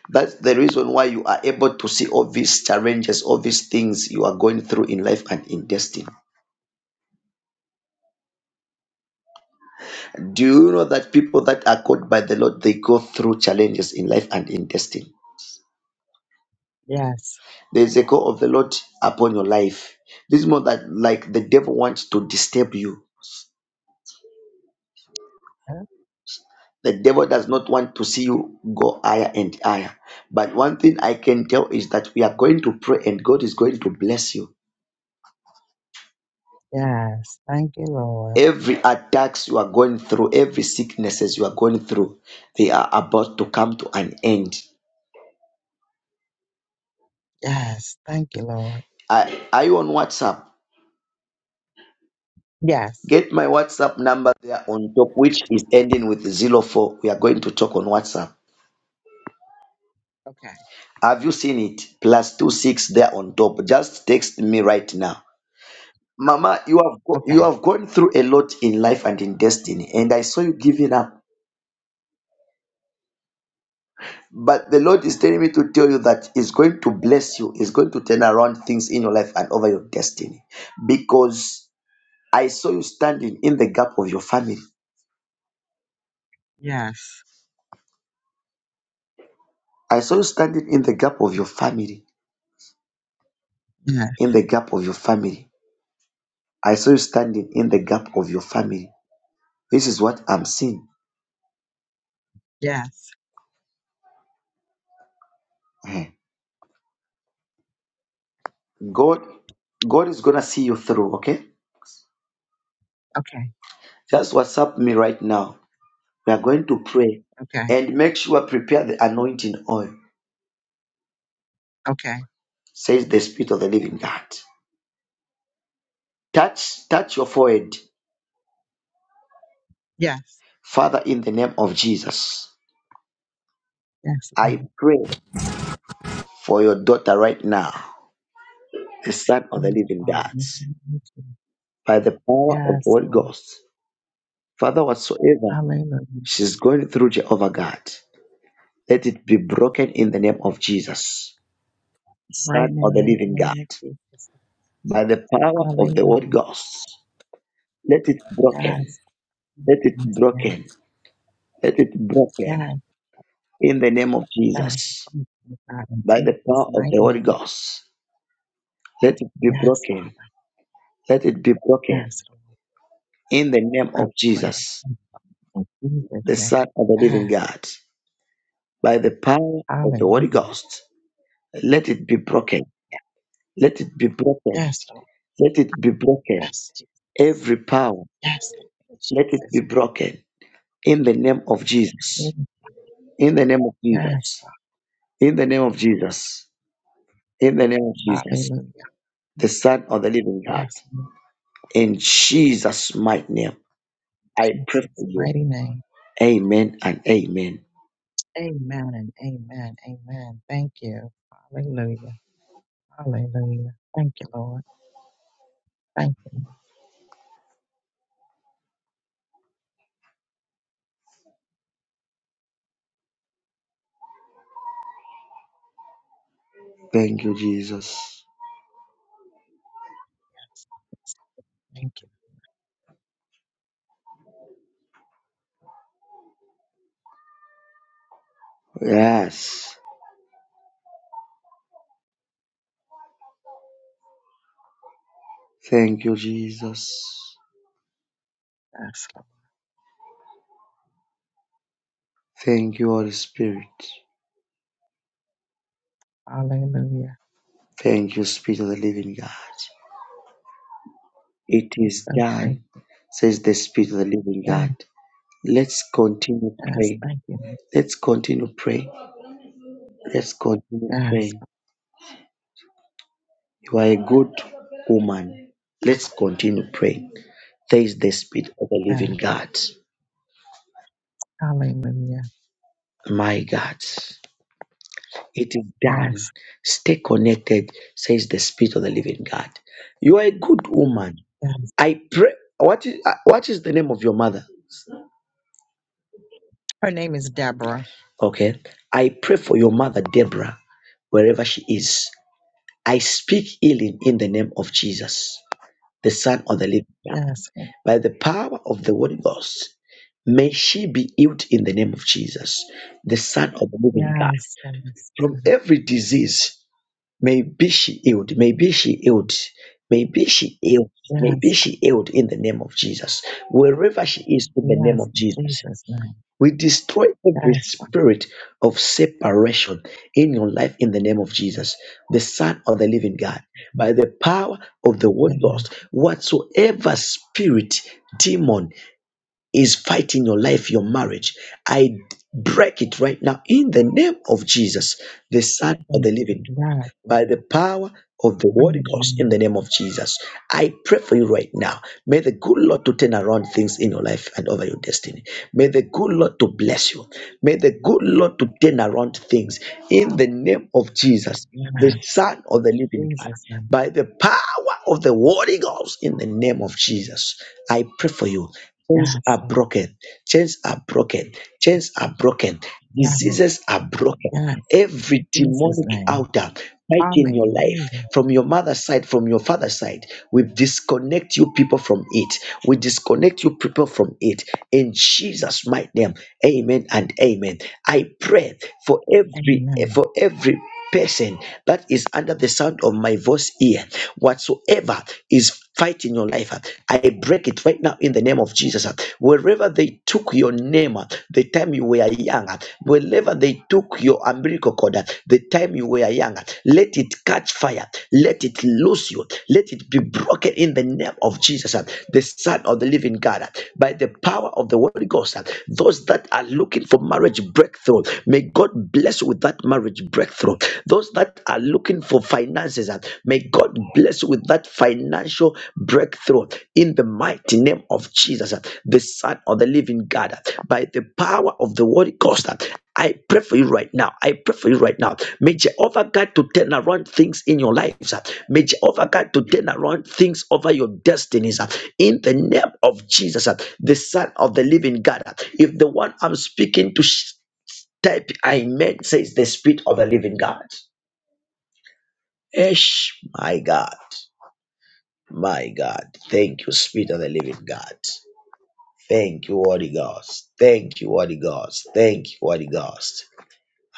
Speaker 1: That's the reason why you are able to see all these challenges, all these things you are going through in life and in destiny. Do you know that people that are called by the Lord, they go through challenges in life and in destiny?
Speaker 12: yes,
Speaker 1: There's a call of the Lord upon your life. This is more that like the devil wants to disturb you.
Speaker 12: uh,
Speaker 1: The devil does not want to see you go higher and higher. But one thing I can tell is that we are going to pray and God is going to bless you.
Speaker 12: yes. Thank you, Lord.
Speaker 1: Every attacks you are going through, every sicknesses you are going through, they are about to come to an end.
Speaker 12: Yes, thank you, Lord.
Speaker 1: Are, are you on WhatsApp?
Speaker 12: Yes.
Speaker 1: Get my WhatsApp number there on top, which is ending with zero four. We are going to talk on WhatsApp
Speaker 12: Okay,
Speaker 1: Have you seen it? Plus two six there on top. Just text me right now. Mama, you have go- you
Speaker 12: okay.
Speaker 1: have gone through a lot in life and in destiny, and I saw you giving up. But the Lord is telling me to tell you that He's going to bless you, He's going to turn around things in your life and over your destiny. Because I saw you standing in the gap of your family.
Speaker 12: Yes,
Speaker 1: I saw you standing in the gap of your family.
Speaker 12: yes,
Speaker 1: In the gap of your family. I saw you standing in the gap of your family. This is what I'm seeing.
Speaker 12: yes.
Speaker 1: <laughs> God, God is gonna see you through. Okay,
Speaker 12: Okay,
Speaker 1: just WhatsApp me right now. We are going to pray
Speaker 12: okay,
Speaker 1: and make sure prepare the anointing oil.
Speaker 12: okay.
Speaker 1: Says the Spirit of the Living God. Touch, touch your forehead,
Speaker 12: Yes,
Speaker 1: Father, in the name of Jesus.
Speaker 12: yes, Lord.
Speaker 1: I pray for your daughter right now, the Son of the
Speaker 12: Yes,
Speaker 1: Living
Speaker 12: Father.
Speaker 1: God,
Speaker 12: in the name
Speaker 1: by the power of the
Speaker 12: Yes,
Speaker 1: Holy
Speaker 12: Lord.
Speaker 1: Ghost. Father, whatsoever
Speaker 12: Hallelujah.
Speaker 1: she's going through, Jehovah God, let it be broken in the name of Jesus,
Speaker 12: Right
Speaker 1: Son
Speaker 12: now,
Speaker 1: of the
Speaker 12: in the
Speaker 1: Living
Speaker 12: name
Speaker 1: God.
Speaker 12: of Jesus.
Speaker 1: by the power of the Holy
Speaker 12: Hallelujah.
Speaker 1: Ghost. Let it broken.
Speaker 12: Yes, thank
Speaker 1: Let
Speaker 12: you
Speaker 1: it
Speaker 12: once again.
Speaker 1: broken. Let it
Speaker 12: Yes.
Speaker 1: broken in the name of
Speaker 12: Yes,
Speaker 1: Jesus.
Speaker 12: thank you, God, in
Speaker 1: By the power
Speaker 12: Jesus'
Speaker 1: of the
Speaker 12: mighty
Speaker 1: Holy
Speaker 12: name.
Speaker 1: Ghost. Let it be
Speaker 12: Yes,
Speaker 1: broken.
Speaker 12: Father.
Speaker 1: Let it be broken
Speaker 12: Yes,
Speaker 1: in the name of
Speaker 12: Lord. Break, break.
Speaker 1: Jesus,
Speaker 12: In Jesus'
Speaker 1: the
Speaker 12: name.
Speaker 1: Son of the
Speaker 12: God,
Speaker 1: Living God. By the power of the
Speaker 12: hallelujah.
Speaker 1: Holy Ghost. Let it be broken. Let it be broken.
Speaker 12: Yes, Lord.
Speaker 1: Let it be broken.
Speaker 12: Yes, Jesus.
Speaker 1: Every power,
Speaker 12: Yes, Lord. In
Speaker 1: let it be
Speaker 12: Jesus'
Speaker 1: broken in the name of Jesus.
Speaker 12: name.
Speaker 1: In the name of
Speaker 12: Yes,
Speaker 1: Jesus
Speaker 12: Father.
Speaker 1: In the name of
Speaker 12: Yes,
Speaker 1: Jesus. In the name of Jesus.
Speaker 12: Hallelujah.
Speaker 1: The Son of the Living God.
Speaker 12: Yes, Lord.
Speaker 1: In Jesus' mighty name. I
Speaker 12: In
Speaker 1: pray
Speaker 12: Jesus'
Speaker 1: for you.
Speaker 12: mighty name.
Speaker 1: Amen and amen.
Speaker 12: Amen and amen. Amen. Thank you. Hallelujah. Hallelujah. Thank you, Lord. Thank you.
Speaker 1: Thank you, Jesus.
Speaker 12: Thank you.
Speaker 1: Yes. Thank you, Jesus.
Speaker 12: Yes,
Speaker 1: Thank you, Holy Spirit.
Speaker 12: Lord. Hallelujah.
Speaker 1: Thank you, Spirit of the Living God. It
Speaker 12: It's
Speaker 1: is
Speaker 12: so
Speaker 1: done,
Speaker 12: great.
Speaker 1: says the Spirit of the Living God. Let's continue
Speaker 12: Yes,
Speaker 1: praying.
Speaker 12: thank you.
Speaker 1: Let's continue praying. Let's continue
Speaker 12: Yes,
Speaker 1: praying. You are a good woman. Let's continue praying. There is the spirit of the
Speaker 12: yes.
Speaker 1: living God.
Speaker 12: Hallelujah.
Speaker 1: My God. It is done.
Speaker 12: Yes,
Speaker 1: Stay connected, says the spirit of the living God. You are a good woman.
Speaker 12: yes.
Speaker 1: I pray. What is, uh, what is the name of your mother?
Speaker 12: Her name is Deborah.
Speaker 1: Okay. I pray for your mother, Deborah, wherever she is. I speak healing in the name of Jesus, the Son of the living God.
Speaker 12: Yes, yes,
Speaker 1: By the power of the Holy Ghost, May she be healed in the name of Jesus, the Son of the Living God.
Speaker 12: yes,
Speaker 1: From every disease, may be she healed, may be she healed, may be she healed, may be
Speaker 12: yes,
Speaker 1: she healed in the name of Jesus. Wherever she is, in the name
Speaker 12: yes.
Speaker 1: of
Speaker 12: In
Speaker 1: Jesus,
Speaker 12: Jesus' name.
Speaker 1: we destroy every
Speaker 12: Yes, Father.
Speaker 1: spirit of separation in your life in the name of Jesus, the Son of the Living God. By the power of the
Speaker 12: Yes,
Speaker 1: Holy Ghost, whatsoever spirit, demon, is fighting your life, your marriage. I break it right now in the name of Jesus, the Son of
Speaker 12: thank
Speaker 1: the
Speaker 12: you.
Speaker 1: Living
Speaker 12: yes.
Speaker 1: by the power of the Holy Ghost in
Speaker 12: Hallelujah.
Speaker 1: the name of Jesus. I pray for you right now. May the good Lord to turn around things in your life and over your destiny. May the good Lord to bless you. May the good Lord to turn around things in the name of Jesus, the
Speaker 12: Yes,
Speaker 1: Son of the Living God.
Speaker 12: Jesus' name.
Speaker 1: By the power of the Holy Ghost in the name of Jesus, I pray for you. Chains
Speaker 12: Yes,
Speaker 1: are broken. Chains are broken. Chains are broken.
Speaker 12: yes,
Speaker 1: Diseases are broken
Speaker 12: yes.
Speaker 1: Every
Speaker 12: Jesus'
Speaker 1: demonic
Speaker 12: name.
Speaker 1: outer fighting your
Speaker 12: Hallelujah.
Speaker 1: life from your mother's side, from your father's side, we disconnect you people from it. We disconnect you people from it. In Jesus' mighty name, amen and amen. I pray for every
Speaker 12: Amen.
Speaker 1: for every person that is under the sound of my voice here, whatsoever is fighting your life, I break it right now in the name of Jesus. Wherever they took your name, the time you were young, wherever they took your umbilical cord, the time you were young, let it catch fire, let it lose you, let it be broken in the name of Jesus, the Son of the Living God, by the power of the Holy Ghost. Those that are looking for marriage breakthrough, may God bless blessed with that marriage breakthrough. Those that are looking for finances, uh, may God bless you with that financial breakthrough in the mighty name of Jesus, uh, the Son of the Living God, uh, by the power of the Holy Ghost. uh, I pray for you right now. I pray for you right now. May Jehovah God to turn around things in your lives. uh, May Jehovah God to turn around things over your destinies. uh, In the name of Jesus, uh, the Son of the Living God. uh, If the one I'm speaking to sh- Type I meant says the Spirit of the Living God. Ish, my God, my God. Thank you, Spirit of the Living God. Thank you, Holy Ghost. Thank you, Holy Ghost. Thank you, Holy Ghost.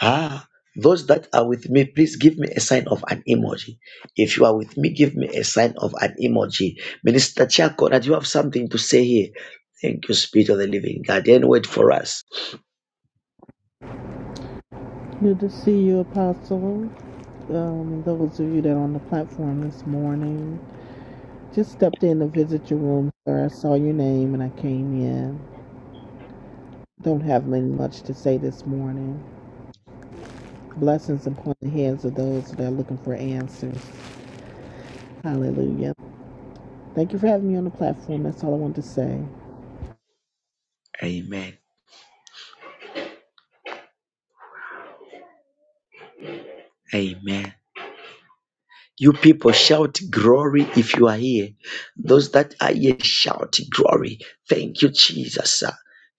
Speaker 1: Ah, those that are with me, please give me a sign of an emoji. If you are with me, give me a sign of an emoji. Minister Chako, that you have something to say here. Thank you, Spirit of the Living God. Then wait for us?
Speaker 13: Good to see you, Apostle. Um, those of you that are on the platform this morning, just stepped in to visit your room, sir. I saw your name and I came in. Don't have much to say this morning. Blessings upon the heads of those that are looking for answers. Hallelujah. Thank you for having me on the platform. That's all I want to say.
Speaker 1: Amen. Amen. You people shout glory if you are here. Those that are here shout glory. Thank you, Jesus.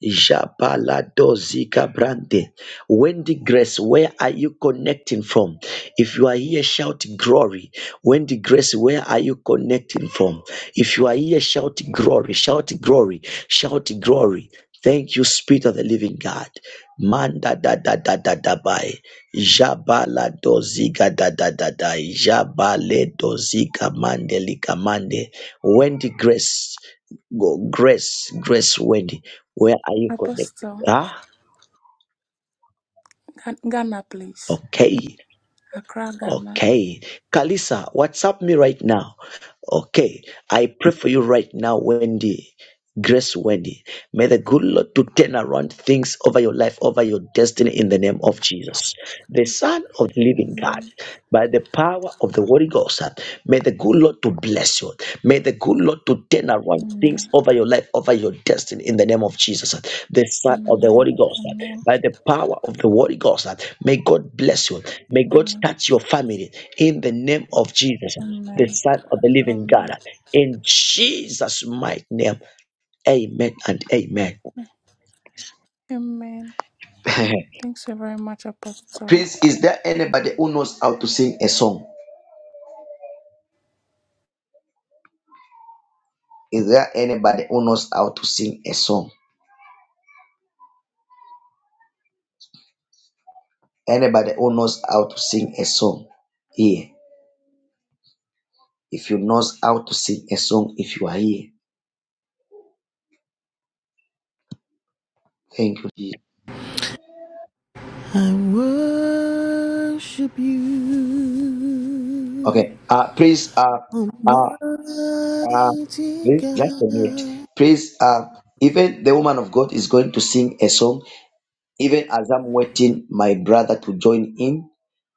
Speaker 1: Jabaladozika Brande. Wendy Grace, where are you connecting from? If you are here, shout glory. Wendy Grace, where are you connecting from? If you are here, shout glory, shout glory, shout glory. Thank you, Spirit of the Living God. Manda da da da da da by. Jabala doziga da da da da. Jabale doziga mande lika Wendy Grace, go Grace, Grace Wendy. Where are you connected?
Speaker 14: Apostle,
Speaker 1: Ah,
Speaker 14: Gha- Ghana, please.
Speaker 1: okay,
Speaker 14: Accra, Ghana.
Speaker 1: okay. Kalisa, WhatsApp me right now. Okay, I pray for you right now, Wendy. Grace Wendy. May the good Lord to turn around things over your life, over your destiny in the name of Jesus. The Son of the Living God,
Speaker 14: Amen.
Speaker 1: by the power of the Holy Ghost, uh, may the good Lord to bless you. May the good Lord to turn around things
Speaker 14: Amen.
Speaker 1: over your life, over your destiny in the name of Jesus. uh, The Son of the Holy
Speaker 14: Amen.
Speaker 1: Ghost, uh,
Speaker 14: Amen.
Speaker 1: by the power of the Holy Ghost, uh, may God bless you. May God
Speaker 14: Amen.
Speaker 1: touch your family in the name of Jesus, uh,
Speaker 14: Amen.
Speaker 1: the Son of the Living
Speaker 14: Amen.
Speaker 1: God. uh, In Jesus' mighty name. Amen and amen.
Speaker 14: Amen.
Speaker 1: <laughs>
Speaker 14: Thanks so very much, Apostle.
Speaker 1: Please, is there anybody who knows how to sing a song? Is there anybody who knows how to sing a song? Anybody who knows how to sing a song here? If you knows how to sing a song, if you are here, thank you. Jesus.
Speaker 13: I worship you,
Speaker 1: Okay. Uh, please. Uh, uh,
Speaker 13: Almighty
Speaker 1: uh, please just a minute.
Speaker 13: God.
Speaker 1: Please. Uh, even the woman of God is going to sing a song. Even as I'm waiting, my brother to join in.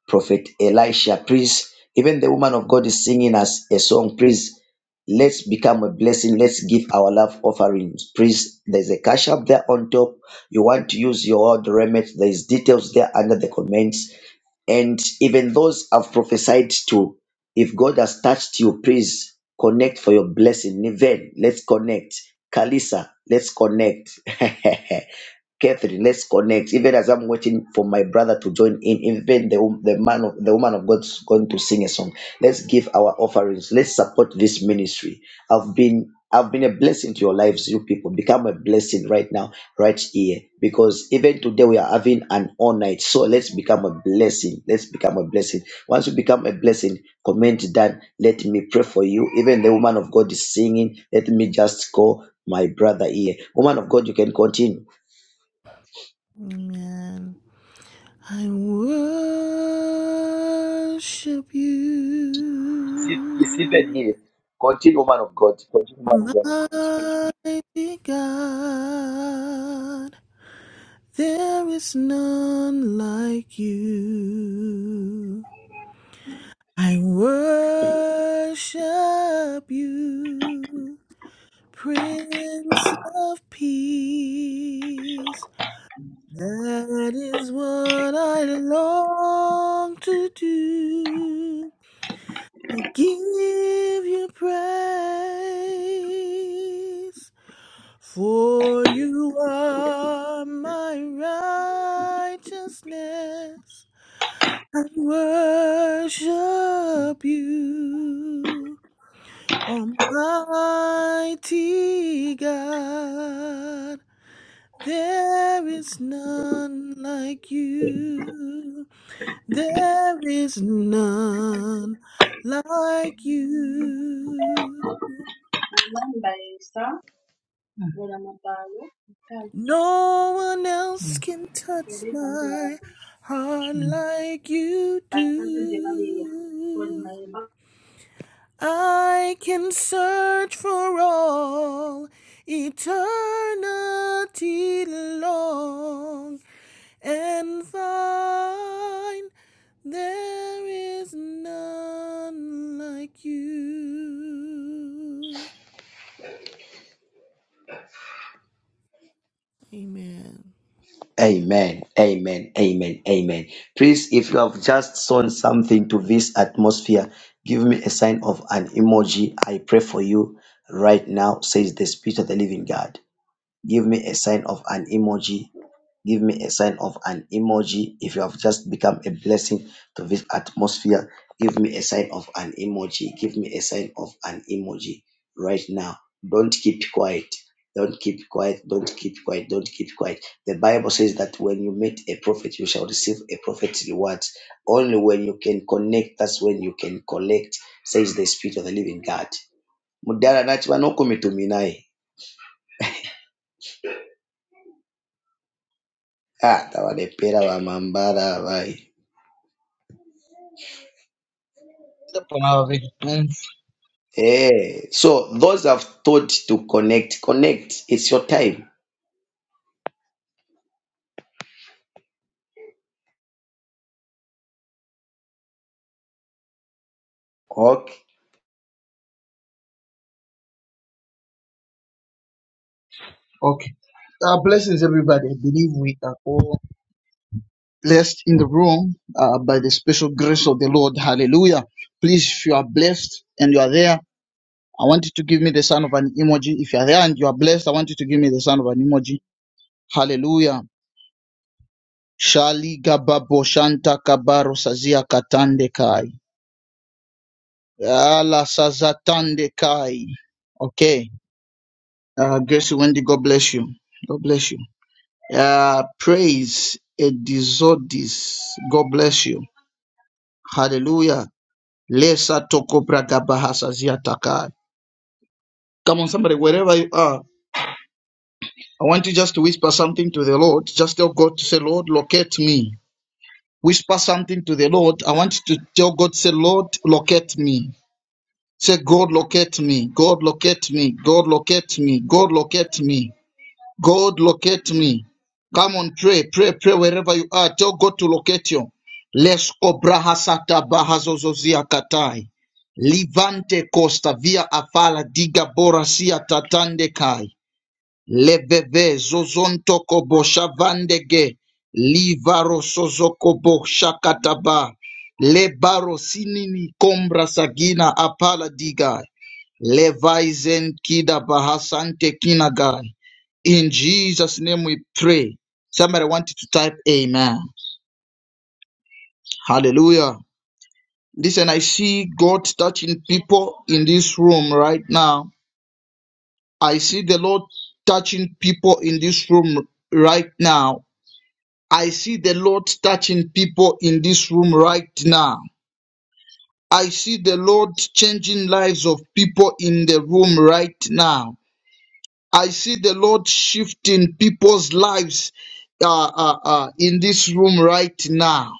Speaker 1: Prophet Elisha. Please, even the woman of God is singing us a song. Please, let's become a blessing. Let's give our love offerings. Please, there's a cash up there on top. You want to use your old remit. There's details there under the comments. And even those I've prophesied to, if God has touched you, please connect for your blessing. Niven, let's connect. Kalisa, let's connect. <laughs> Catherine, let's connect. Even as I'm waiting for my brother to join in, even the wo- the man of the woman of God's going to sing a song. Let's give our offerings. Let's support this ministry. I've been I've been a blessing to your lives, you people. Become a blessing right now, right here. Because even today we are having an all night. So let's become a blessing. Let's become a blessing. Once you become a blessing, comment down. Let me pray for you. Even the woman of God is singing. Let me just call my brother here. Woman of God, you can continue.
Speaker 13: Amen. I worship
Speaker 1: It's it's even
Speaker 13: you,
Speaker 1: here. Continue, man of God. Continue, man of God.
Speaker 13: mighty God. There is none like you. I worship you, Prince of Peace. That is what I long to do. I give you praise, for you are my righteousness. I worship you, Almighty God. There is none like you. There is none like you. No one else
Speaker 15: Mm,
Speaker 13: can touch my heart
Speaker 15: mm.
Speaker 13: like you do. I can search for all eternity long and find there is none like you. Amen.
Speaker 1: Amen. Amen. Amen. Amen. Please, if you have just sown something to this atmosphere, give me a sign of an emoji. I pray for you right now, says the Spirit of the Living God. Give me a sign of an emoji give me a sign of an emoji. If you have just become a blessing to this atmosphere, give me a sign of an emoji. Give me a sign of an emoji right now. Don't keep quiet. Don't keep quiet. Don't keep quiet. Don't keep quiet. The Bible says that when you meet a prophet, you shall receive a prophet's reward. Only when you can connect, that's when you can collect, says the Spirit of the Living God. Mudala nachi vanokumitumina Ah, tavanepera vamambara vai.
Speaker 15: Step on our victims.
Speaker 1: Eh, so those I've taught to connect, connect. It's your time. Okay.
Speaker 15: Okay. Uh, blessings, everybody. I believe we are all blessed in the room uh, by the special grace of the Lord. Hallelujah. Please, if you are blessed and you are there, I want you to give me the sign of an emoji. If you are there and you are blessed, I want you to give me the sign of an emoji. Hallelujah. Shali gababo shanta kabaro sazia katande kai. Ala sazatande kai. Okay. Uh, Gracie Wendy, God bless you. God bless you. Uh, praise Edizodis. God bless you. Hallelujah. Lesa toko praga bahasa ziataka. Come on, somebody, wherever you are, I want you just to whisper something to the Lord. Just tell God to say, Lord, locate me. Whisper something to the Lord. I want you to tell God, say, Lord, locate me. Say, God, locate me. God, locate me. God, locate me. God, locate me. God locate me. Come on, pray, pray, pray wherever you are. Tell God to locate you. Les obrahasata bahazozozia katai. Livante costa via afala diga borasia tatande kai. Leveve zozonto kobo Livaro sozokobo shakataba. Lebaro sinini kombra sagina apala digai. Levizen kida bahasante kinagai. In Jesus' name we pray. Somebody wanted to type amen. Hallelujah. Listen, I see God touching people in this room right now. I see the Lord touching people in this room right now. I see the Lord touching people in this room right now. I see the Lord changing lives of people in the room right now. I see the Lord shifting people's lives uh, uh, uh, in this room right now.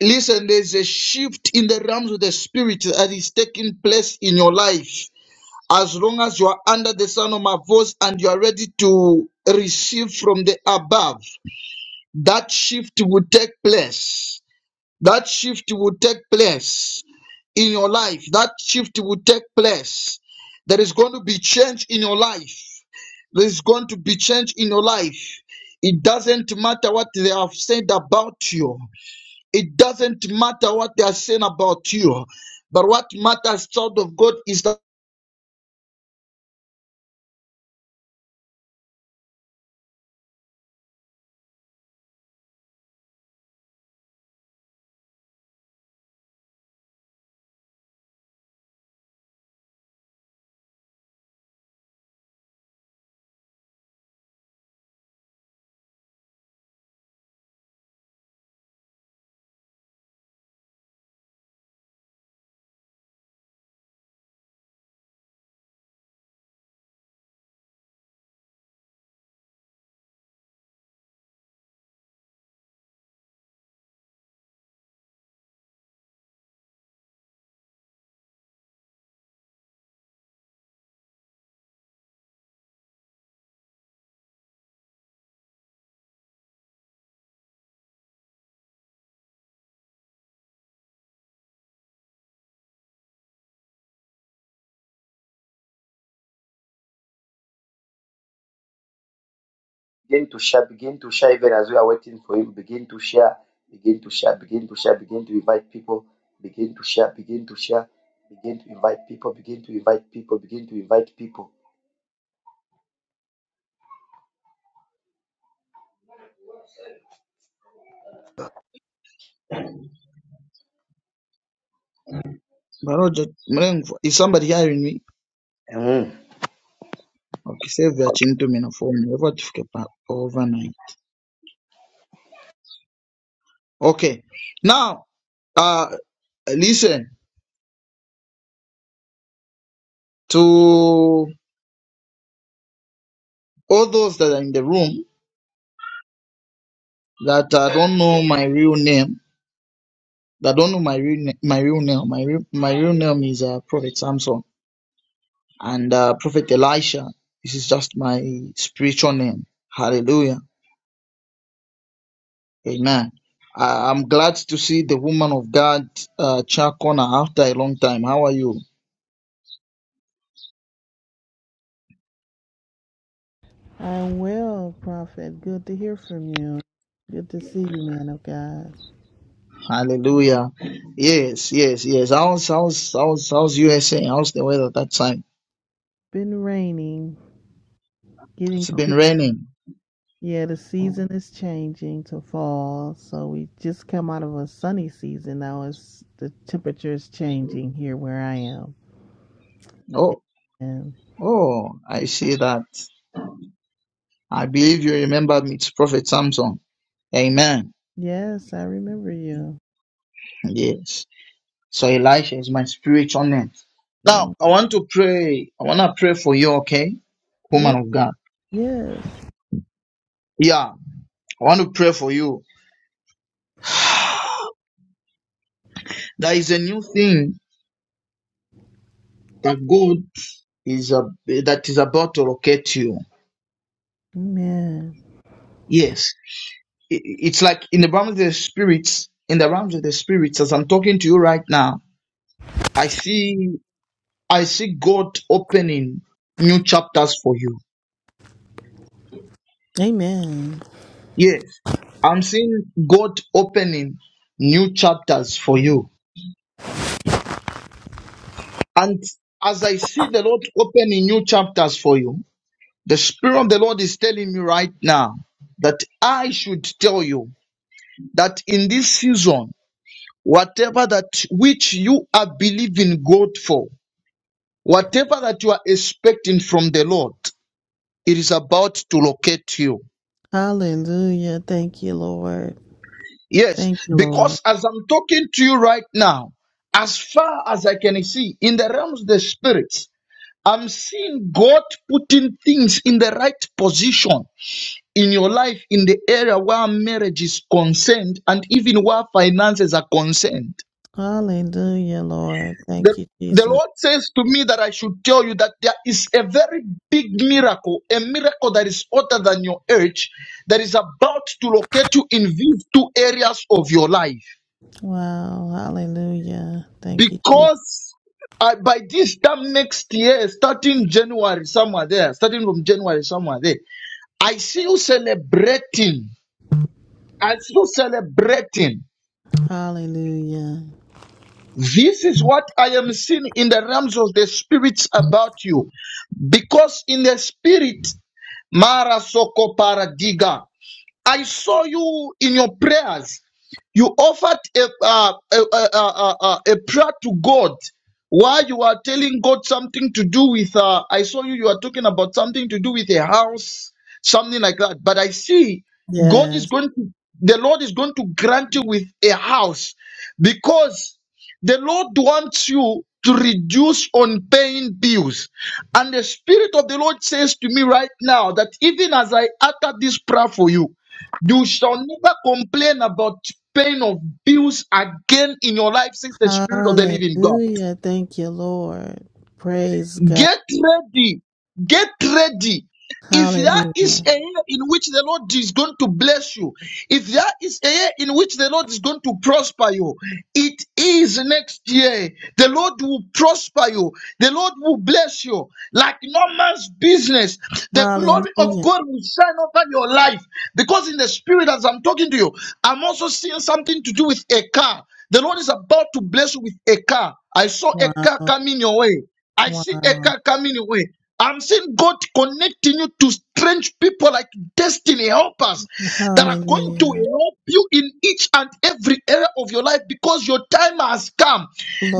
Speaker 15: Listen, there's a shift in the realms of the spirit that is taking place in your life. As long as you are under the sound of my voice and you are ready to receive from the above, that shift will take place That shift will take place in your life. That shift will take place. There is going to be change in your life. There is going to be change in your life. It doesn't matter what they have said about you. It doesn't matter what they are saying about you. But what matters, child of God, is that.
Speaker 1: Begin to share, begin to share even as we are waiting for him. Begin to share, begin to share, begin to share, begin to invite people, begin to share, begin to share, begin to invite people, begin to invite people, begin to invite people.
Speaker 15: Maroja, mlengo, Is somebody hearing me?
Speaker 1: Mm.
Speaker 15: Okay, save your chin to me na phone. Ever tufike pa- over nine. Okay. Now, uh, listen to all those that are in the room that uh, don't know my real name, that don't know my real na- my real name, my real, my real name is uh, Prophet Samson and uh, Prophet Elisha. This is just my spiritual name. Hallelujah, Amen. I, I'm glad to see the woman of God, uh, Chakona, after a long time. How are you?
Speaker 13: I'm well, Prophet. Good to hear from you. Good to see you, man of God.
Speaker 15: Hallelujah. Yes, yes, yes. How's how's how's how's USA? How's the weather that time?
Speaker 13: Been raining, getting
Speaker 15: It's been
Speaker 13: cool.
Speaker 15: raining.
Speaker 13: Yeah, the season is changing to fall, so we just come out of a sunny season. Now it's the temperature is changing here where I am.
Speaker 15: Oh,
Speaker 13: And
Speaker 15: oh, I see that. I believe you remember me. It's Prophet Samson. Amen.
Speaker 13: yes, I remember you.
Speaker 15: Yes. So Elisha is my spiritual name. Now, I want to pray. I want to pray for you, okay? Woman
Speaker 13: Yes,
Speaker 15: of God.
Speaker 13: yes.
Speaker 15: Yeah. I want to pray for you. There is a new thing that God is, uh, that is about to locate you.
Speaker 13: Amen.
Speaker 15: Yes. I- It's like in the realm of the spirits, in the realms of the spirits, as I'm talking to you right now, I see, I see God opening new chapters for you.
Speaker 13: Amen.
Speaker 15: Yes, I'm seeing God opening new chapters for you. And as I see the Lord opening new chapters for you, the Spirit of the Lord is telling me right now that I should tell you that in this season, whatever that which you are believing God for, whatever that you are expecting from the Lord, it is about to locate you.
Speaker 13: Hallelujah. Thank you, Lord.
Speaker 15: Yes,
Speaker 13: Thank you, Lord.
Speaker 15: because as I'm talking to you right now, as far as I can see in the realms of the spirits, I'm seeing God putting things in the right position in your life in the area where marriage is concerned and even where finances are concerned.
Speaker 13: Hallelujah, Lord.
Speaker 15: The,
Speaker 13: Thank you,
Speaker 15: the
Speaker 13: Jesus.
Speaker 15: Lord says to me that I should tell you that there is a very big miracle, a miracle that is other than your age, that is about to locate you in these two areas of your life.
Speaker 13: Wow. Hallelujah. Thank you, Jesus.
Speaker 15: because uh, by this time next year, starting January somewhere there, starting from January somewhere there, I see you celebrating. I see you celebrating.
Speaker 13: Hallelujah.
Speaker 15: This is what I am seeing in the realms of the spirits about you, because in the spirit, Mara Soko Paradiga, I saw you in your prayers. You offered a, uh, a, a, a, a, a prayer to God while you are telling God something to do with, uh, I saw you, you are talking about something to do with a house, something like that. But I see God is
Speaker 13: Yes.
Speaker 15: going to, the Lord is going to grant you with a house because the Lord wants you to reduce on paying bills. And the Spirit of the Lord says to me right now that even as I utter this prayer for you, you shall never complain about pain of bills again in your life since the Spirit of the Living God.
Speaker 13: Hallelujah. Thank you, Lord. Praise God.
Speaker 15: Get ready. Get ready if there is
Speaker 13: Hallelujah.
Speaker 15: a year in which the Lord is going to bless you, if there is a year in which the Lord is going to prosper you, it is next year. The Lord will prosper you, the Lord will bless you like no man's business. The glory of
Speaker 13: Hallelujah.
Speaker 15: God will shine over your life because, in the spirit, as I'm talking to you, I'm also seeing something to do with a car. The Lord is about to bless you with a car. I saw a
Speaker 13: Wow.
Speaker 15: car coming your way. I see a
Speaker 13: Wow.
Speaker 15: car coming your way. I'm seeing God connecting you to strange people like destiny helpers that are going to
Speaker 13: Hallelujah.
Speaker 15: help you in each and every area of your life because your time has come.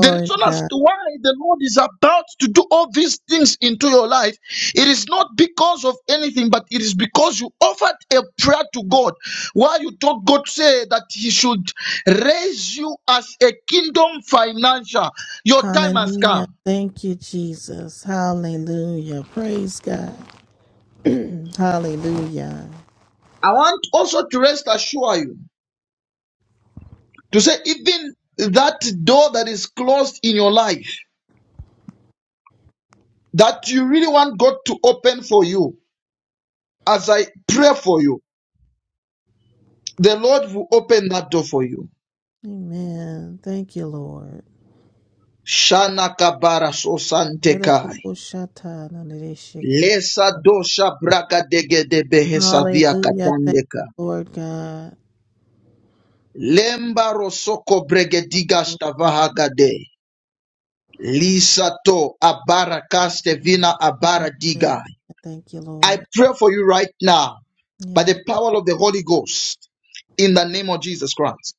Speaker 15: The reason
Speaker 13: to
Speaker 15: as
Speaker 13: God.
Speaker 15: to why the Lord is about to do all these things into your life, it is not because of anything, but it is because you offered a prayer to God. Why you told God say that He should raise you as a kingdom financial. Your time has
Speaker 13: Hallelujah.
Speaker 15: come.
Speaker 13: Thank you, Jesus. Hallelujah. Praise God. <clears throat> Hallelujah.
Speaker 15: I want also to rest assure you. To say, even that door that is closed in your life, that you really want God to open for you, as I pray for you, the Lord will open that door for you.
Speaker 13: Amen. Thank you, Lord.
Speaker 15: Shana kabara so sante Lesa dosha braga dege de
Speaker 13: Hallelujah. Thank
Speaker 15: katandeka.
Speaker 13: you, Lord God.
Speaker 15: Lemba rosoko bregediga
Speaker 13: So grateful.
Speaker 15: stavahagade. Lisa to abara kaste vina abara diga.
Speaker 13: Hallelujah. Thank you,
Speaker 15: I
Speaker 13: Lord.
Speaker 15: pray for you right now by
Speaker 13: Yes.
Speaker 15: the power of the Holy Ghost in the name of Jesus Christ.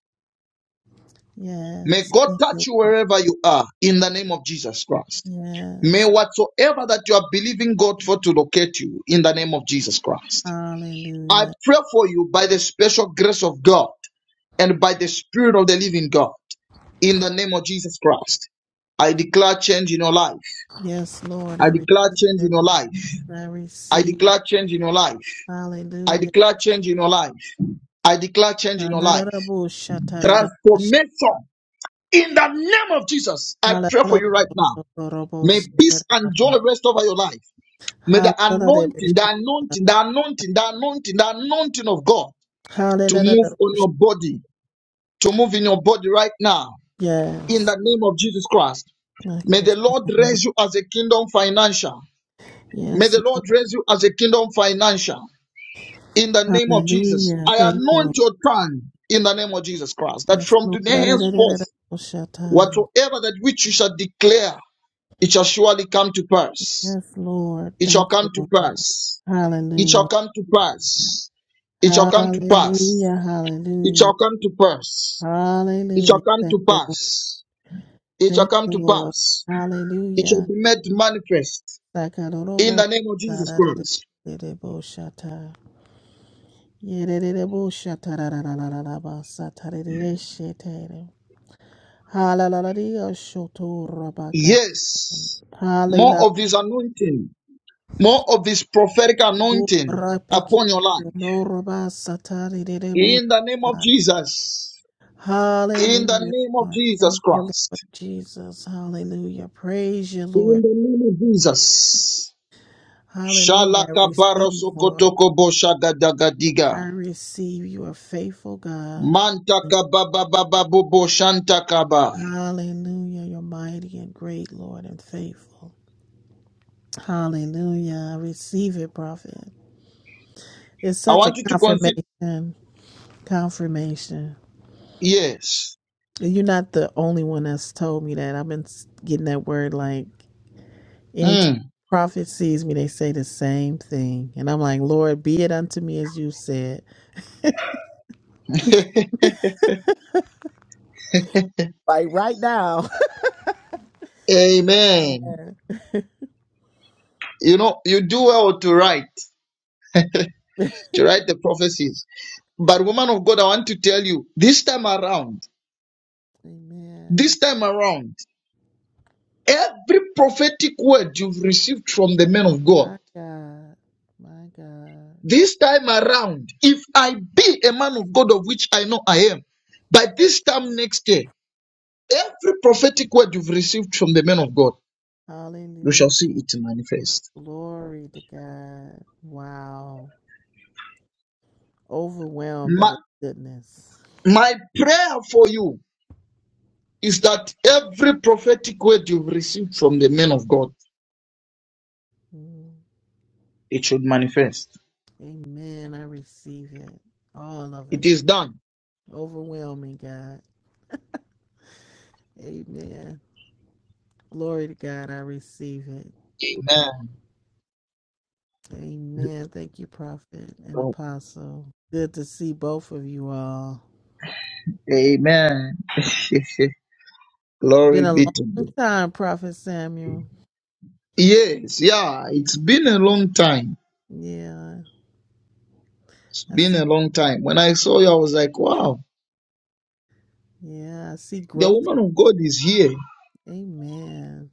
Speaker 15: May
Speaker 13: Yes.
Speaker 15: God
Speaker 13: Thank
Speaker 15: touch
Speaker 13: you,
Speaker 15: you
Speaker 13: Lord.
Speaker 15: wherever you are in the name of Jesus Christ. May
Speaker 13: Yes.
Speaker 15: whatsoever that you are believing God for to locate you in the name of Jesus Christ. I
Speaker 13: Hallelujah.
Speaker 15: pray for you by the special grace of God and by the Spirit of the living God in the name of Jesus Christ. I declare change in your life.
Speaker 13: Yes, Lord. I
Speaker 15: I
Speaker 13: receive
Speaker 15: declare change in
Speaker 13: it.
Speaker 15: your life.
Speaker 13: I
Speaker 15: I
Speaker 13: receive it.
Speaker 15: declare change in your life. I
Speaker 13: Hallelujah.
Speaker 15: declare change in your life. I declare change in your life.
Speaker 13: Shandarabo, shatarara, sh-
Speaker 15: Transformation in the name of Jesus. I pray
Speaker 13: halalala,
Speaker 15: for you right now.
Speaker 13: dorobo,
Speaker 15: May peace and
Speaker 13: shatarara.
Speaker 15: joy rest over your life. May the
Speaker 13: Halalala,
Speaker 15: anointing, the
Speaker 13: shatarara.
Speaker 15: anointing, the anointing, the anointing, the anointing of God to move
Speaker 13: Hallelujah.
Speaker 15: on your body, to move in your body right now in
Speaker 13: Yes.
Speaker 15: the name of Jesus Christ.
Speaker 13: My
Speaker 15: May the
Speaker 13: gosh.
Speaker 15: Lord raise you as a kingdom financial. May the
Speaker 13: Yes,
Speaker 15: Lord raise you as a kingdom financial. in the name of Jesus.
Speaker 13: Hallelujah.
Speaker 15: I
Speaker 13: Thank you, Lord.
Speaker 15: anoint your tongue in the name of Jesus Christ, that
Speaker 13: Yes,
Speaker 15: from
Speaker 13: Lord.
Speaker 15: today henceforth,
Speaker 13: Da-da-da-da-da-da-da-shata.
Speaker 15: whatsoever that which you shall declare, it shall surely come to pass.
Speaker 13: Yes, Lord.
Speaker 15: It shall
Speaker 13: Thank you,
Speaker 15: come to
Speaker 13: Lord.
Speaker 15: pass. It shall
Speaker 13: Hallelujah.
Speaker 15: come to pass. It shall come to pass.
Speaker 13: Hallelujah.
Speaker 15: It
Speaker 13: Hallelujah.
Speaker 15: shall come to pass. It shall
Speaker 13: Hallelujah.
Speaker 15: come
Speaker 13: Thank
Speaker 15: to
Speaker 13: you, Lord.
Speaker 15: pass. It shall
Speaker 13: Thank
Speaker 15: come
Speaker 13: you,
Speaker 15: to
Speaker 13: Lord.
Speaker 15: pass. It shall
Speaker 13: Hallelujah.
Speaker 15: be made manifest in
Speaker 13: Sakarorobo.
Speaker 15: the name of Jesus Christ.
Speaker 13: Da-da-da-da-da-da-bo-shata. Yedede-de-bo-shata-da-da-da-da-da-ba. Satarede-shete. Hallelujah. Shotorabaka.
Speaker 15: Yes, more of this anointing More of this prophetic anointing
Speaker 13: Urapiki
Speaker 15: upon your life.
Speaker 13: noroba satari rebo.
Speaker 15: In the name of Jesus. In the
Speaker 13: Hallelujah,
Speaker 15: name of
Speaker 13: Lord.
Speaker 15: Jesus
Speaker 13: Thank you, Lord
Speaker 15: Christ.
Speaker 13: Jesus. Hallelujah. Praise you,
Speaker 15: In
Speaker 13: Lord.
Speaker 15: the name of Jesus.
Speaker 13: Hallelujah. I
Speaker 15: Shalaka
Speaker 13: receive, Lord.
Speaker 15: barosokotoko boshagadagadiga.
Speaker 13: I receive you are faithful, God.
Speaker 15: Mantaka bababababubo shantakaba.
Speaker 13: Hallelujah. You're mighty and great, Lord, and faithful. Hallelujah. I receive it, prophet. It's
Speaker 15: I
Speaker 13: such a
Speaker 15: want you to consider.
Speaker 13: confirmation. Confirmation.
Speaker 15: Yes.
Speaker 13: You're not the only one that's told me that. I've been getting that word like anytime
Speaker 15: Mm.
Speaker 13: a prophet sees me, they say the same thing. And I'm like, Lord, be it unto me as you said. Like right now. <laughs> Yes,
Speaker 15: Amen. You know, you do well to write, to write the prophecies. But woman of God, I want to tell you, this time around,
Speaker 13: Amen.
Speaker 15: this time around, Every prophetic word you've received from the man of God,
Speaker 13: My God. My God.
Speaker 15: this time around, if I be a man of God of which I know I am, by this time next year, every prophetic word you've received from the man of God, you
Speaker 13: Hallelujah.
Speaker 15: shall see it manifest.
Speaker 13: Glory to God. Wow. Overwhelmed at
Speaker 15: My,
Speaker 13: his goodness.
Speaker 15: my prayer for you is that every prophetic word you've received from the man of God,
Speaker 13: Mm.
Speaker 15: it should manifest.
Speaker 13: Amen. I receive it. All of
Speaker 15: It
Speaker 13: it.
Speaker 15: is done.
Speaker 13: Overwhelming, God. Amen. Glory to God, I receive it.
Speaker 15: Amen.
Speaker 13: Amen. Thank you, Prophet and Apostle. Good to see both of you all.
Speaker 15: Amen. <laughs>
Speaker 13: It's been
Speaker 15: Glory
Speaker 13: a
Speaker 15: be to God.
Speaker 13: long time, Prophet Samuel.
Speaker 15: Yes, yeah, it's been a long time.
Speaker 13: Yeah,
Speaker 15: It's
Speaker 13: I
Speaker 15: been
Speaker 13: see.
Speaker 15: a long time. When I saw you, I was like, wow,
Speaker 13: Yeah, I see
Speaker 15: the
Speaker 13: growth.
Speaker 15: woman of God is here. I
Speaker 13: Amen.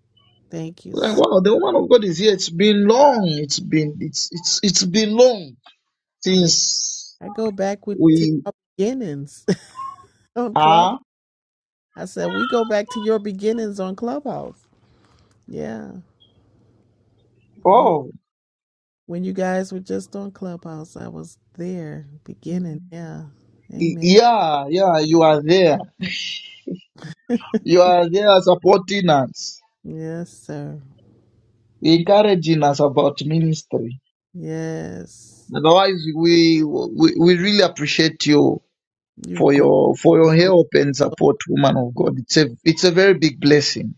Speaker 13: Thank you
Speaker 15: was Like,
Speaker 13: so.
Speaker 15: wow, the woman of God is here. It's been long. It's been it's it's it's been long
Speaker 13: Yeah,
Speaker 15: since
Speaker 13: I go back with to
Speaker 15: we
Speaker 13: our beginnings <laughs> on Clubhouse.
Speaker 15: are.
Speaker 13: I said we go back to your beginnings on Clubhouse. Yeah, you
Speaker 15: Oh,
Speaker 13: when you guys were just on Clubhouse, I was there beginning. Yeah,
Speaker 15: y-
Speaker 13: Amen.
Speaker 15: yeah, yeah, you are there.
Speaker 13: <laughs>
Speaker 15: You are there supporting us,
Speaker 13: Yes, sir.
Speaker 15: encouraging us about ministry.
Speaker 13: Yes.
Speaker 15: Otherwise, we we, we really appreciate you
Speaker 13: You've
Speaker 15: for
Speaker 13: grown.
Speaker 15: your for your
Speaker 13: You've grown.
Speaker 15: help and support, woman of God. It's a it's a very big blessing.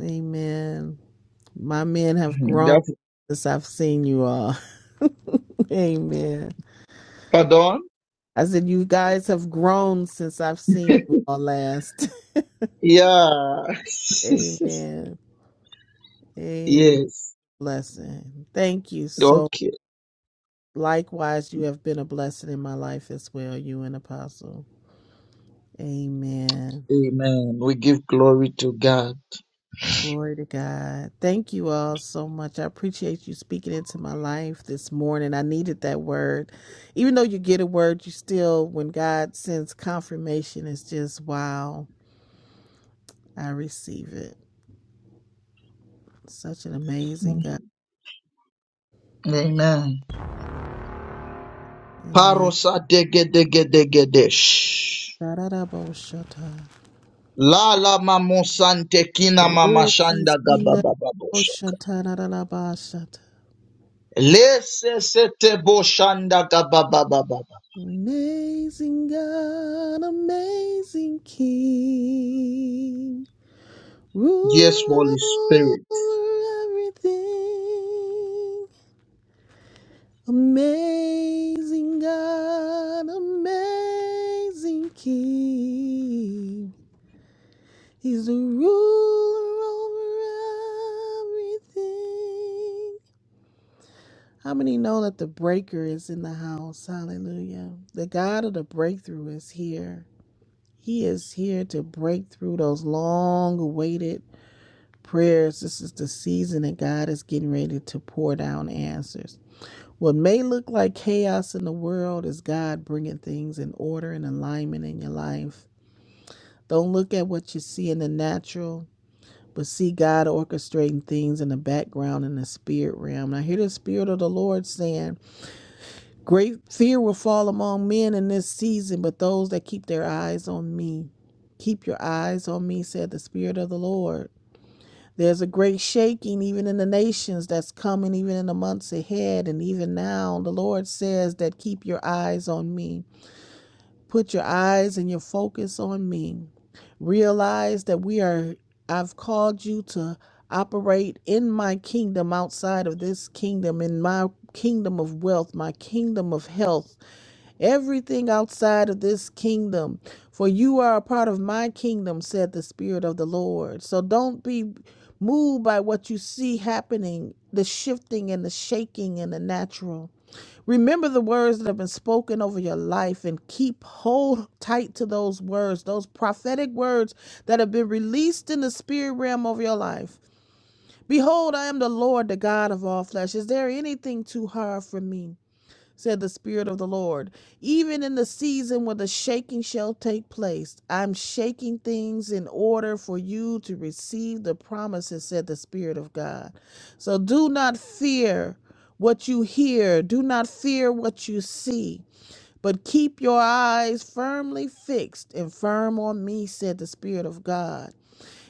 Speaker 13: Amen. My men have
Speaker 15: Mhm.
Speaker 13: grown
Speaker 15: Therefore-
Speaker 13: since I've seen you all. <laughs> Amen.
Speaker 15: Pardon?
Speaker 13: I said, you guys have grown since I've seen you all last.
Speaker 15: Yeah.
Speaker 13: <laughs>
Speaker 15: <laughs>
Speaker 13: Amen. Amen.
Speaker 15: yes.
Speaker 13: Blessing. Thank you so
Speaker 15: Okay.
Speaker 13: Likewise, you have been a blessing in my life as well, you and Apostle. Amen.
Speaker 15: Amen. We give glory to God.
Speaker 13: Glory to God. Thank you all so much. I appreciate you speaking into my life this morning. I needed that word. Even though you get a word, you still, when God sends confirmation, it's just wow. I receive it. Such an amazing
Speaker 15: Mhm.
Speaker 13: God.
Speaker 15: Amen.
Speaker 13: Amen.
Speaker 15: Parosa dege dege dege desh. La la mamosante kina mamashanda gababababosha. Lese sete boshanda gabababababa.
Speaker 13: Amazing God, amazing King.
Speaker 15: Yes,
Speaker 13: Ruler
Speaker 15: Holy Spirit.
Speaker 13: over everything. Amazing God, amazing King. He's the ruler over everything. How many know that the breaker is in the house? Hallelujah. The God of the breakthrough is here. He is here to break through those long awaited prayers. This is the season that God is getting ready to pour down answers. What may look like chaos in the world is God bringing things in order and alignment in your life. Don't look at what you see in the natural, but see God orchestrating things in the background in the spirit realm. And I hear the spirit of the Lord saying, Great fear will fall among men in this season, but those that keep their eyes on me. Keep your eyes on me, said the spirit of the Lord. There's a great shaking even in the nations that's coming even in the months ahead and even now the Lord says that keep your eyes on me. Put your eyes and your focus on me. Realize that we are I've called you to operate in my kingdom outside of this kingdom in my kingdom of wealth, my kingdom of health, everything outside of this kingdom, for you are a part of my kingdom, said the Spirit of the Lord. So don't be moved by what you see happening, the shifting and the shaking and the natural. Remember the words that have been spoken over your life and keep hold tight to those words, those prophetic words that have been released in the spirit realm of your life. Behold, I am the Lord, the God of all flesh. Is there anything too hard for me? said the Spirit of the Lord. Even in the season where the shaking shall take place, I'm shaking things in order for you to receive the promises, said the Spirit of God. So do not fear what you hear, do not fear what you see. But keep your eyes firmly fixed and firm on me, said the Spirit of God.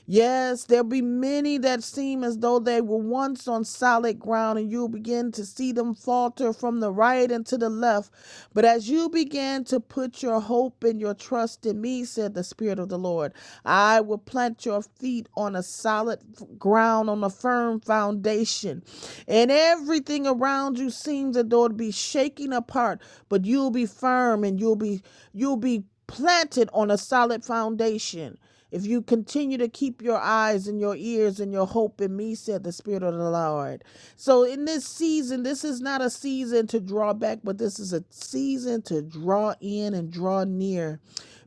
Speaker 13: Yes, there'll be many that seem as though they were once on solid ground, and you'll begin to see them falter from the right and to the left. But as you begin to put your hope and your trust in me, said the Spirit of the Lord, I will plant your feet on a solid ground, on a firm foundation. And everything around you seems as though it'd be shaking apart, but you'll be firm and you'll be you'll be planted on a solid foundation. If you continue to keep your eyes and your ears and your hope in me, said the Spirit of the Lord. So, in this season, this is not a season to draw back, but this is a season to draw in and draw near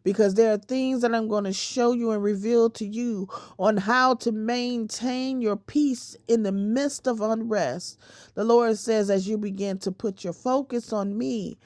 Speaker 13: because there are things that I'm going to show you and reveal to you on how to maintain your peace in the midst of unrest. The Lord says, as you begin to put your focus on me,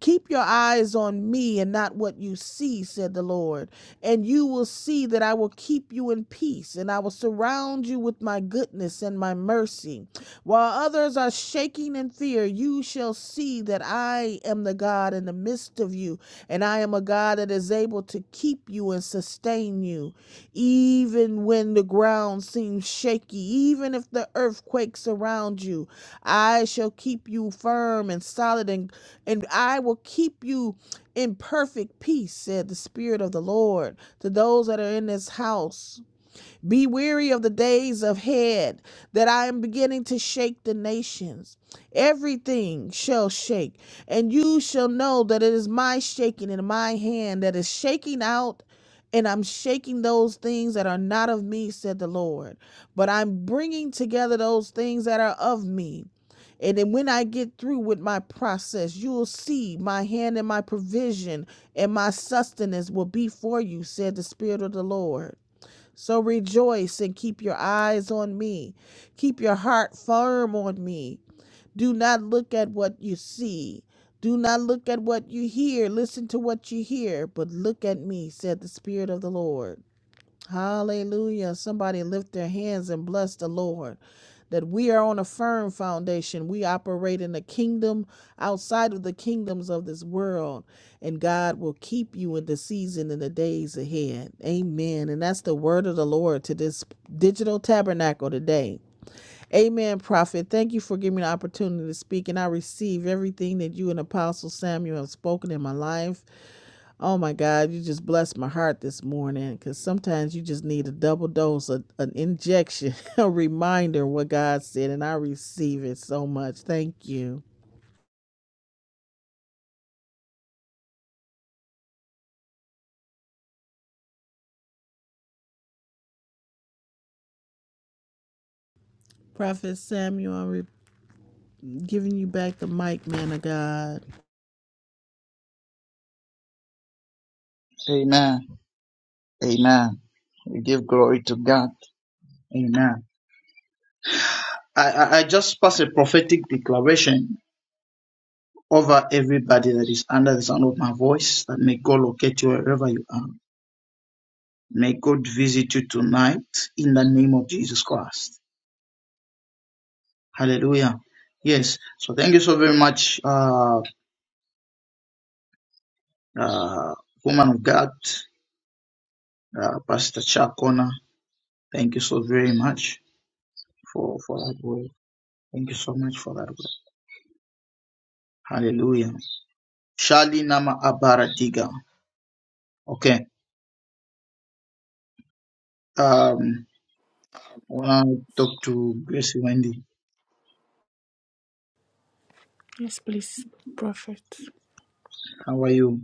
Speaker 13: keep your eyes on me and not what you see, said the Lord and you will see that I will keep you in peace, and I will surround you with my goodness and my mercy. While others are shaking in fear, you shall see that I am the God in the midst of you, and I am a God that is able to keep you and sustain you, even when the ground seems shaky, even if the earth quakes around you. I shall keep you firm and solid, and, and I will keep you in perfect peace, said the Spirit of the Lord, to those that are in this house. Be weary of the days of head that I am beginning to shake the nations. Everything shall shake, and you shall know that it is my shaking in my hand that is shaking out, and I'm shaking those things that are not of me, said the Lord. But I'm bringing together those things that are of me. And then when I get through with my process, you will see my hand and my provision and my sustenance will be for you, said the Spirit of the Lord. So rejoice and keep your eyes on me. Keep your heart firm on me. Do not look at what you see. Do not look at what you hear. Listen to what you hear, but look at me, said the Spirit of the Lord. Hallelujah. Somebody lift their hands and bless the Lord. That we are on a firm foundation. We operate in the kingdom outside of the kingdoms of this world. And God will keep you in the season and the days ahead. Amen. And that's the word of the Lord to this digital tabernacle today. Amen, prophet. Thank you for giving me the opportunity to speak. And I receive everything that you and Apostle Samuel have spoken in my life. Oh my God, you just blessed my heart this morning because sometimes you just need a double dose, a, an injection, <laughs> a reminder of what God said, and I receive it so much. Thank you. Prophet Samuel, I'm re- giving you back the mic, man of God.
Speaker 15: Amen. Amen. We give glory to God. Amen. I, I, I just pass a prophetic declaration over everybody that is under the sound of my voice that may God locate you wherever you are. May God visit you tonight in the name of Jesus Christ. Hallelujah. Yes. So thank you so very much, uh, uh, woman of God, uh, Pastor Chakona. Thank you so very much for, for that word. Thank you so much for that word. Hallelujah. Charlie, Nama Abaratiga. Okay. Um, I want to talk to Gracie Wendy.
Speaker 14: Yes, please, Prophet.
Speaker 15: How are you?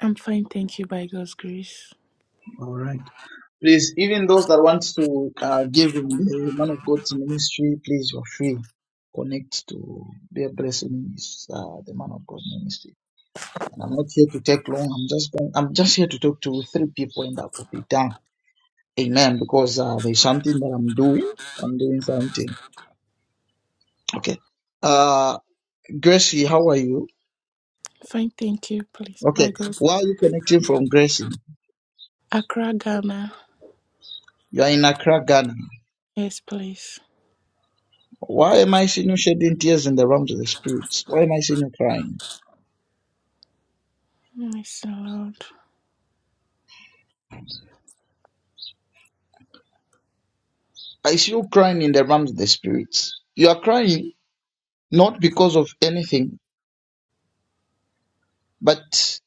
Speaker 14: I'm fine, thank you, by God's grace.
Speaker 15: All right. Please, even those that want to uh, give in the man of God's ministry, please, you're free. Connect to their blessing is uh, the man of God ministry. And I'm not here to take long. I'm just going, I'm just here to talk to three people, and that will be done. Amen. Because uh, there's something that I'm doing. I'm doing something. Okay. Uh, Gracie, how are you?
Speaker 14: Fine, thank you, please, by
Speaker 15: Okay,
Speaker 14: God's
Speaker 15: why
Speaker 14: grace.
Speaker 15: are you connecting from Gracie?
Speaker 14: Accra, Ghana.
Speaker 15: You are in Accra, Ghana.
Speaker 14: Yes, please.
Speaker 15: Why am I seeing you shedding tears in the realms of the spirits? Why am I seeing you crying?
Speaker 14: Yes, Lord.
Speaker 15: I see you crying in the realms of the spirits. You are crying not because of anything, but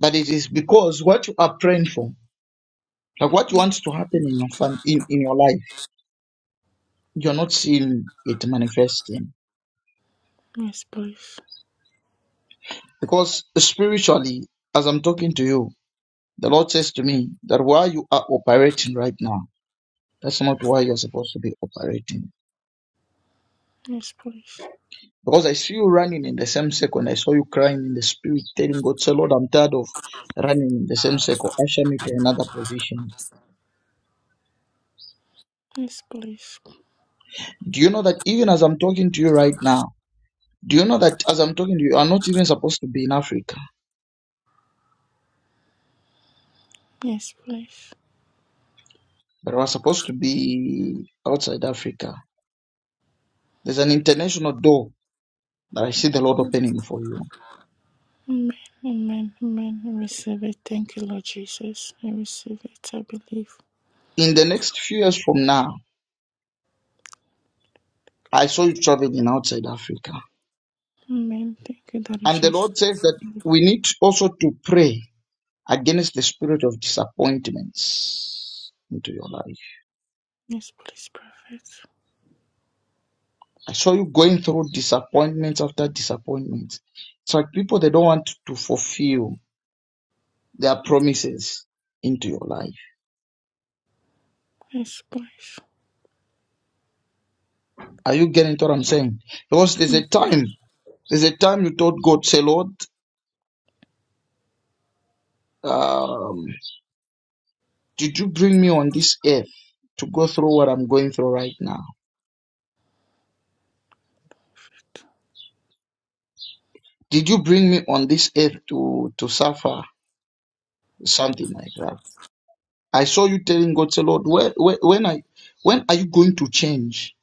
Speaker 15: but it is because what you are praying for, like what wants to happen in your fam- in, in your life, you're not seeing it manifesting.
Speaker 14: Yes, please.
Speaker 15: Because spiritually, as I'm talking to you, the Lord says to me that where you are operating right now. That's not why you're supposed to be operating.
Speaker 14: Yes, please.
Speaker 15: Because I see you running in the same circle, and I saw you crying in the spirit, telling God, say, Lord, I'm tired of running in the same circle. Usher me to another position.
Speaker 14: Yes, please.
Speaker 15: Do you know that even as I'm talking to you right now, do you know that as I'm talking to you, you are not even supposed to be in Africa,
Speaker 14: Yes, please.
Speaker 15: but you are supposed to be outside Africa. There's an international door that I see the Lord opening for you.
Speaker 14: Amen, amen, amen. I receive it. Thank you, Lord Jesus. I receive it. I believe.
Speaker 15: In the next few years from now, I saw you traveling outside Africa.
Speaker 14: Amen. Thank you, Daddy
Speaker 15: And the
Speaker 14: Jesus.
Speaker 15: Lord says that we need also to pray against the spirit of disappointments into your life.
Speaker 14: Yes, please, prophet.
Speaker 15: I saw you going through disappointments after disappointments. It's like people they don't want to fulfill their promises into your life.
Speaker 14: Yes, please.
Speaker 15: Are you getting what I'm saying? Because there's
Speaker 14: Yes,
Speaker 15: a time, there's a time you told God, say, Lord, um, did you bring me on this earth to go through what I'm going through right now? Did you bring me on this earth to to suffer something like that? I saw you telling God, say, Lord, where, where, when I, when are you going to change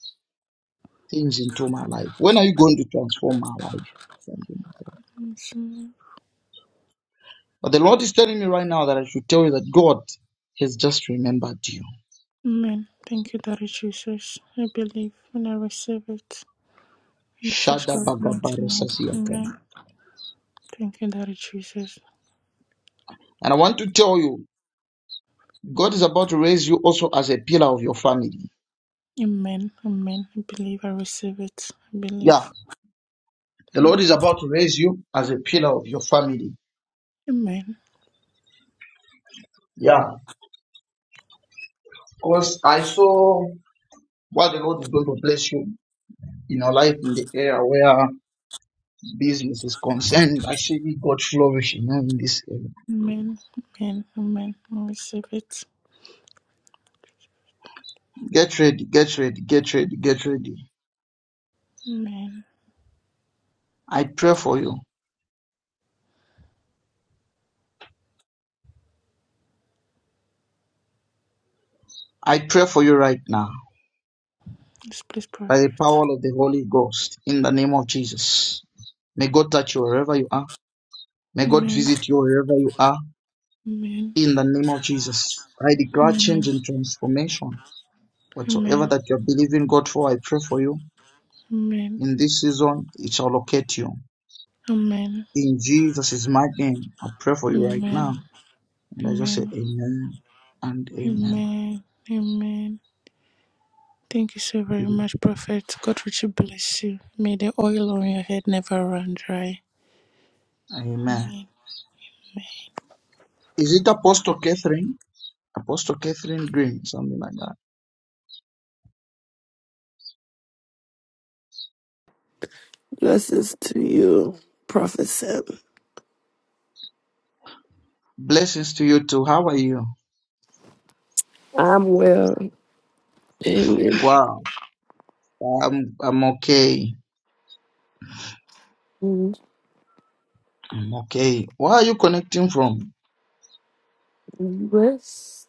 Speaker 15: things into my life? When are you going to transform my life? Thank you.
Speaker 14: Amen.
Speaker 15: But the Lord is telling me right now that I should tell you that God has just remembered you.
Speaker 14: Amen. Thank you, Daddy Jesus. I believe and I receive it. In Jesus
Speaker 15: Shada
Speaker 14: Christ's mighty name.
Speaker 15: bagabarasasiaka.
Speaker 14: Amen. Thank you, Daddy Jesus.
Speaker 15: And I want to tell you, God is about to raise you also as a pillar of your family.
Speaker 14: Amen. Amen. I believe I receive it. I believe.
Speaker 15: Yeah. The Lord
Speaker 14: Amen.
Speaker 15: is about to raise you as a pillar of your family.
Speaker 14: Amen.
Speaker 15: Yeah. Because I saw what the Lord is going to bless you in your life in the area where business is concerned, I see God flourishing now in this area.
Speaker 14: Amen. Amen. Amen. I receive it.
Speaker 15: Get ready, get ready, get ready, get ready.
Speaker 14: Amen.
Speaker 15: I pray for you. I pray for you right now
Speaker 14: Yes, please,
Speaker 15: by the
Speaker 14: prophet.
Speaker 15: power of the Holy Ghost in the name of Jesus. May God touch you wherever you are. May God
Speaker 14: Amen.
Speaker 15: visit you wherever you are
Speaker 14: Amen.
Speaker 15: in the name of Jesus. I declare change
Speaker 14: Amen.
Speaker 15: and transformation. Whatsoever
Speaker 14: Amen.
Speaker 15: that you are believing God for, I pray for you.
Speaker 14: Amen.
Speaker 15: In this season, it shall locate you.
Speaker 14: Amen.
Speaker 15: In Jesus' mighty name, I pray for you right
Speaker 14: Amen.
Speaker 15: now And I just say
Speaker 14: Amen.
Speaker 15: amen and amen.
Speaker 14: Amen. Amen. Thank you so very much, Prophet. God richly bless you. May the oil on your head never run dry.
Speaker 15: Amen.
Speaker 14: Amen.
Speaker 15: Is it Apostle Catherine? Apostle Catherine Green, something like that.
Speaker 11: Blessings to you, Prophet 7
Speaker 15: Blessings to you too. How are you?
Speaker 11: I'm well. And it
Speaker 15: Wow. I'm I'm okay.
Speaker 11: was
Speaker 15: I'm okay. Where are you connecting from?
Speaker 11: from the US.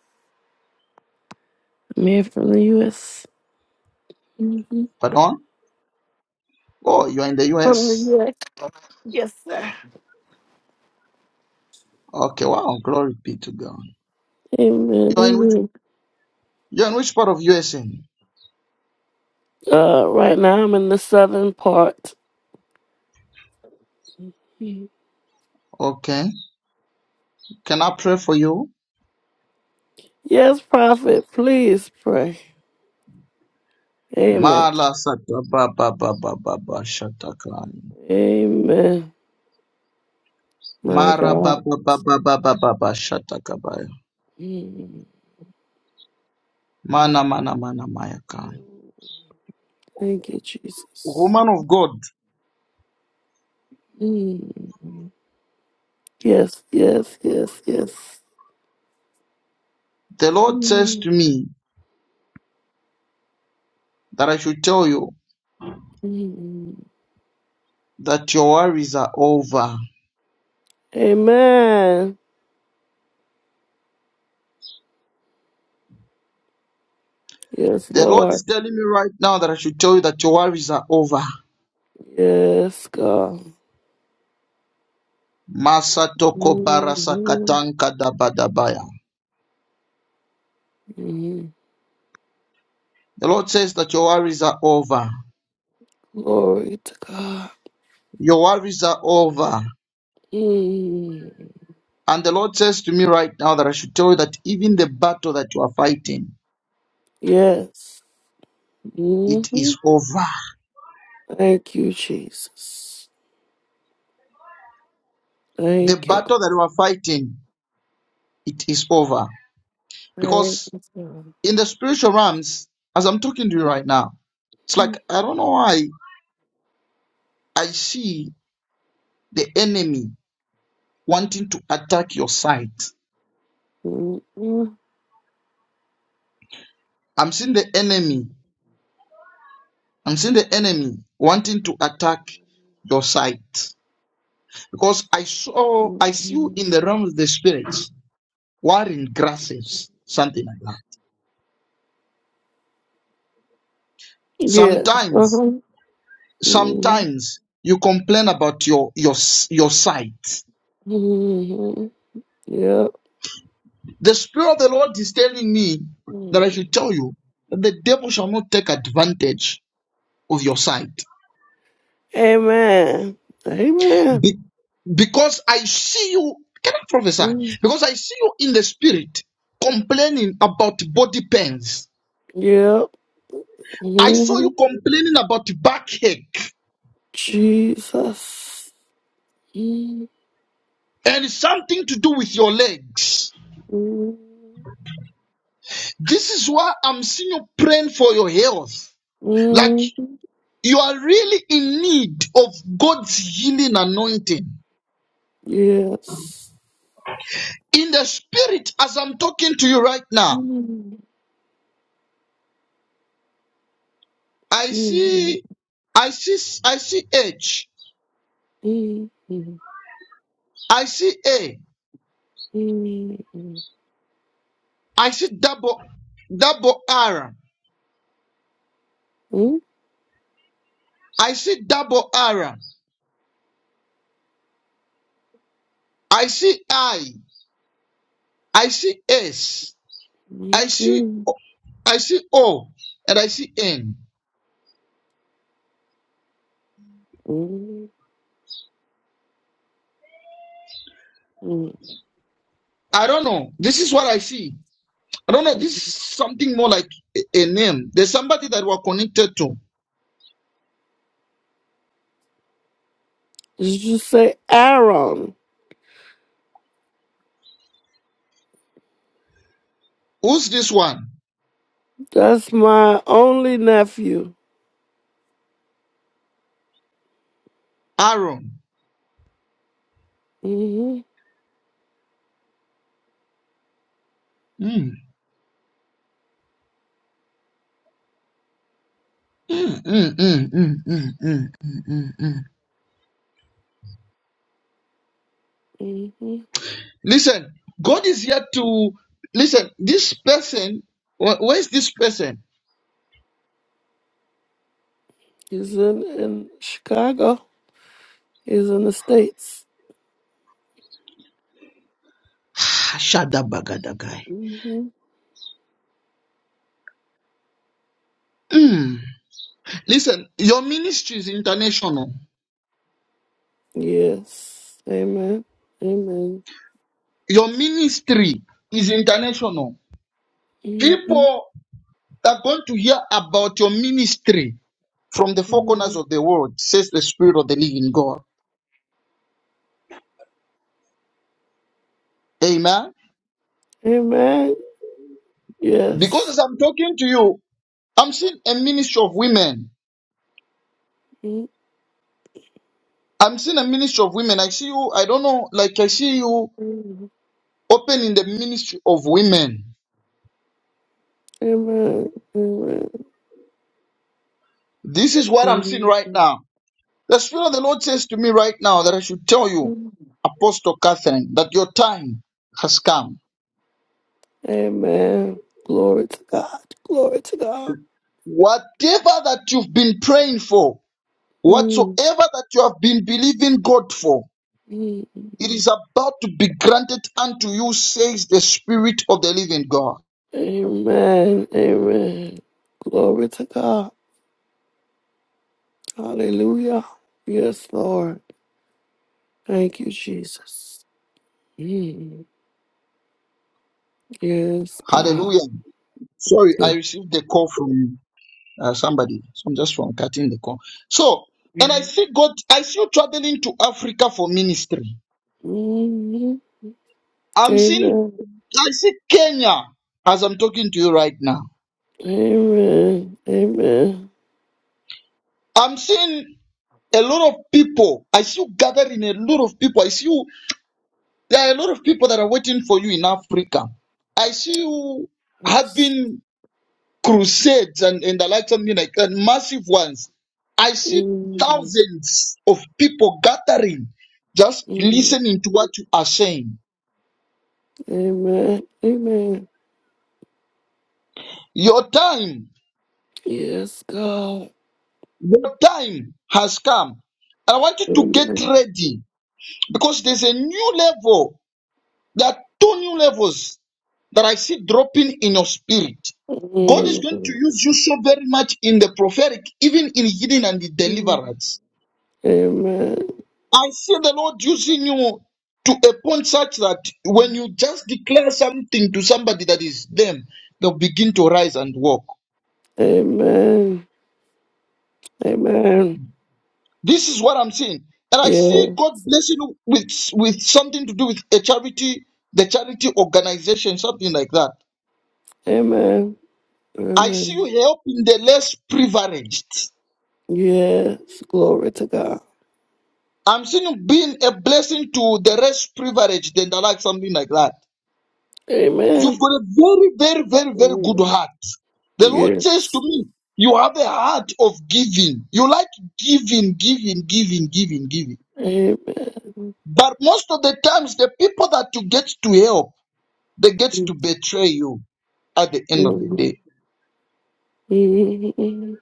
Speaker 11: Man from the US. Mhm.
Speaker 15: Pardon? Oh, you are in the
Speaker 11: From the
Speaker 15: US?
Speaker 11: US. Yes, sir.
Speaker 15: Okay, wow, glory be to God.
Speaker 11: Amen.
Speaker 15: You are in which
Speaker 11: Amen.
Speaker 15: you're in which part of USA?
Speaker 11: Uh, right now I'm in the southern part. Mhm.
Speaker 15: Okay. Can I pray for you?
Speaker 11: Yes, prophet, please pray. Amen.
Speaker 15: Mala sata ba ba ba ba ba ba shataka.
Speaker 11: Amen. My
Speaker 15: Mara ba
Speaker 11: God.
Speaker 15: ba ba ba shatakabaya.
Speaker 11: Mm.
Speaker 15: Mana mana mana mayaka.
Speaker 11: Thank you, Jesus.
Speaker 15: Woman of God,
Speaker 11: Mm. Yes, yes, yes, yes.
Speaker 15: the Lord says to
Speaker 11: Mm.
Speaker 15: me that I should tell you
Speaker 11: Mm.
Speaker 15: that your worries are over.
Speaker 11: Amen. Yes,
Speaker 15: The Lord
Speaker 11: Lord.
Speaker 15: is telling me right now that I should tell you that your worries are over.
Speaker 11: Yes, God.
Speaker 15: Masatoko
Speaker 11: Mhm.
Speaker 15: barasakatanka dabadabaya.
Speaker 11: Mhm.
Speaker 15: The Lord says that your worries are over.
Speaker 11: Glory to God.
Speaker 15: Your worries are over.
Speaker 11: Mm.
Speaker 15: And the Lord says to me right now that I should tell you that even the battle that you are fighting,
Speaker 11: Yes.
Speaker 15: it
Speaker 11: hmm
Speaker 15: is over.
Speaker 11: Thank you, Jesus.
Speaker 15: the
Speaker 11: Thank you. God.
Speaker 15: battle that we are fighting, it is over.
Speaker 11: Thank
Speaker 15: Because
Speaker 11: you, God.
Speaker 15: in the spiritual realms, as I'm talking to you right now, it's like
Speaker 11: Mhm.
Speaker 15: I don't know why I see the enemy wanting to attack your sight. I'm seeing the enemy. I'm seeing the enemy wanting to attack your sight. Because I saw I see you
Speaker 11: Mhm.
Speaker 15: in the realm of the spirits, wearing grasses, something like that.
Speaker 11: Yes.
Speaker 15: Sometimes,
Speaker 11: Uh-huh.
Speaker 15: sometimes you complain about your your your sight
Speaker 11: Mm-hmm. Yep.
Speaker 15: The Spirit of the Lord is telling me that I
Speaker 11: Mhm.
Speaker 15: should tell you that the devil shall not take advantage of your sight.
Speaker 11: Amen. Amen.
Speaker 15: Be- because I see you, can I prophesy?
Speaker 11: Mhm.
Speaker 15: Because I see you in the Spirit complaining about body pains.
Speaker 11: Yep.
Speaker 15: I saw
Speaker 11: hmm
Speaker 15: you complaining about backache
Speaker 11: Jesus.
Speaker 15: and something to do with your legs.
Speaker 11: hmm
Speaker 15: This is why I'm seeing you praying for your health. Like you are really in need of God's healing anointing.
Speaker 11: Yes.
Speaker 15: in the spirit as i'm talking to you right now
Speaker 11: Did
Speaker 15: i
Speaker 11: you
Speaker 15: see i see i see h i see a i see double double r i see double r i see i i see s i see o, i see o and i see n i don't know this is what i see i don't know this is something more like a, a name there's somebody that we're connected to
Speaker 11: say Aaron?
Speaker 15: who's this one
Speaker 11: That's my only nephew.
Speaker 15: aaron
Speaker 11: hmm
Speaker 15: Hmm. Mm, mm, mm, mm, mm, mm, mm, mm, mm. mm, mm.
Speaker 11: hmm
Speaker 15: Listen, God is here to listen. This person, wh- where is this person?
Speaker 11: He's in, in Chicago. He's in the States.
Speaker 15: <sighs> Shadabagadagai.
Speaker 11: hmm
Speaker 15: Mm. Listen, your ministry is international.
Speaker 11: Yes. Amen. Amen.
Speaker 15: Your ministry is international.
Speaker 11: hmm
Speaker 15: People are going to hear about your ministry from the four corners of the world, says the Spirit of the Living God. Amen.
Speaker 11: Amen.
Speaker 15: Because
Speaker 11: Yes.
Speaker 15: as I'm talking to you, I'm seeing a ministry of women.
Speaker 11: Mhm.
Speaker 15: I'm seeing a ministry of women. I see you, I don't know, like I see you
Speaker 11: Amen.
Speaker 15: opening the ministry of women.
Speaker 11: Amen.
Speaker 15: This is what I'm seeing
Speaker 11: Mm.
Speaker 15: right now. The Spirit of the Lord says to me right now that I should tell you, Apostle Catherine, that your time has come.
Speaker 11: Amen. Glory to God. Glory to God.
Speaker 15: Whatever that you've been praying for, whatsoever
Speaker 11: Mm,
Speaker 15: that you have been believing God for,
Speaker 11: mm,
Speaker 15: it
Speaker 11: mm.
Speaker 15: is about to be granted unto you, says the Spirit of the living God.
Speaker 11: Amen. Amen. Glory to God. Hallelujah. Yes, Lord. Thank you, Jesus. Mm, Yes, God.
Speaker 15: Hallelujah. Sorry, I
Speaker 11: Yeah.
Speaker 15: received the call from you. uh, somebody. So I'm just from cutting the call. So, and I
Speaker 11: Mhm.
Speaker 15: see God, I see you traveling to Africa for ministry. I'm seeing,
Speaker 11: Amen.
Speaker 15: I see Kenya as I'm talking to you right now.
Speaker 11: Amen. Amen.
Speaker 15: I'm seeing a lot of people. I see you gathering a lot of people. I see you, there are a lot of people that are waiting for you in Africa. I see you
Speaker 11: Yes.
Speaker 15: having crusades and, and the like something like that, massive ones. I see
Speaker 11: Mm,
Speaker 15: thousands of people gathering, just
Speaker 11: mm.
Speaker 15: listening to what you are saying.
Speaker 11: Amen. Amen.
Speaker 15: Your time,
Speaker 11: Yes, God.
Speaker 15: your time has come. I want you to get ready because there's a new level. There are two new levels that I see dropping in your spirit. God is going to
Speaker 11: Mm.
Speaker 15: use you so very much in the prophetic, even in healing and the deliverance.
Speaker 11: Amen.
Speaker 15: I see the Lord using you to a point such that when you just declare something to somebody that is them, they'll begin to rise and walk.
Speaker 11: Amen. Amen.
Speaker 15: This is what I'm seeing. And I
Speaker 11: Yeah.
Speaker 15: see God blessing you with, with something to do with a charity, the charity organization, something like that.
Speaker 11: Amen.
Speaker 15: I see you
Speaker 11: Amen.
Speaker 15: helping the less privileged.
Speaker 11: Yes. Glory to God.
Speaker 15: I'm seeing you being a blessing to the less privileged and I like something like that.
Speaker 11: Amen.
Speaker 15: You've got a very, very, very, very good
Speaker 11: Mm.
Speaker 15: heart. The Lord says to
Speaker 11: Yes.
Speaker 15: me, You have a heart of giving. You like giving, giving, giving, giving, giving.
Speaker 11: Amen.
Speaker 15: But most of the times, the people that you get to help, they get to betray you at the end of the
Speaker 11: Mhm.
Speaker 15: day.
Speaker 11: Mhm.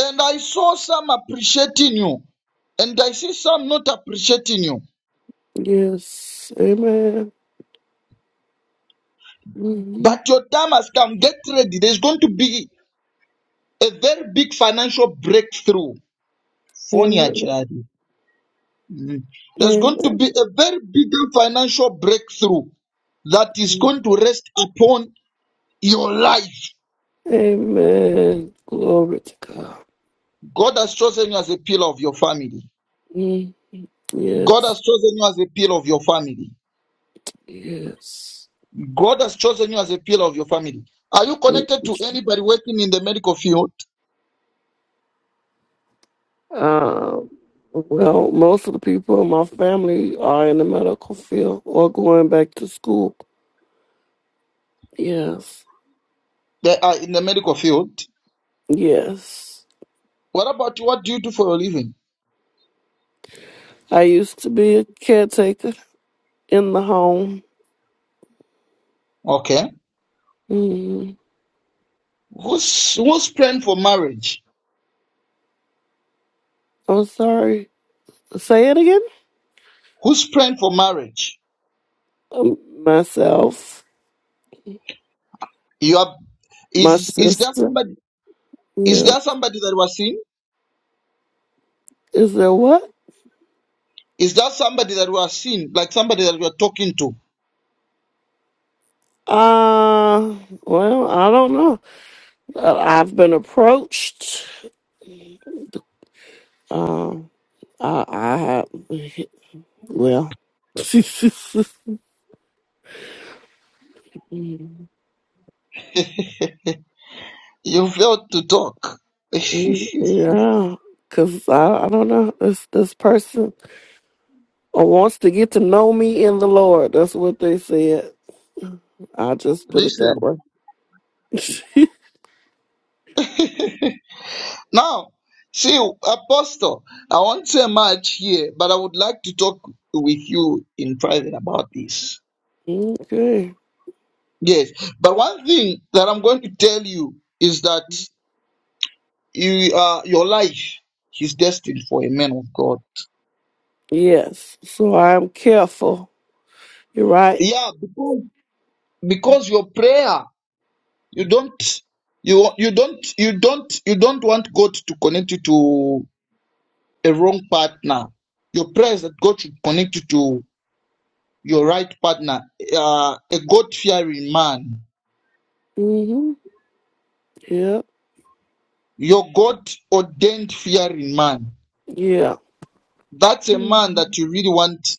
Speaker 15: And I saw some appreciating you, and I see some not appreciating you.
Speaker 11: Yes. Amen. Mhm.
Speaker 15: But your time has come. Get ready. There's going to be a very big financial breakthrough. Funny,
Speaker 11: Amen.
Speaker 15: child. Mm. There's going to be
Speaker 11: Amen.
Speaker 15: a very big financial breakthrough that is going to rest upon your life.
Speaker 11: Amen. Glory to God.
Speaker 15: God has chosen you as a pillar of your family.
Speaker 11: Mm.
Speaker 15: God
Speaker 11: Yes.
Speaker 15: has chosen you as a pillar of your family.
Speaker 11: Yes.
Speaker 15: God has chosen you as a pillar of your family. Are you connected to anybody working in the medical field?
Speaker 11: Uh, well, most of the people in my family are in the medical field or going back to school. Yes.
Speaker 15: They are in the medical field.
Speaker 11: Yes.
Speaker 15: What about you? What do you do for a living?
Speaker 11: I used to be a caretaker in the home.
Speaker 15: Okay.
Speaker 11: Mm,
Speaker 15: Who's who's praying for marriage?
Speaker 11: I'm sorry. Say it again.
Speaker 15: Who's praying for marriage?
Speaker 11: Um, myself,
Speaker 15: You are
Speaker 11: my
Speaker 15: is is there
Speaker 11: sister.
Speaker 15: somebody is
Speaker 11: Yeah.
Speaker 15: there somebody that was seen?
Speaker 11: Is there what?
Speaker 15: Is that somebody that we are seeing, like somebody that we are talking to?
Speaker 11: Uh, well, I don't know. I- I've been approached. Um, I, I have, well, <laughs> Mm.
Speaker 15: You failed to talk. <laughs>
Speaker 11: Mm, Yeah, cause I, I don't know this this person wants to get to know me in the Lord. That's what they said. I just put it that
Speaker 15: Listen.
Speaker 11: way. <laughs>
Speaker 15: Now, see, Apostle, I won't say much here, but I would like to talk with you in private about this.
Speaker 11: okay.
Speaker 15: Yes. But one thing that I'm going to tell you is that you, uh, your life is destined for a man of God.
Speaker 11: Yes. So I'm careful. You're right.
Speaker 15: Yeah, because, because your prayer, you don't you you don't you don't you don't want God to connect you to a wrong partner. Your pray is that God should connect you to your right partner, uh, a God fearing man,
Speaker 11: Mhm. Yeah.
Speaker 15: your God ordained fearing man.
Speaker 11: Yeah.
Speaker 15: That's a man
Speaker 11: Mhm.
Speaker 15: that you really want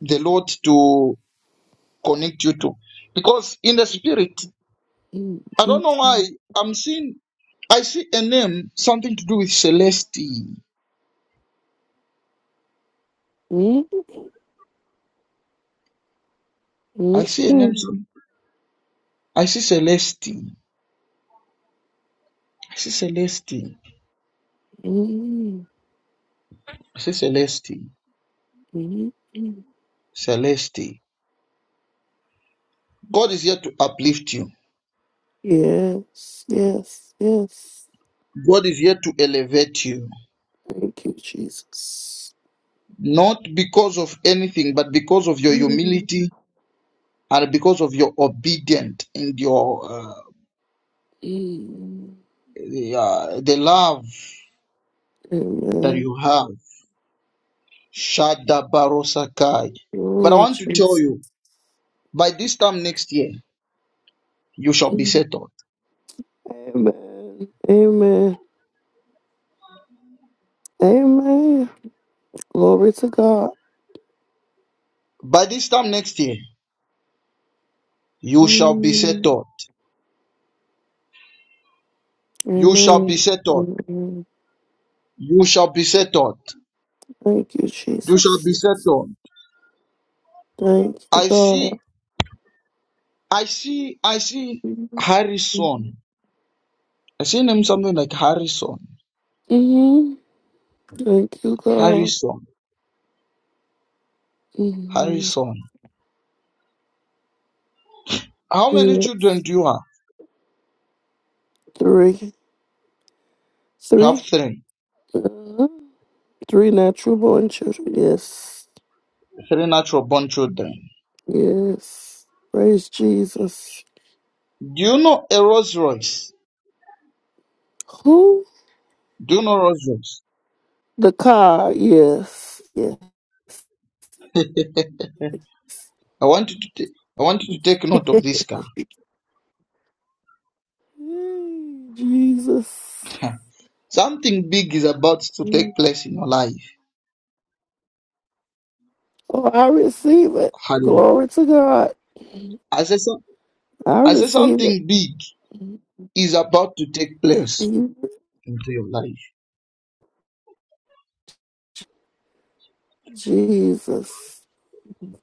Speaker 15: the Lord to connect you to. Because in the spirit,
Speaker 11: Mhm.
Speaker 15: I don't
Speaker 11: Mhm.
Speaker 15: know why I'm seeing, I see a name, something to do with Celeste. I
Speaker 11: Mhm.
Speaker 15: see a name,
Speaker 11: Mhm.
Speaker 15: some- I see Celeste. I see Celeste.
Speaker 11: Mhm.
Speaker 15: I see Celeste.
Speaker 11: Mhm.
Speaker 15: Celeste. God is here to uplift you.
Speaker 11: Yes. Yes. Yes.
Speaker 15: God is here to elevate you,
Speaker 11: Thank you, Jesus.
Speaker 15: not because of anything, but because of your humility and because of your obedience and your uh,
Speaker 11: Amen.
Speaker 15: the, uh, the love that
Speaker 11: Oh,
Speaker 15: you have. Shada barosakai. But I want to tell
Speaker 11: Jesus.
Speaker 15: you, by this time next year, you shall be
Speaker 11: Amen.
Speaker 15: settled.
Speaker 11: Amen. Amen. Glory to God.
Speaker 15: By this time next year, you shall be
Speaker 11: Amen.
Speaker 15: settled. You shall be settled.
Speaker 11: Amen.
Speaker 15: You shall be settled.
Speaker 11: Thank you,
Speaker 15: You shall
Speaker 11: Jesus.
Speaker 15: be settled.
Speaker 11: Thank you,
Speaker 15: I see,
Speaker 11: God.
Speaker 15: I see, I see
Speaker 11: Mm-hmm.
Speaker 15: Harrison. I seen him something like Harrison.
Speaker 11: Thank you, God.
Speaker 15: Harrison.
Speaker 11: Mm-hmm.
Speaker 15: Harrison. How many children
Speaker 11: Yes.
Speaker 15: do you have?
Speaker 11: Three.
Speaker 15: You have
Speaker 11: Three.
Speaker 15: three.
Speaker 11: Uh-huh. Three natural born children. Yes.
Speaker 15: Three natural born children.
Speaker 11: Yes. Praise Jesus.
Speaker 15: Do you know a Rolls Royce?
Speaker 11: Who?
Speaker 15: Do you know Rolls Royce?
Speaker 11: The car, yes. yes. <laughs>
Speaker 15: I want you to take I want you to take note of this car.
Speaker 11: Mm, Jesus.
Speaker 15: <laughs> something big is about to take
Speaker 11: Mm.
Speaker 15: place in your life.
Speaker 11: Oh, I receive it.
Speaker 15: Hallelujah.
Speaker 11: Glory to God.
Speaker 15: I say, some,
Speaker 11: I
Speaker 15: I say
Speaker 11: receive it.
Speaker 15: something big is about to take place
Speaker 11: You-
Speaker 15: into your life.
Speaker 11: Jesus.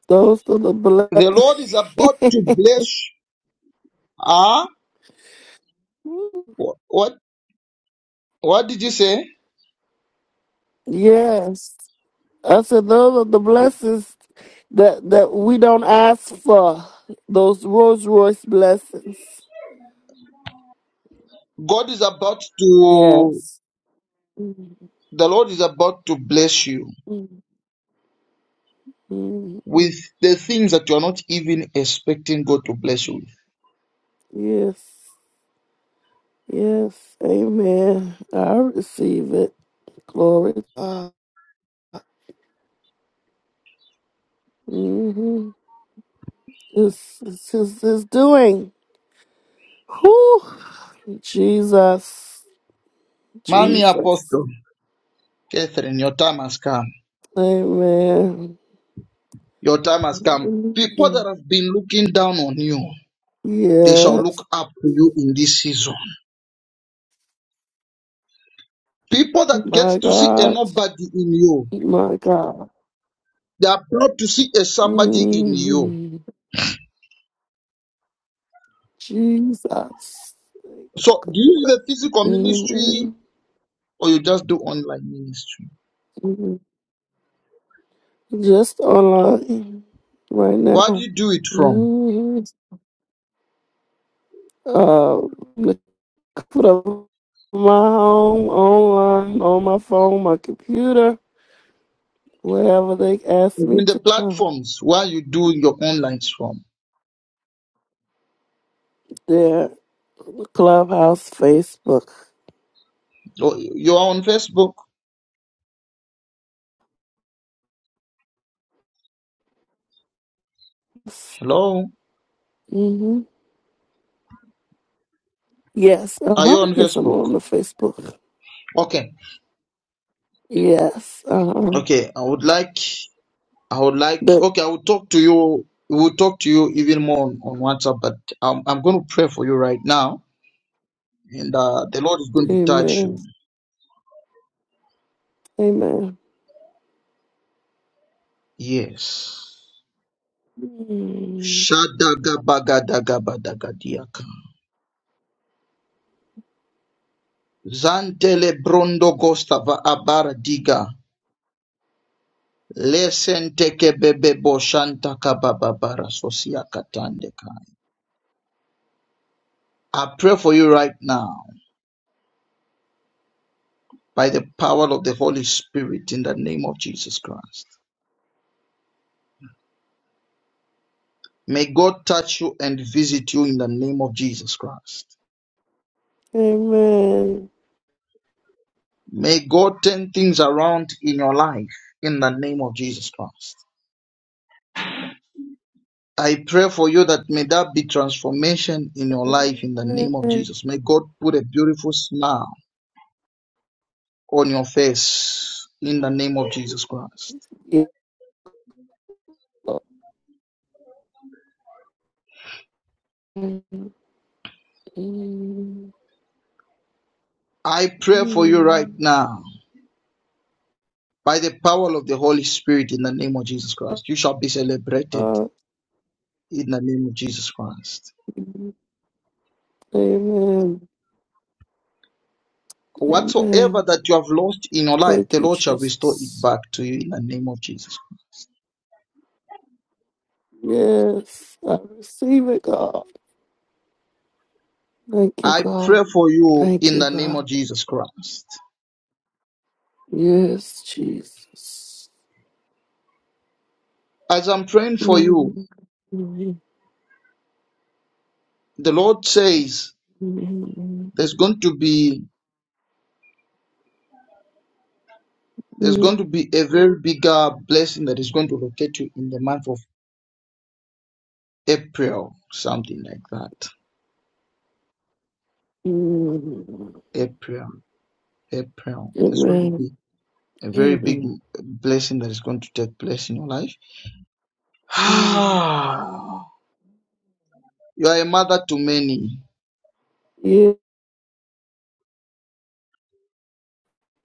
Speaker 11: Those are the
Speaker 15: The Lord
Speaker 11: blessings.
Speaker 15: is about to bless. Ah, wh- what? What did you say?
Speaker 11: <laughs> yes. I said those are the blessings that, that we don't ask for. Those Rolls Royce blessings.
Speaker 15: God is about to,
Speaker 11: Yes. Mm,
Speaker 15: the Lord is about to bless you
Speaker 11: mm, mm.
Speaker 15: with the things that you are not even expecting God to bless you with.
Speaker 11: Yes. Yes, amen. I receive it. Glory to God. Mm-hmm. It's, it's, it's, it's doing. Whew. Jesus.
Speaker 15: Mommy
Speaker 11: Jesus.
Speaker 15: Apostle, Catherine, your time has come.
Speaker 11: Amen.
Speaker 15: Your time has come. People that
Speaker 11: Hallelujah.
Speaker 15: have been looking down on you, they shall
Speaker 11: Yes.
Speaker 15: look up to you in this season. People that get
Speaker 11: My
Speaker 15: to see a
Speaker 11: God.
Speaker 15: nobody in you,
Speaker 11: My God.
Speaker 15: they are proud to see a somebody in you.
Speaker 11: hmm Jesus. Thank you,
Speaker 15: So, do you have a physical ministry
Speaker 11: God.
Speaker 15: or you just do online ministry?
Speaker 11: hmm Just online right
Speaker 15: Where do
Speaker 11: now.
Speaker 15: you do it from?
Speaker 11: hmm Uh, Put up my home online, on my phone, my computer, wherever they ask me
Speaker 15: Even the
Speaker 11: to come.
Speaker 15: platforms where you do your online from.
Speaker 11: There, Clubhouse, Facebook.
Speaker 15: Oh, You are on Facebook. Hello?
Speaker 11: hmm Yes, uh
Speaker 15: Are you
Speaker 11: huh.
Speaker 15: on
Speaker 11: Yes, I'm
Speaker 15: Facebook?
Speaker 11: on the Facebook.
Speaker 15: Okay.
Speaker 11: Yes, uh huh.
Speaker 15: Okay. I would like I would like
Speaker 11: That,
Speaker 15: okay, I will talk to you we'll talk to you even more on, on WhatsApp, but I'm I'm gonna pray for you right now. And uh, the Lord is going to touch
Speaker 11: amen.
Speaker 15: you.
Speaker 11: Amen.
Speaker 15: Yes.
Speaker 11: Mm.
Speaker 15: Shadagabagadagabadagadiaka. Zantele brondo gostava abaradiga. I pray for you right now by the power of the Holy Spirit in the name of Jesus Christ. May God touch you and visit you in the name of Jesus Christ.
Speaker 11: Amen.
Speaker 15: May God turn things around in your life in the name of Jesus Christ. I pray for you that may that be transformation in your life in the name of
Speaker 11: Amen.
Speaker 15: Jesus. May God put a beautiful smile on your face in the name of Jesus Christ.
Speaker 11: Yeah. Mm, mm,
Speaker 15: I pray for you right
Speaker 11: mm.
Speaker 15: now by the power of the Holy Spirit in the name of Jesus Christ. You shall be celebrated
Speaker 11: Uh,
Speaker 15: in the name of Jesus Christ.
Speaker 11: Amen. Amen.
Speaker 15: Whatsoever that you have lost in your life,
Speaker 11: Thank
Speaker 15: the
Speaker 11: you,
Speaker 15: Lord shall restore it
Speaker 11: Jesus.
Speaker 15: back to you in the name of Jesus.
Speaker 11: Yes, I receive it, God. Thank you,
Speaker 15: I pray
Speaker 11: God.
Speaker 15: for you
Speaker 11: Thank
Speaker 15: in
Speaker 11: you,
Speaker 15: the name
Speaker 11: God.
Speaker 15: of Jesus Christ.
Speaker 11: Yes, Jesus.
Speaker 15: As I'm praying for you,
Speaker 11: Amen.
Speaker 15: the Lord says
Speaker 11: Amen.
Speaker 15: there's going to be there's going to be a very bigger blessing that is going to locate you in the month of April, something like that. April. April. There's going to be a very big blessing that is going to take place in your life. <sighs> you are a mother to many.
Speaker 11: Yeah.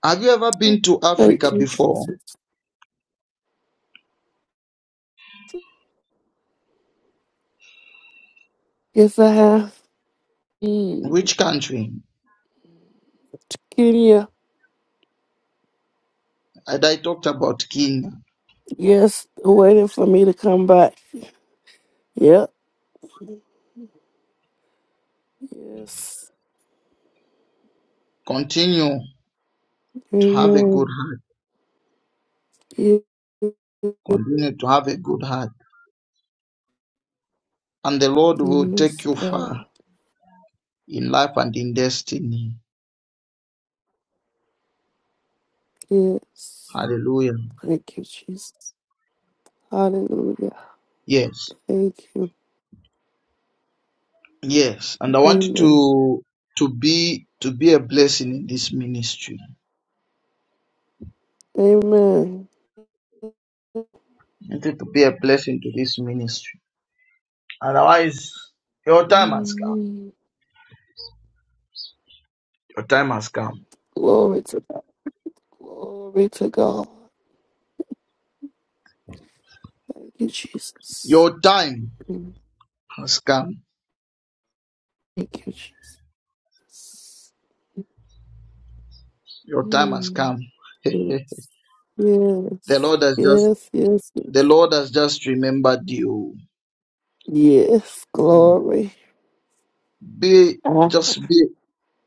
Speaker 15: Have you ever been to
Speaker 11: Thank
Speaker 15: Africa
Speaker 11: you,
Speaker 15: before?
Speaker 11: Jesus. Yes, I have. Mm.
Speaker 15: Which country?
Speaker 11: Kenya.
Speaker 15: And I talked about Kenya.
Speaker 11: Yes, waiting for me to come back. Yep. Yes.
Speaker 15: Continue to have a good
Speaker 11: Amen.
Speaker 15: heart.
Speaker 11: Yeah.
Speaker 15: Continue to have a good heart. And the Lord will take
Speaker 11: Yes,
Speaker 15: you far
Speaker 11: God.
Speaker 15: in life and in destiny.
Speaker 11: Yes.
Speaker 15: Hallelujah.
Speaker 11: Thank you, Jesus. Hallelujah.
Speaker 15: Yes.
Speaker 11: Thank you.
Speaker 15: Yes. And I want you
Speaker 11: Amen.
Speaker 15: to to be to be a blessing in this ministry.
Speaker 11: Amen.
Speaker 15: Need to be a blessing to this ministry. Otherwise, your time has come.
Speaker 11: Mm.
Speaker 15: Your time has come.
Speaker 11: Glory to God. Glory to God. Thank you, Jesus.
Speaker 15: Your time
Speaker 11: Mm.
Speaker 15: has come.
Speaker 11: Thank you, Jesus.
Speaker 15: Your time has
Speaker 11: Mm.
Speaker 15: come. <laughs> the
Speaker 11: Yes. Yes.
Speaker 15: Lord has just
Speaker 11: Yes. Yes.
Speaker 15: the
Speaker 11: Yes.
Speaker 15: Lord has just remembered you.
Speaker 11: Yes. Glory.
Speaker 15: Be
Speaker 11: Ah.
Speaker 15: just be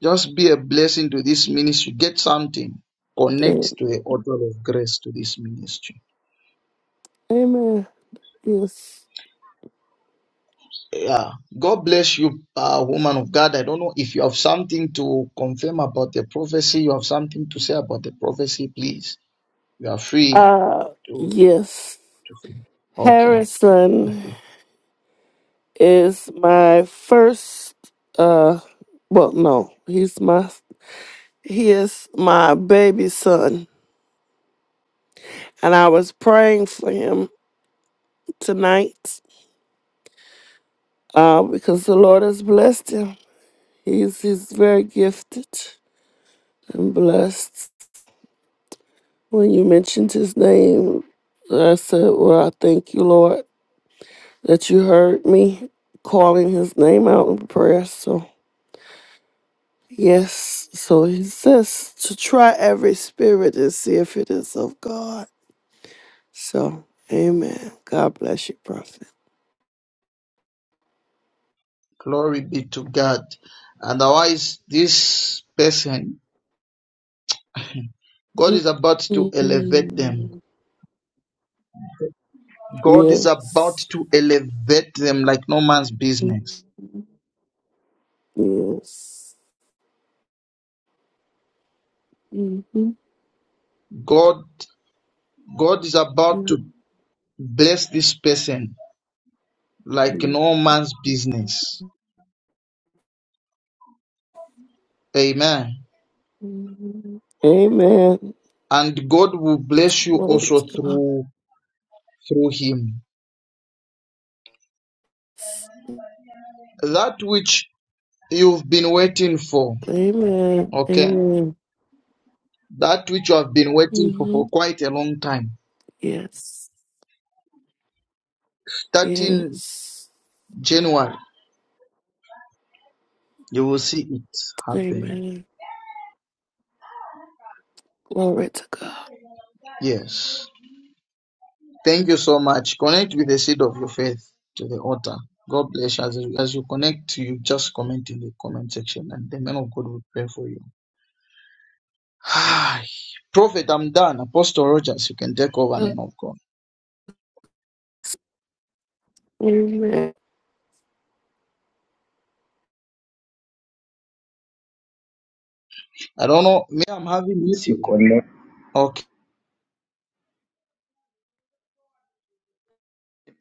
Speaker 15: just be a blessing to this ministry. Get something.
Speaker 11: Amen.
Speaker 15: Connect to the altar of grace to this ministry.
Speaker 11: Amen. Yes.
Speaker 15: Yeah. God bless you, uh, woman of God. I don't know if you have something to confirm about the prophecy. You have something to say about the prophecy, please. You are free
Speaker 11: Ah.
Speaker 15: to,
Speaker 11: yes.
Speaker 15: to okay.
Speaker 11: Harrison is my first uh well no, he's my he is my baby son. And I was praying for him tonight, uh, because the Lord has blessed him. He's he's very gifted and blessed. When you mentioned his name, I said, Well, I thank you, Lord, that you heard me calling his name out in prayer. So Yes, so he says to try every spirit and see if it is of God. So, amen. God bless you, prophet.
Speaker 15: Glory be to God. And Otherwise, this person, God is about to elevate them.
Speaker 11: Mm,
Speaker 15: God is about
Speaker 11: Yes.
Speaker 15: to elevate them like no man's business.
Speaker 11: Mm, Yes. Mhm.
Speaker 15: God, God is about
Speaker 11: Mm,
Speaker 15: to bless this person like no man's business. Amen.
Speaker 11: mhm. Amen.
Speaker 15: And God will bless you
Speaker 11: Glory
Speaker 15: also
Speaker 11: to God.
Speaker 15: through, through him. That which you've been waiting for.
Speaker 11: Amen.
Speaker 15: Okay.
Speaker 11: Amen.
Speaker 15: that which you have been waiting for for
Speaker 11: hmm
Speaker 15: quite a long time.
Speaker 11: Yes.
Speaker 15: Starting
Speaker 11: Yes.
Speaker 15: January, you will see it happen.
Speaker 11: Amen. Glory to
Speaker 15: Yes. Thank you so much. Connect with the seed of your faith to the altar. God bless you. As, as you connect, you just comment in the comment section and the man of God will pray for you. Hi, Prophet, I'm done. Apostle Rogers, you can take over, man
Speaker 11: God.
Speaker 15: of God.
Speaker 11: Amen.
Speaker 15: I don't know. Me, I'm having
Speaker 1: Once you
Speaker 15: it.
Speaker 1: connect.
Speaker 15: Okay.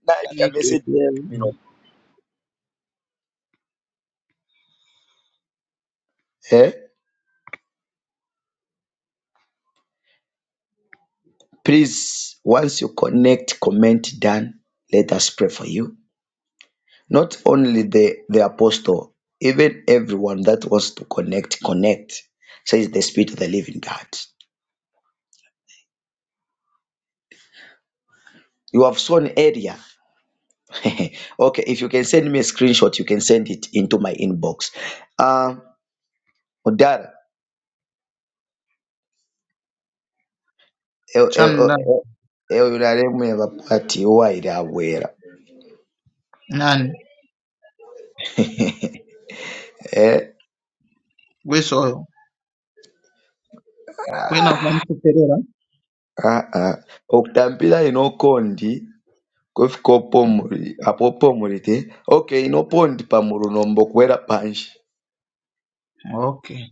Speaker 1: Now if
Speaker 15: I
Speaker 1: you
Speaker 15: need
Speaker 1: can
Speaker 15: to
Speaker 1: message me,
Speaker 15: hear.
Speaker 1: let me know. Eh? Please, once you connect, comment done. Let us pray for you. Not only the, the apostle, even everyone that was to connect, connect, says the Spirit of the living God. You have sown area. <laughs> okay, if you can send me a screenshot, you can send it into my inbox. Uh, Odara, eh, eh,
Speaker 15: Chan,
Speaker 1: oh, eh, eh, unaremu yavapati waira awera
Speaker 15: none.
Speaker 1: eh
Speaker 15: Where's oil? When I'm have
Speaker 1: ah ah okutambira inokondi kufika opomuri apo opomuri te okay inopondi pamurunho mbokuwera panshi
Speaker 15: Okay.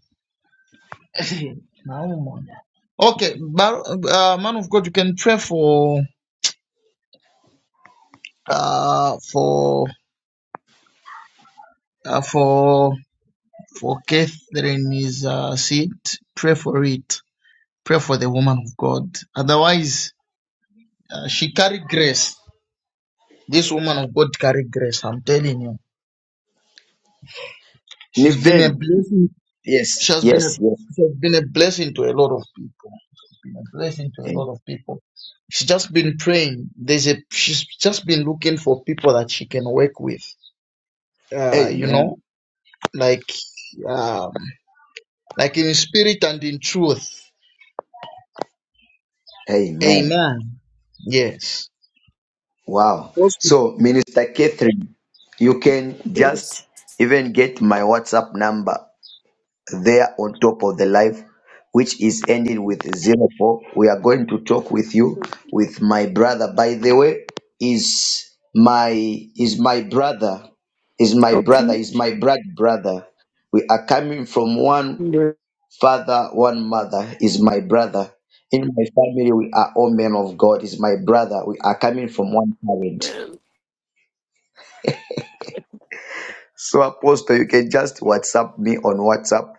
Speaker 15: <laughs> Naumona. Okay, Bar- uh, man of God, you can pray for uh, for uh, for for Catherine's uh, seat. Pray for it. Pray for the woman of God. Otherwise, uh, she carried grace. This woman of God carried grace. I'm telling you,
Speaker 1: ni
Speaker 15: she's been a
Speaker 1: veni
Speaker 15: blessing. She
Speaker 1: Yes,
Speaker 15: has been a
Speaker 1: yes, yes.
Speaker 15: she has been a blessing to a lot of people. been a blessing to a
Speaker 1: Am-
Speaker 15: lot of people. She's just been praying. There's a she's just been looking for people that she can work with. Uh, you know,
Speaker 1: Amen.
Speaker 15: like um, like in spirit and in truth.
Speaker 1: Amen.
Speaker 15: Amen. Yes.
Speaker 1: Wow.
Speaker 15: Because
Speaker 1: So, Minister Catherine, you can
Speaker 11: Yes.
Speaker 1: just even get my WhatsApp number there on top of the live, which is ending with zero four. We are going to talk with you with my brother. By the way, is my is my brother, is my brother,
Speaker 11: Okay.
Speaker 1: is my blood brother. We are coming from one
Speaker 11: Amen.
Speaker 1: Father, one mother is my brother. In my family, we are all men of God. Is my brother. We are coming from one parent. So, Apostle, you can just WhatsApp me on WhatsApp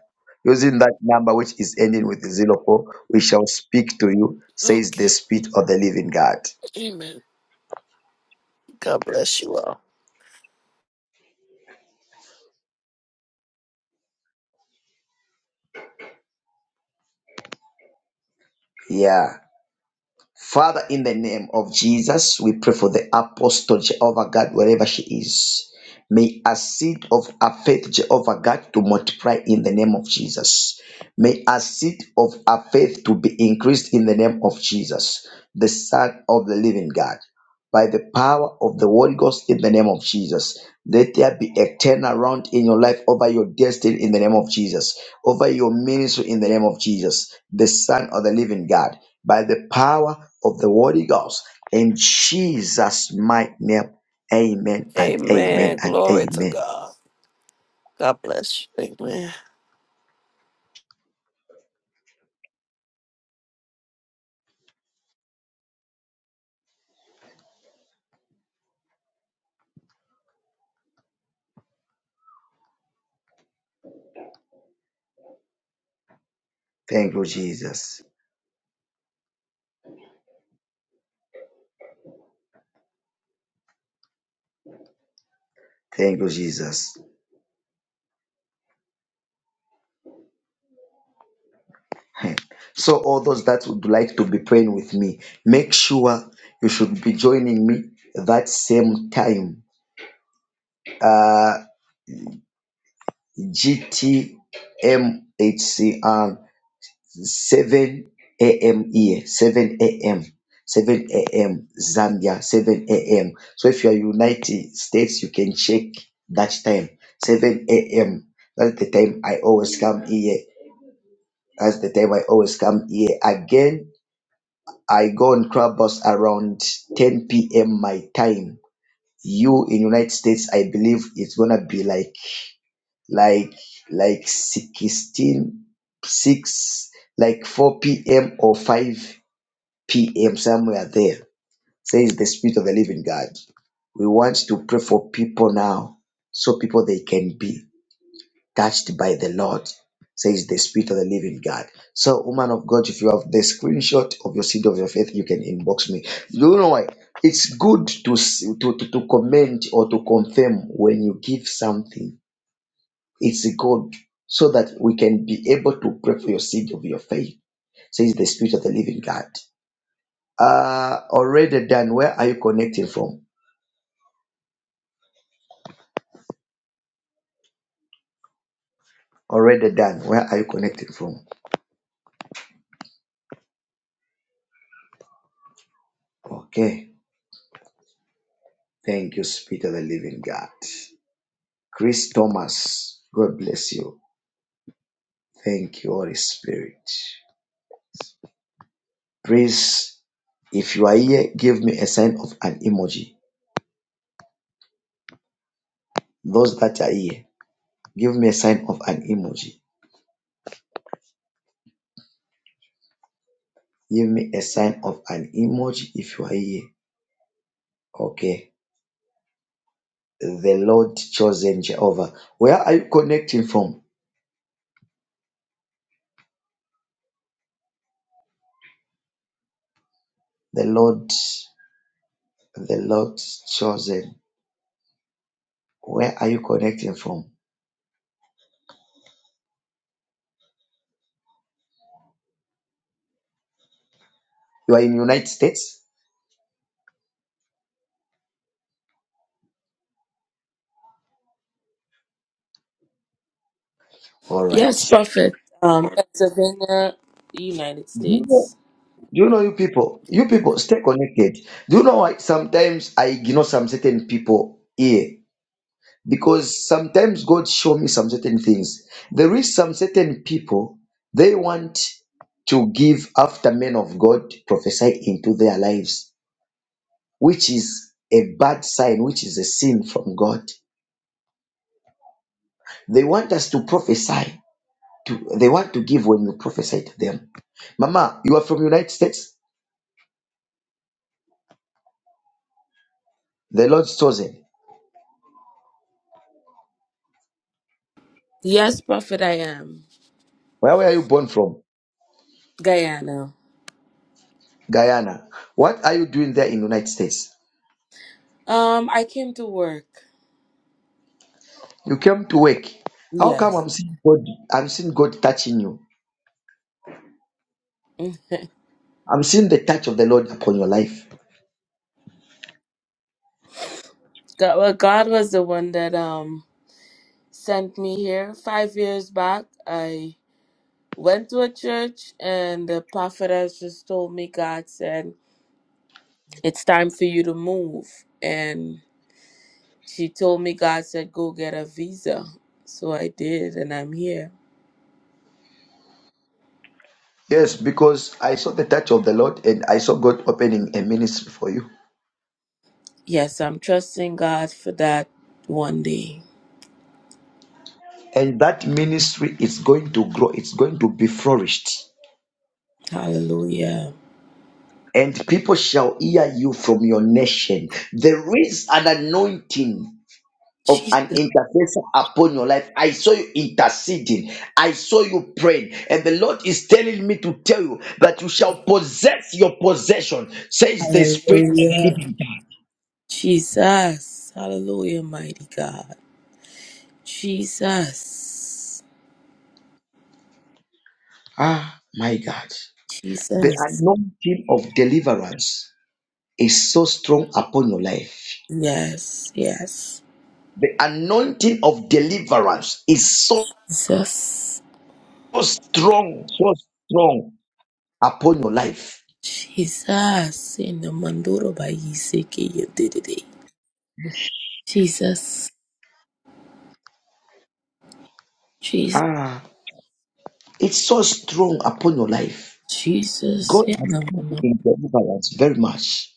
Speaker 1: using that number, which is ending with zero four. We shall speak to you, says the
Speaker 11: Okay.
Speaker 1: Spirit of the Living God.
Speaker 11: Amen. God bless you all.
Speaker 1: Yeah. Father, in the name of Jesus, we pray for the apostle Jehovah God, wherever she is. May a seed of a faith, Jehovah God, to multiply in the name of Jesus. May a seed of a faith to be increased in the name of Jesus, the Son of the Living God. By the power of the Holy Ghost in the name of Jesus. Let there be a turnaround in your life over your destiny in the name of Jesus, over your ministry in the name of Jesus, the Son of the Living God by the power of the Holy Ghost. In Jesus' mighty name, amen and amen
Speaker 11: Amen.
Speaker 1: and
Speaker 11: Glory to
Speaker 1: amen.
Speaker 11: God. God bless you. Amen.
Speaker 1: Thank you, Jesus. Thank you, Jesus. So, all those that would like to be praying with me, make sure you should be joining me that same time. Uh, GTMHCR 7 a.m. here, 7 a.m., 7 a.m. Zambia, 7 a.m. So if you are United States, you can check that time, 7 a.m. That's the time I always come here. That's the time I always come here. Again, I go on crab bus around 10 p.m. my time. You in United States, I believe it's gonna be like like like 16, 6, like 4 p.m. or 5 p.m. somewhere there. Says the Spirit of the Living God. We want to pray for people now, so people they can be touched by the Lord. Says the Spirit of the Living God. So, woman of God, if you have the screenshot of your seed of your faith, you can inbox me. You know why? It's good to s- to to, to comment or to confirm when you give something. It's good so that we can be able to pray for your seed of your faith. Says the Spirit of the Living God. Uh, already done. Where are you connecting from? Already done. Where are you connecting from? Okay. Thank you, Spirit of the Living God. Chris Thomas, God bless you. Thank you, Holy Spirit. Please, if you are here, give me a sign of an emoji. Those that are here, give me a sign of an emoji. Give me a sign of an emoji if you are here. Okay. The Lord chosen Jehovah. Where are you connecting from? The Lord. the Lord's chosen. Where are you connecting from? You are in United States? All right.
Speaker 16: Yes, Prophet. Um, Pennsylvania, United
Speaker 1: Do you know, do
Speaker 16: States.
Speaker 1: you know you people? You people stay connected. Do you know why sometimes I ignore some certain people here? Because sometimes God show me some certain things. There is some certain people they want to give after men of God prophesy into their lives, which is a bad sign, which is a sin from God. They want us to prophesy to they want to give when you prophesy to them. Mama, you are from United States. The Lord's chosen.
Speaker 16: Yes, Prophet, I am.
Speaker 1: Where were you born from?
Speaker 16: Guyana.
Speaker 1: Guyana. What are you doing there in United States?
Speaker 16: Um, I came to work.
Speaker 1: You came to work. How come
Speaker 16: Yes.
Speaker 1: I'm seeing God? I'm seeing God touching you.
Speaker 16: <laughs> God,
Speaker 1: I'm seeing the touch of the Lord upon your life.
Speaker 16: well, God was the one that um sent me here five years back. I went to a church, and the prophetess just told me God said it's time for you to move, and she told me God said go get a visa. So I did, and I'm here.
Speaker 1: Yes, because I saw the touch of the Lord and I saw God opening a ministry for you.
Speaker 16: Yes, I'm trusting God for that one day.
Speaker 1: And that ministry is going to grow. It's going to be flourished.
Speaker 16: Hallelujah.
Speaker 1: and people shall hear you from your nation. There is an anointing of
Speaker 16: Jesus.
Speaker 1: an intercessor upon your life. I saw you interceding, I saw you praying, and the Lord is telling me to tell you that you shall possess your possession, says the Spirit of the
Speaker 16: Hallelujah.
Speaker 1: Living God.
Speaker 16: Jesus. Hallelujah, mighty God. Jesus.
Speaker 1: Ah, my God. The
Speaker 16: Jesus.
Speaker 1: anointing of deliverance is so strong upon your life.
Speaker 16: Yes, yes.
Speaker 1: The anointing of deliverance is so
Speaker 16: Jesus.
Speaker 1: strong, so strong upon your life.
Speaker 16: Jesus. In the Mandoro by Iseke, you did it. Jesus. Jesus.
Speaker 1: Ah, it's so strong upon your life.
Speaker 16: Jesus.
Speaker 1: God
Speaker 16: In
Speaker 1: has
Speaker 16: the
Speaker 1: come
Speaker 16: Mandoro.
Speaker 1: in deliverance very much,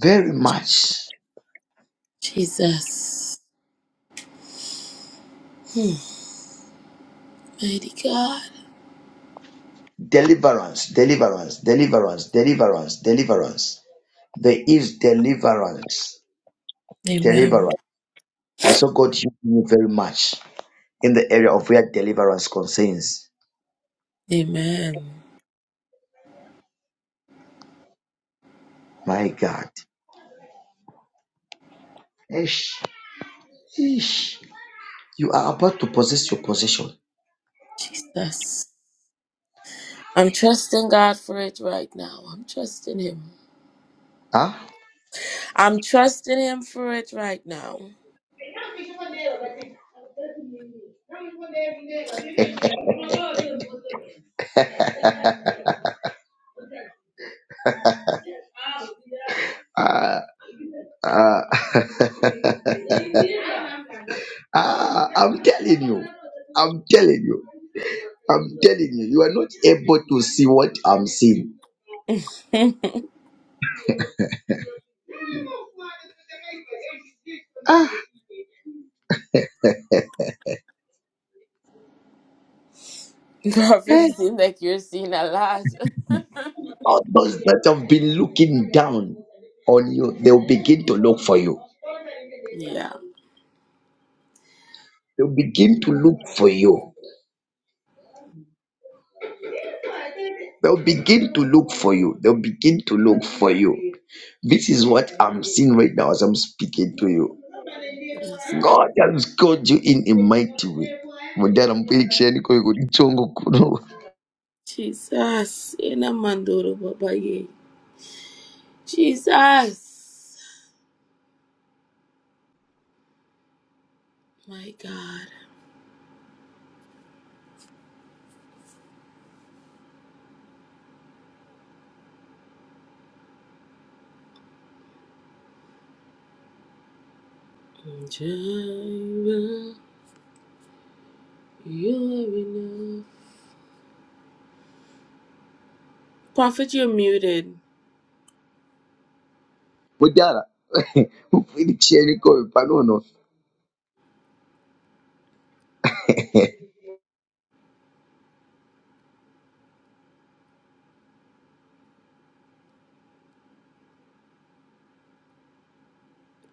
Speaker 1: very much.
Speaker 16: Jesus. Hmm. Mighty God.
Speaker 1: Deliverance, deliverance, deliverance, deliverance, deliverance. There is deliverance,
Speaker 16: Amen.
Speaker 1: deliverance. I saw God using you very much in the area of where deliverance concerns.
Speaker 16: Amen.
Speaker 1: My God, Ish. Ish. you are about to possess your possession.
Speaker 16: Jesus. I'm trusting God for it right now. I'm trusting Him.
Speaker 1: Huh?
Speaker 16: I'm trusting Him for it right now.
Speaker 1: Ah, ah, <laughs> ah, I'm telling you, I'm telling you, I'm telling you, you are not able to see what I'm seeing.
Speaker 16: <laughs> Prophet, seem like you're seeing a lot. <laughs>
Speaker 1: All those that have been looking down on you, they'll begin to look for you.
Speaker 16: Yeah.
Speaker 1: They'll begin to look for you. They'll begin to look for you. They'll begin to look for you. This is what I'm seeing right now as I'm speaking to you.
Speaker 16: Yes.
Speaker 1: God has called you in a mighty way. Mudara mupirikisheni koyo kuti chongo kuno.
Speaker 16: Jesus. In a mandoro babaye. Jesus. My God. Jireh, you are enough. Prophet, you're muted.
Speaker 1: Mudara <laughs> mupirikisheni koyo panono. <laughs>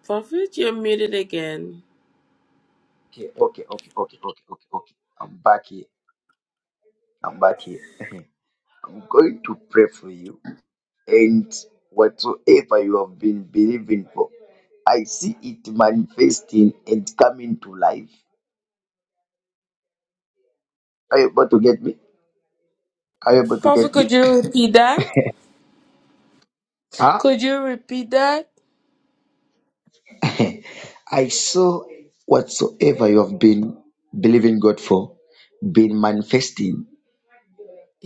Speaker 16: Prophet, you're muted again.
Speaker 1: Okay, okay, okay, okay, okay, okay, okay. I'm back here. I'm back here. <laughs> I'm going to pray for you. And whatsoever you have been believing for, I see it manifesting and coming to life. Are you able to get me? Are you able to
Speaker 16: Prophet,
Speaker 1: get me?
Speaker 16: could you repeat that?
Speaker 1: Huh?
Speaker 16: Could you repeat that?
Speaker 1: <laughs> I saw whatsoever you have been believing God for, been manifesting.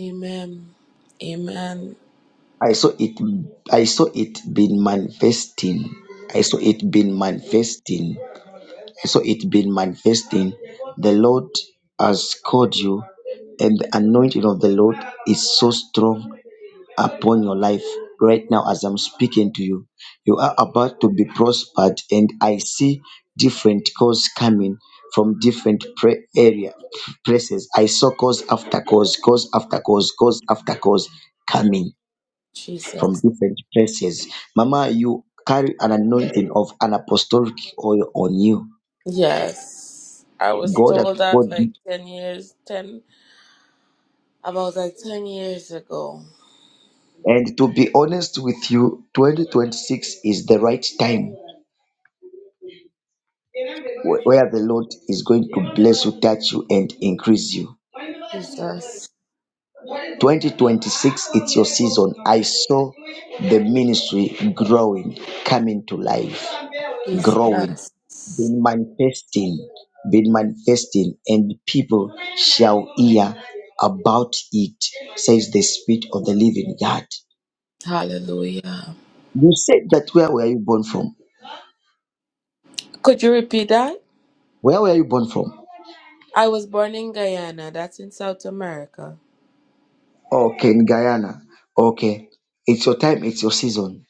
Speaker 16: Amen. Amen.
Speaker 1: I saw it. I saw it been manifesting. I saw it been manifesting. so it been manifesting the lord has called you and the anointing of the lord is so strong upon your life right now as i'm speaking to you you are about to be prospered and i see different calls coming from different pra- area places i saw cause after cause cause after cause cause after cause coming from
Speaker 16: Jesus.
Speaker 1: different places mama you carry an anointing of an apostolic oil on you
Speaker 16: Yes. I was
Speaker 1: God has
Speaker 16: told that
Speaker 1: called
Speaker 16: like
Speaker 1: you.
Speaker 16: 10 years, 10, about like 10 years ago.
Speaker 1: And to be honest with you, 2026 is the right time wh- where the Lord is going to bless you, touch you, and increase you.
Speaker 16: Jesus.
Speaker 1: 2026, it's your season. I saw the ministry growing, coming to life, growing,
Speaker 16: Jesus.
Speaker 1: been manifesting, been manifesting, and people shall hear about it, says the Spirit of the Living God.
Speaker 16: Hallelujah.
Speaker 1: You said that where were you born from?
Speaker 16: Could you repeat that?
Speaker 1: Where were you born from?
Speaker 16: I was born in Guyana. That's in South America.
Speaker 1: Okay, in Guyana. Okay. It's your time, it's your season.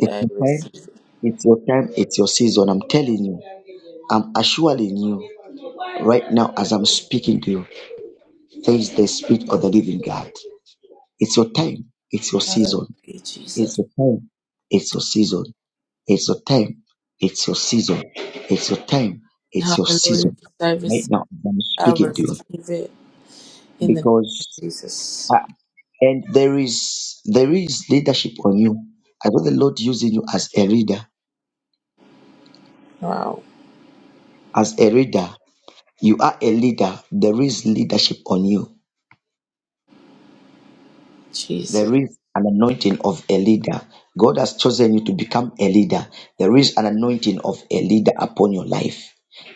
Speaker 1: It's your
Speaker 16: I
Speaker 1: time,
Speaker 16: receive it.
Speaker 1: it's your time, it's your season. I'm telling you. I'm assuring you right now as I'm speaking to you. There is the spirit of the living God. It's your time, it's your season.
Speaker 16: Hallelujah,
Speaker 1: It's
Speaker 16: Jesus.
Speaker 1: your time, it's your season. It's your time. It's your season. It's your time. It's your
Speaker 16: Hallelujah.
Speaker 1: season.
Speaker 16: I
Speaker 1: Right
Speaker 16: receive,
Speaker 1: now, as I'm
Speaker 16: I
Speaker 1: speaking to you
Speaker 16: receive it in the name of
Speaker 1: because
Speaker 16: Jesus.
Speaker 1: uh, and there is there is leadership on you. I know the Lord using you as a leader.
Speaker 16: Wow.
Speaker 1: As a leader, you are a leader. There is leadership on you There is an anointing of a leader. God has chosen you to become a leader. There is an anointing of a leader upon your life.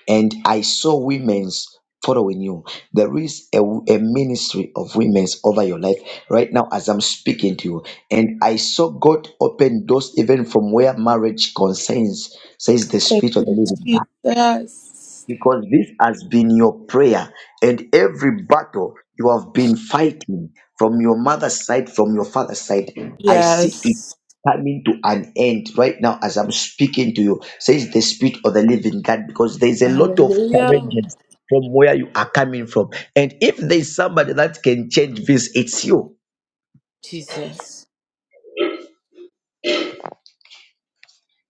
Speaker 1: And I saw women's following you. There is a, a ministry of women's over your life right now as I'm speaking to you. And I saw God open doors even from where marriage concerns, says the
Speaker 16: Thank
Speaker 1: Spirit of the
Speaker 16: you,
Speaker 1: Living God
Speaker 16: Jesus.
Speaker 1: because this has been your prayer and every battle you have been fighting from your mother's side from your father's side i see it
Speaker 16: Yes.
Speaker 1: coming to an end right now as i'm speaking to you says the spirit of the living god because there's a lot of
Speaker 16: Hallelujah.
Speaker 1: challenges from where you are coming from and if there's somebody that can change this it's you
Speaker 16: Jesus.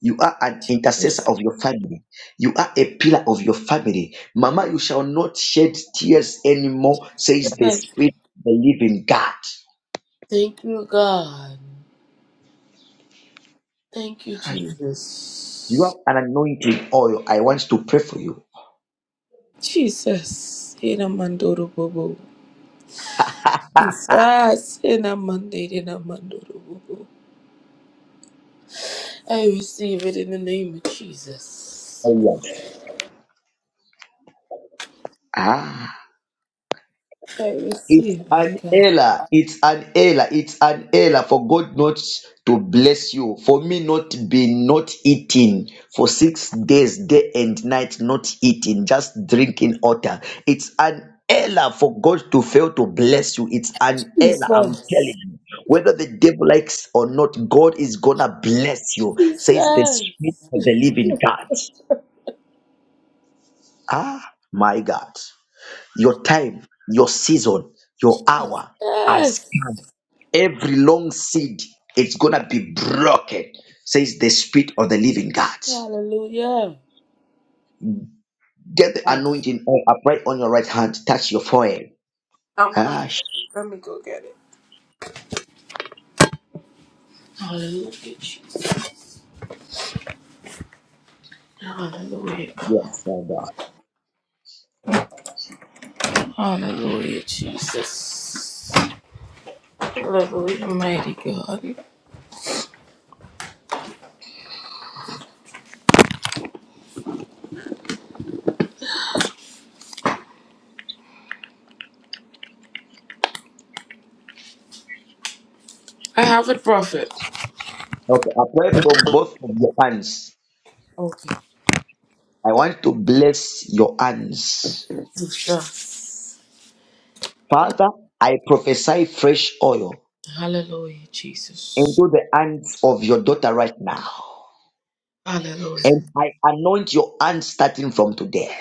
Speaker 1: You are an intercessor
Speaker 16: Jesus.
Speaker 1: of your family. You are a pillar of your family. Mama, you shall not shed tears anymore, says the
Speaker 16: Yes.
Speaker 1: Spirit of the living God.
Speaker 16: Thank you, God. Thank you,
Speaker 1: You have
Speaker 16: Jesus.
Speaker 1: an anointing oil. I want to pray for you.
Speaker 16: Jesus. Ina mandoro bobo. Jesus. Ina mande- ina mandoro bobo. I receive it in the name of Jesus.
Speaker 1: Oh, yes.
Speaker 16: I
Speaker 1: It's
Speaker 16: receive it,
Speaker 1: an
Speaker 16: God.
Speaker 1: error. It's an error. It's an error for God not to bless you. For me not be not eating for six days, day and night, not eating, just drinking water. It's an error for God to fail to bless you. It's an error. I'm
Speaker 16: Jesus.
Speaker 1: telling you. Whether the devil likes or not, God is gonna bless you. Says the
Speaker 16: Jesus.
Speaker 1: spirit of the living
Speaker 16: <laughs>
Speaker 1: God. Ah, my God. Your time, your season, your hour has
Speaker 16: Yes.
Speaker 1: come Every long seed is gonna be broken, says the spirit of the living God.
Speaker 16: Hallelujah.
Speaker 1: Get the anointing oil, apply on your right hand, touch your forehead.
Speaker 16: I'm coming.
Speaker 1: Ah, sh-
Speaker 16: Let me go get it. Hallelujah, Jesus. Hallelujah. God.
Speaker 1: yes, my God.
Speaker 16: Hallelujah, Jesus. Hallelujah, mighty God. I have it, prophet.
Speaker 1: Okay, apply from both of your hands.
Speaker 16: Okay.
Speaker 1: I want to bless your hands.
Speaker 16: Jesus.
Speaker 1: Father, I prophesy fresh oil
Speaker 16: Hallelujah, Jesus.
Speaker 1: into the hands of your daughter right now. And
Speaker 16: Hallelujah.
Speaker 1: I anoint your hands starting from today.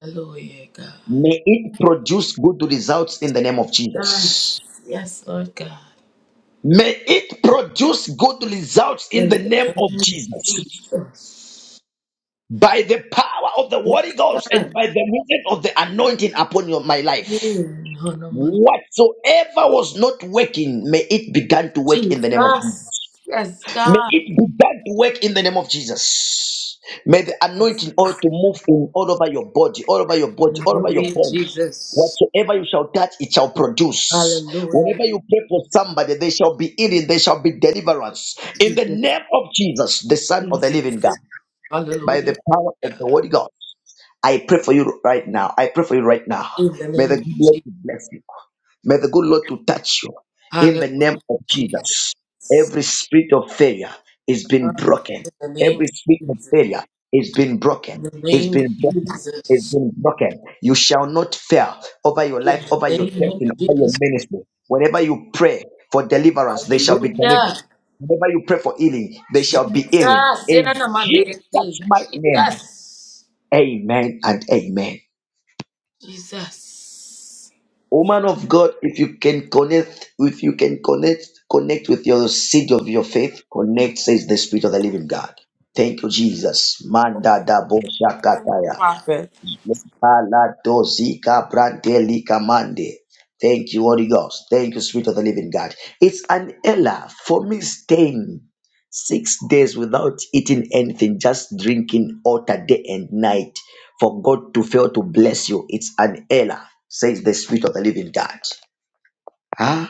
Speaker 16: Hallelujah, God.
Speaker 1: May it produce good results in the name of Jesus.
Speaker 16: Yes, yes, Lord God.
Speaker 1: May it produce good results in
Speaker 16: In the
Speaker 1: the name of
Speaker 16: name of
Speaker 1: Jesus
Speaker 16: Jesus.
Speaker 1: by the power of the
Speaker 16: You
Speaker 1: Holy Ghost and
Speaker 16: can.
Speaker 1: by the movement of the anointing upon your, my
Speaker 16: Yeah,
Speaker 1: life.
Speaker 16: no, no, no.
Speaker 1: Whatsoever was not working, may it begin to work in the name of Jesus.
Speaker 16: Jesus. Yes,
Speaker 1: May
Speaker 16: God.
Speaker 1: it begin to work in the name of Jesus. May the anointing oil to move in all over your body, all over your body, all over your
Speaker 16: Hallelujah,
Speaker 1: bones.
Speaker 16: Jesus.
Speaker 1: Whatsoever you shall touch, it shall produce.
Speaker 16: Hallelujah,
Speaker 1: Whenever you pray for somebody, they shall be healing, they shall be deliverance. In the
Speaker 16: Jesus.
Speaker 1: name of Jesus, the Son of the
Speaker 16: Jesus.
Speaker 1: Living God, by the
Speaker 16: Hallelujah,
Speaker 1: power of the
Speaker 16: God.
Speaker 1: Holy God. I pray for you right now. I pray for you right now.
Speaker 16: In the
Speaker 1: May
Speaker 16: name
Speaker 1: the
Speaker 16: of
Speaker 1: good Lord to
Speaker 16: Jesus.
Speaker 1: bless you. May the good Lord to touch you. In the name
Speaker 16: Hallelujah,
Speaker 1: of
Speaker 16: Jesus.
Speaker 1: Jesus, every spirit of failure is being broken.
Speaker 16: In the name
Speaker 1: Every
Speaker 16: of
Speaker 1: spirit of
Speaker 16: Jesus.
Speaker 1: failure is being
Speaker 16: In
Speaker 1: broken.
Speaker 16: the
Speaker 1: Is
Speaker 16: name of
Speaker 1: being broken. Is
Speaker 16: Jesus.
Speaker 1: being broken. You shall not fail over your
Speaker 16: In
Speaker 1: life, over
Speaker 16: the
Speaker 1: your
Speaker 16: name of
Speaker 1: destiny, over your
Speaker 16: Jesus.
Speaker 1: ministry. Whenever you pray for deliverance, they shall be delivered.
Speaker 16: Hallelujah.
Speaker 1: Whenever you pray for healing, they shall be healing.
Speaker 16: Jesus. In
Speaker 1: In
Speaker 16: the name of
Speaker 1: Jesus'
Speaker 16: Jesus.
Speaker 1: mighty name,
Speaker 16: Jesus.
Speaker 1: Amen and amen.
Speaker 16: Jesus.
Speaker 1: Woman of God, if you can connect, if you can connect, connect with your seed of your faith, connect, says the Spirit of the Living God. Thank you, Jesus. Manda da bo shakataya.
Speaker 16: Prophet.
Speaker 1: Palatozika brandelika mande. Thank you, Holy Ghost. Thank you, Spirit of the Living God. It's an error for me staying six days without eating anything, just drinking water day and night for God to fail to bless you. It's an error, says the Spirit of the Living God. Ah.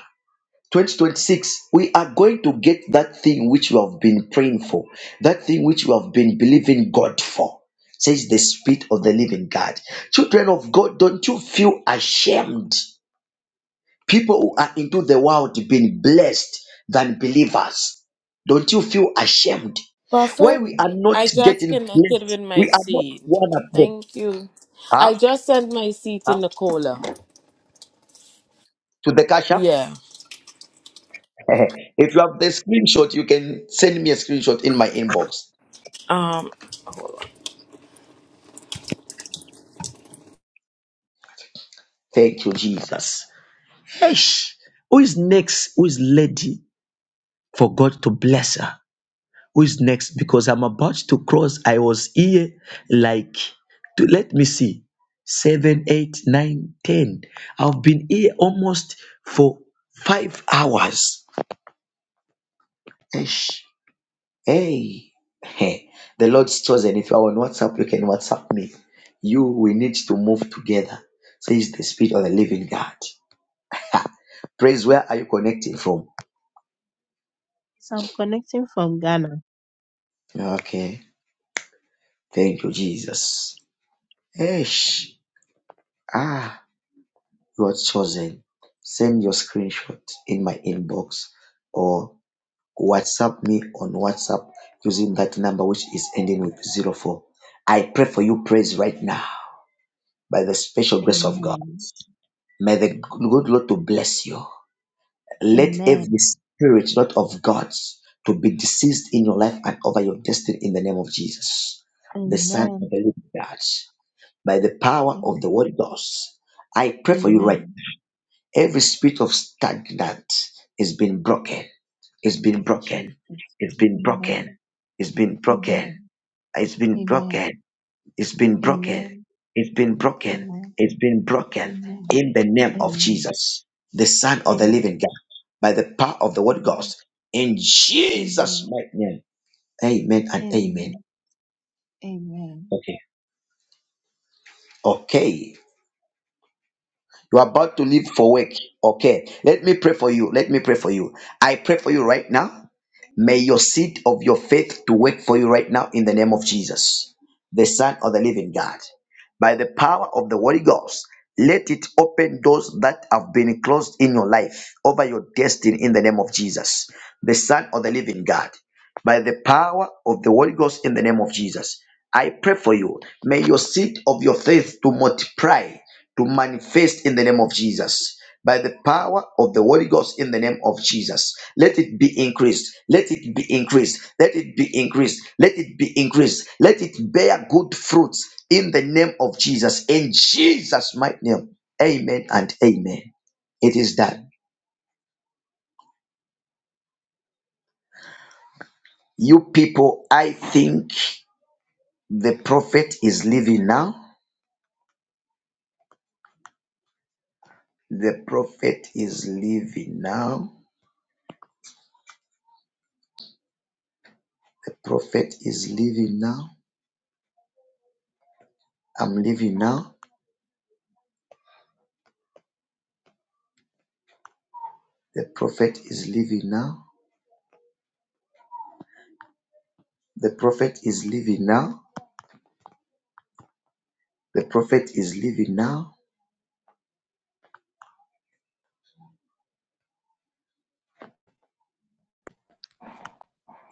Speaker 1: 2026 we are going to get that thing which we have been praying for that thing which we have been believing god for says the spirit of the living god children of god don't you feel ashamed people who are into the world being blessed than believers don't you feel ashamed
Speaker 16: What's
Speaker 1: why we are not
Speaker 16: I just
Speaker 1: getting
Speaker 16: connected with
Speaker 1: blessed
Speaker 16: my
Speaker 1: we are not
Speaker 16: seed.
Speaker 1: one of them
Speaker 16: Thank you.
Speaker 1: huh?
Speaker 16: I just sent my seed to
Speaker 1: Huh?
Speaker 16: Nicola.
Speaker 1: to the cashier
Speaker 16: Yeah.
Speaker 1: <laughs> if you have the screenshot you can send me a screenshot in my inbox
Speaker 16: Um,
Speaker 1: Thank you, Jesus. Eish. Who is next? Who is lady for God to bless her? Who is next? Because I'm about to cross. I was here like, to, let me see, seven, eight, nine, ten. I've been here almost for five hours. Eish. Hey. <laughs> Hey. The Lord's chosen. If you're on WhatsApp, you can WhatsApp me. You, we need to move together, says the Spirit of the living God. Praise, where are you connecting from?
Speaker 17: Yes, I'm connecting from Ghana.
Speaker 1: Okay. Thank you, Jesus. Esh. Ah, you are chosen. Send your screenshot in my inbox or WhatsApp me on WhatsApp using that number which is ending with zero four. I pray for you praise right now by the special grace of God.
Speaker 17: Amen.
Speaker 1: May the good Lord to bless you. Let every
Speaker 17: Amen.
Speaker 1: spirit not of God to be deceased in your life and over your destiny in the name of Jesus, the Son of the
Speaker 17: Amen.
Speaker 1: Living God. By the power of the
Speaker 17: Am-
Speaker 1: Holy Ghost, I pray for you right
Speaker 17: Amen.
Speaker 1: now. Every spirit of stagnant is being broken. It's been broken.
Speaker 17: Jesus.
Speaker 1: It's been broken.
Speaker 17: Amen.
Speaker 1: It's been broken.
Speaker 17: Amen.
Speaker 1: It's been broken.
Speaker 17: Amen.
Speaker 1: It's been broken.
Speaker 17: Amen.
Speaker 1: It's been broken.
Speaker 17: Amen.
Speaker 1: It's been broken
Speaker 17: Amen.
Speaker 1: in the name of Jesus, the Son of the Living
Speaker 17: Amen.
Speaker 1: God, by the power of the Word
Speaker 17: Amen.
Speaker 1: Ghost. In
Speaker 17: Amen.
Speaker 1: Jesus'
Speaker 17: Amen.
Speaker 1: mighty name. Amen and amen.
Speaker 17: Amen. Amen.
Speaker 1: Okay. Okay. You are about to leave for work. Okay. Let me pray for you. Let me pray for you. I pray for you right now. May your seed of your faith to work for you right now in the name of Jesus, the Son of the Living God. By the power of the Holy Ghost, let it open doors that have been closed in your life over your destiny in the name of Jesus, the Son of the Living God. By the power of the Holy Ghost in the name of Jesus, I pray for you. May your seed of your faith to multiply to manifest in the name of Jesus. By the power of the Holy Ghost in the name of Jesus. Let it be increased. Let it be increased. Let it be increased. Let it be increased. Let it bear good fruits in the name of Jesus. In Jesus' mighty name. Amen and amen. It is done. You people, I think the prophet is leaving now. The prophet is leaving now. The prophet is leaving now. I'm leaving now. The prophet is living now. The prophet is living now. The prophet is living now.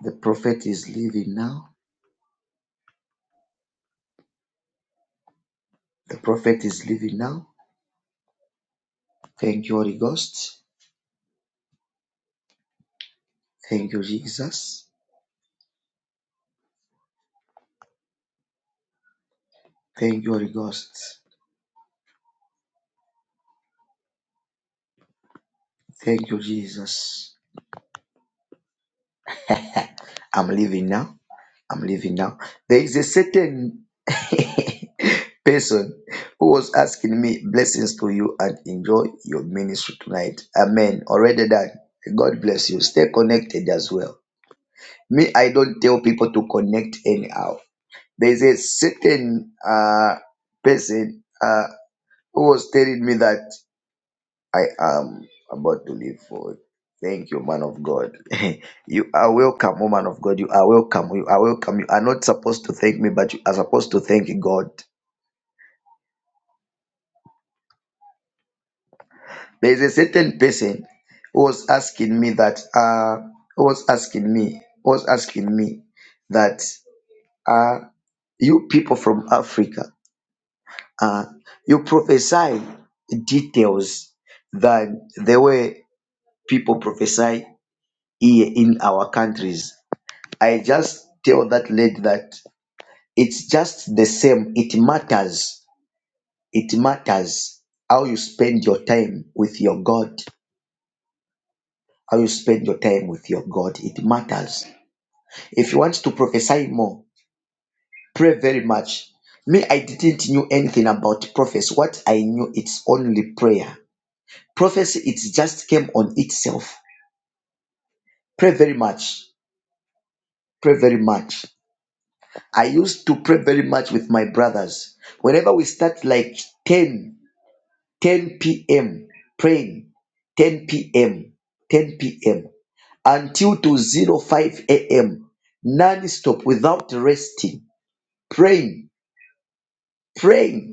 Speaker 1: The prophet is living now. The prophet is living now. Thank you, Holy Ghost. Thank you, Jesus. Thank you, Holy Ghost. Thank you, Jesus. I'm living now. I'm living now. There is a certain <laughs> person who was asking me blessings to you and enjoy your ministry tonight. Amen. Already done. God bless you. Stay connected as well. me i don't tell people to connect anyhow there's a certain uh person uh who was telling me that i am about to leave for thank you man of god <laughs> you are welcome woman of god you are welcome you are welcome you are not supposed to thank me but you are supposed to thank god there's a certain person who was asking me that uh who was asking me who was asking me that uh you people from africa Uh, you prophesy details that the way people prophesy here in our countries. I just tell that lady that it's just the same. It matters. It matters how you spend your time with your God. How you spend your time with your God. It matters. If you want to prophesy more, pray very much. Me, I didn't knew anything about prophets. What I knew, it's only prayer. Prophecy, it just came on itself. Pray very much. Pray very much. I used to pray very much with my brothers. Whenever we start like 10, 10 p.m. praying, 10 p.m., 10 p.m. until to zero five a.m. non-stop without resting, praying, praying.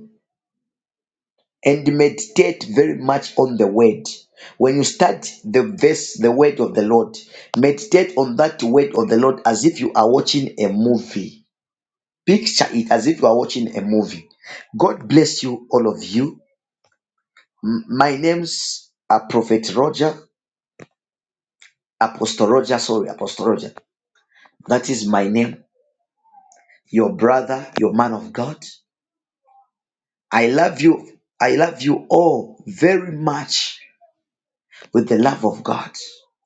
Speaker 1: and meditate very much on the word. When you start the verse, the word of the Lord, meditate on that word of the Lord as if you are watching a movie. Picture it as if you are watching a movie. God bless you, all of you. M- My name's uh, Prophet Roger, Apostle Roger, sorry, Apostle Roger. That is my name, your brother, your man of God. I love you. I love you all very much with the love of God.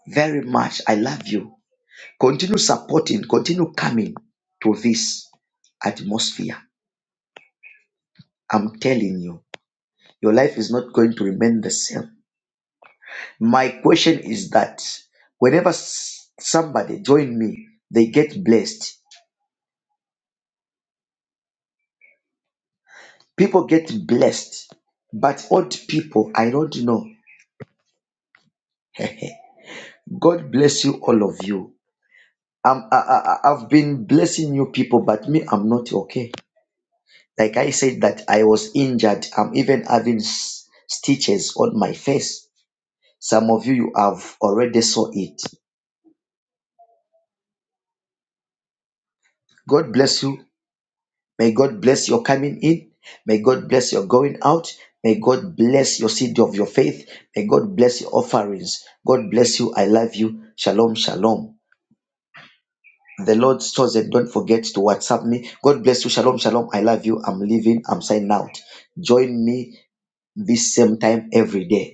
Speaker 1: Very much. I love you. Continue supporting, continue coming to this atmosphere. I'm telling you, your life is not going to remain the same. My question is that whenever s- somebody join me, they get blessed. People get blessed, but old people, I don't know. <laughs> God bless you, all of you. I'm, I, I, I- I've been blessing you people, but me, I'm not okay. Like I said, that I was injured. I'm even having s- stitches on my face Some of you, you have already saw it. God bless you. May God bless your coming in. May God bless your going out. May God bless your seed of your faith. May God bless your offerings. God bless you. I love you. Shalom, shalom. The Lord stores it. don't forget to WhatsApp me. God bless you. Shalom, shalom. I love you. I'm leaving. I'm signing out. Join me this same time every day.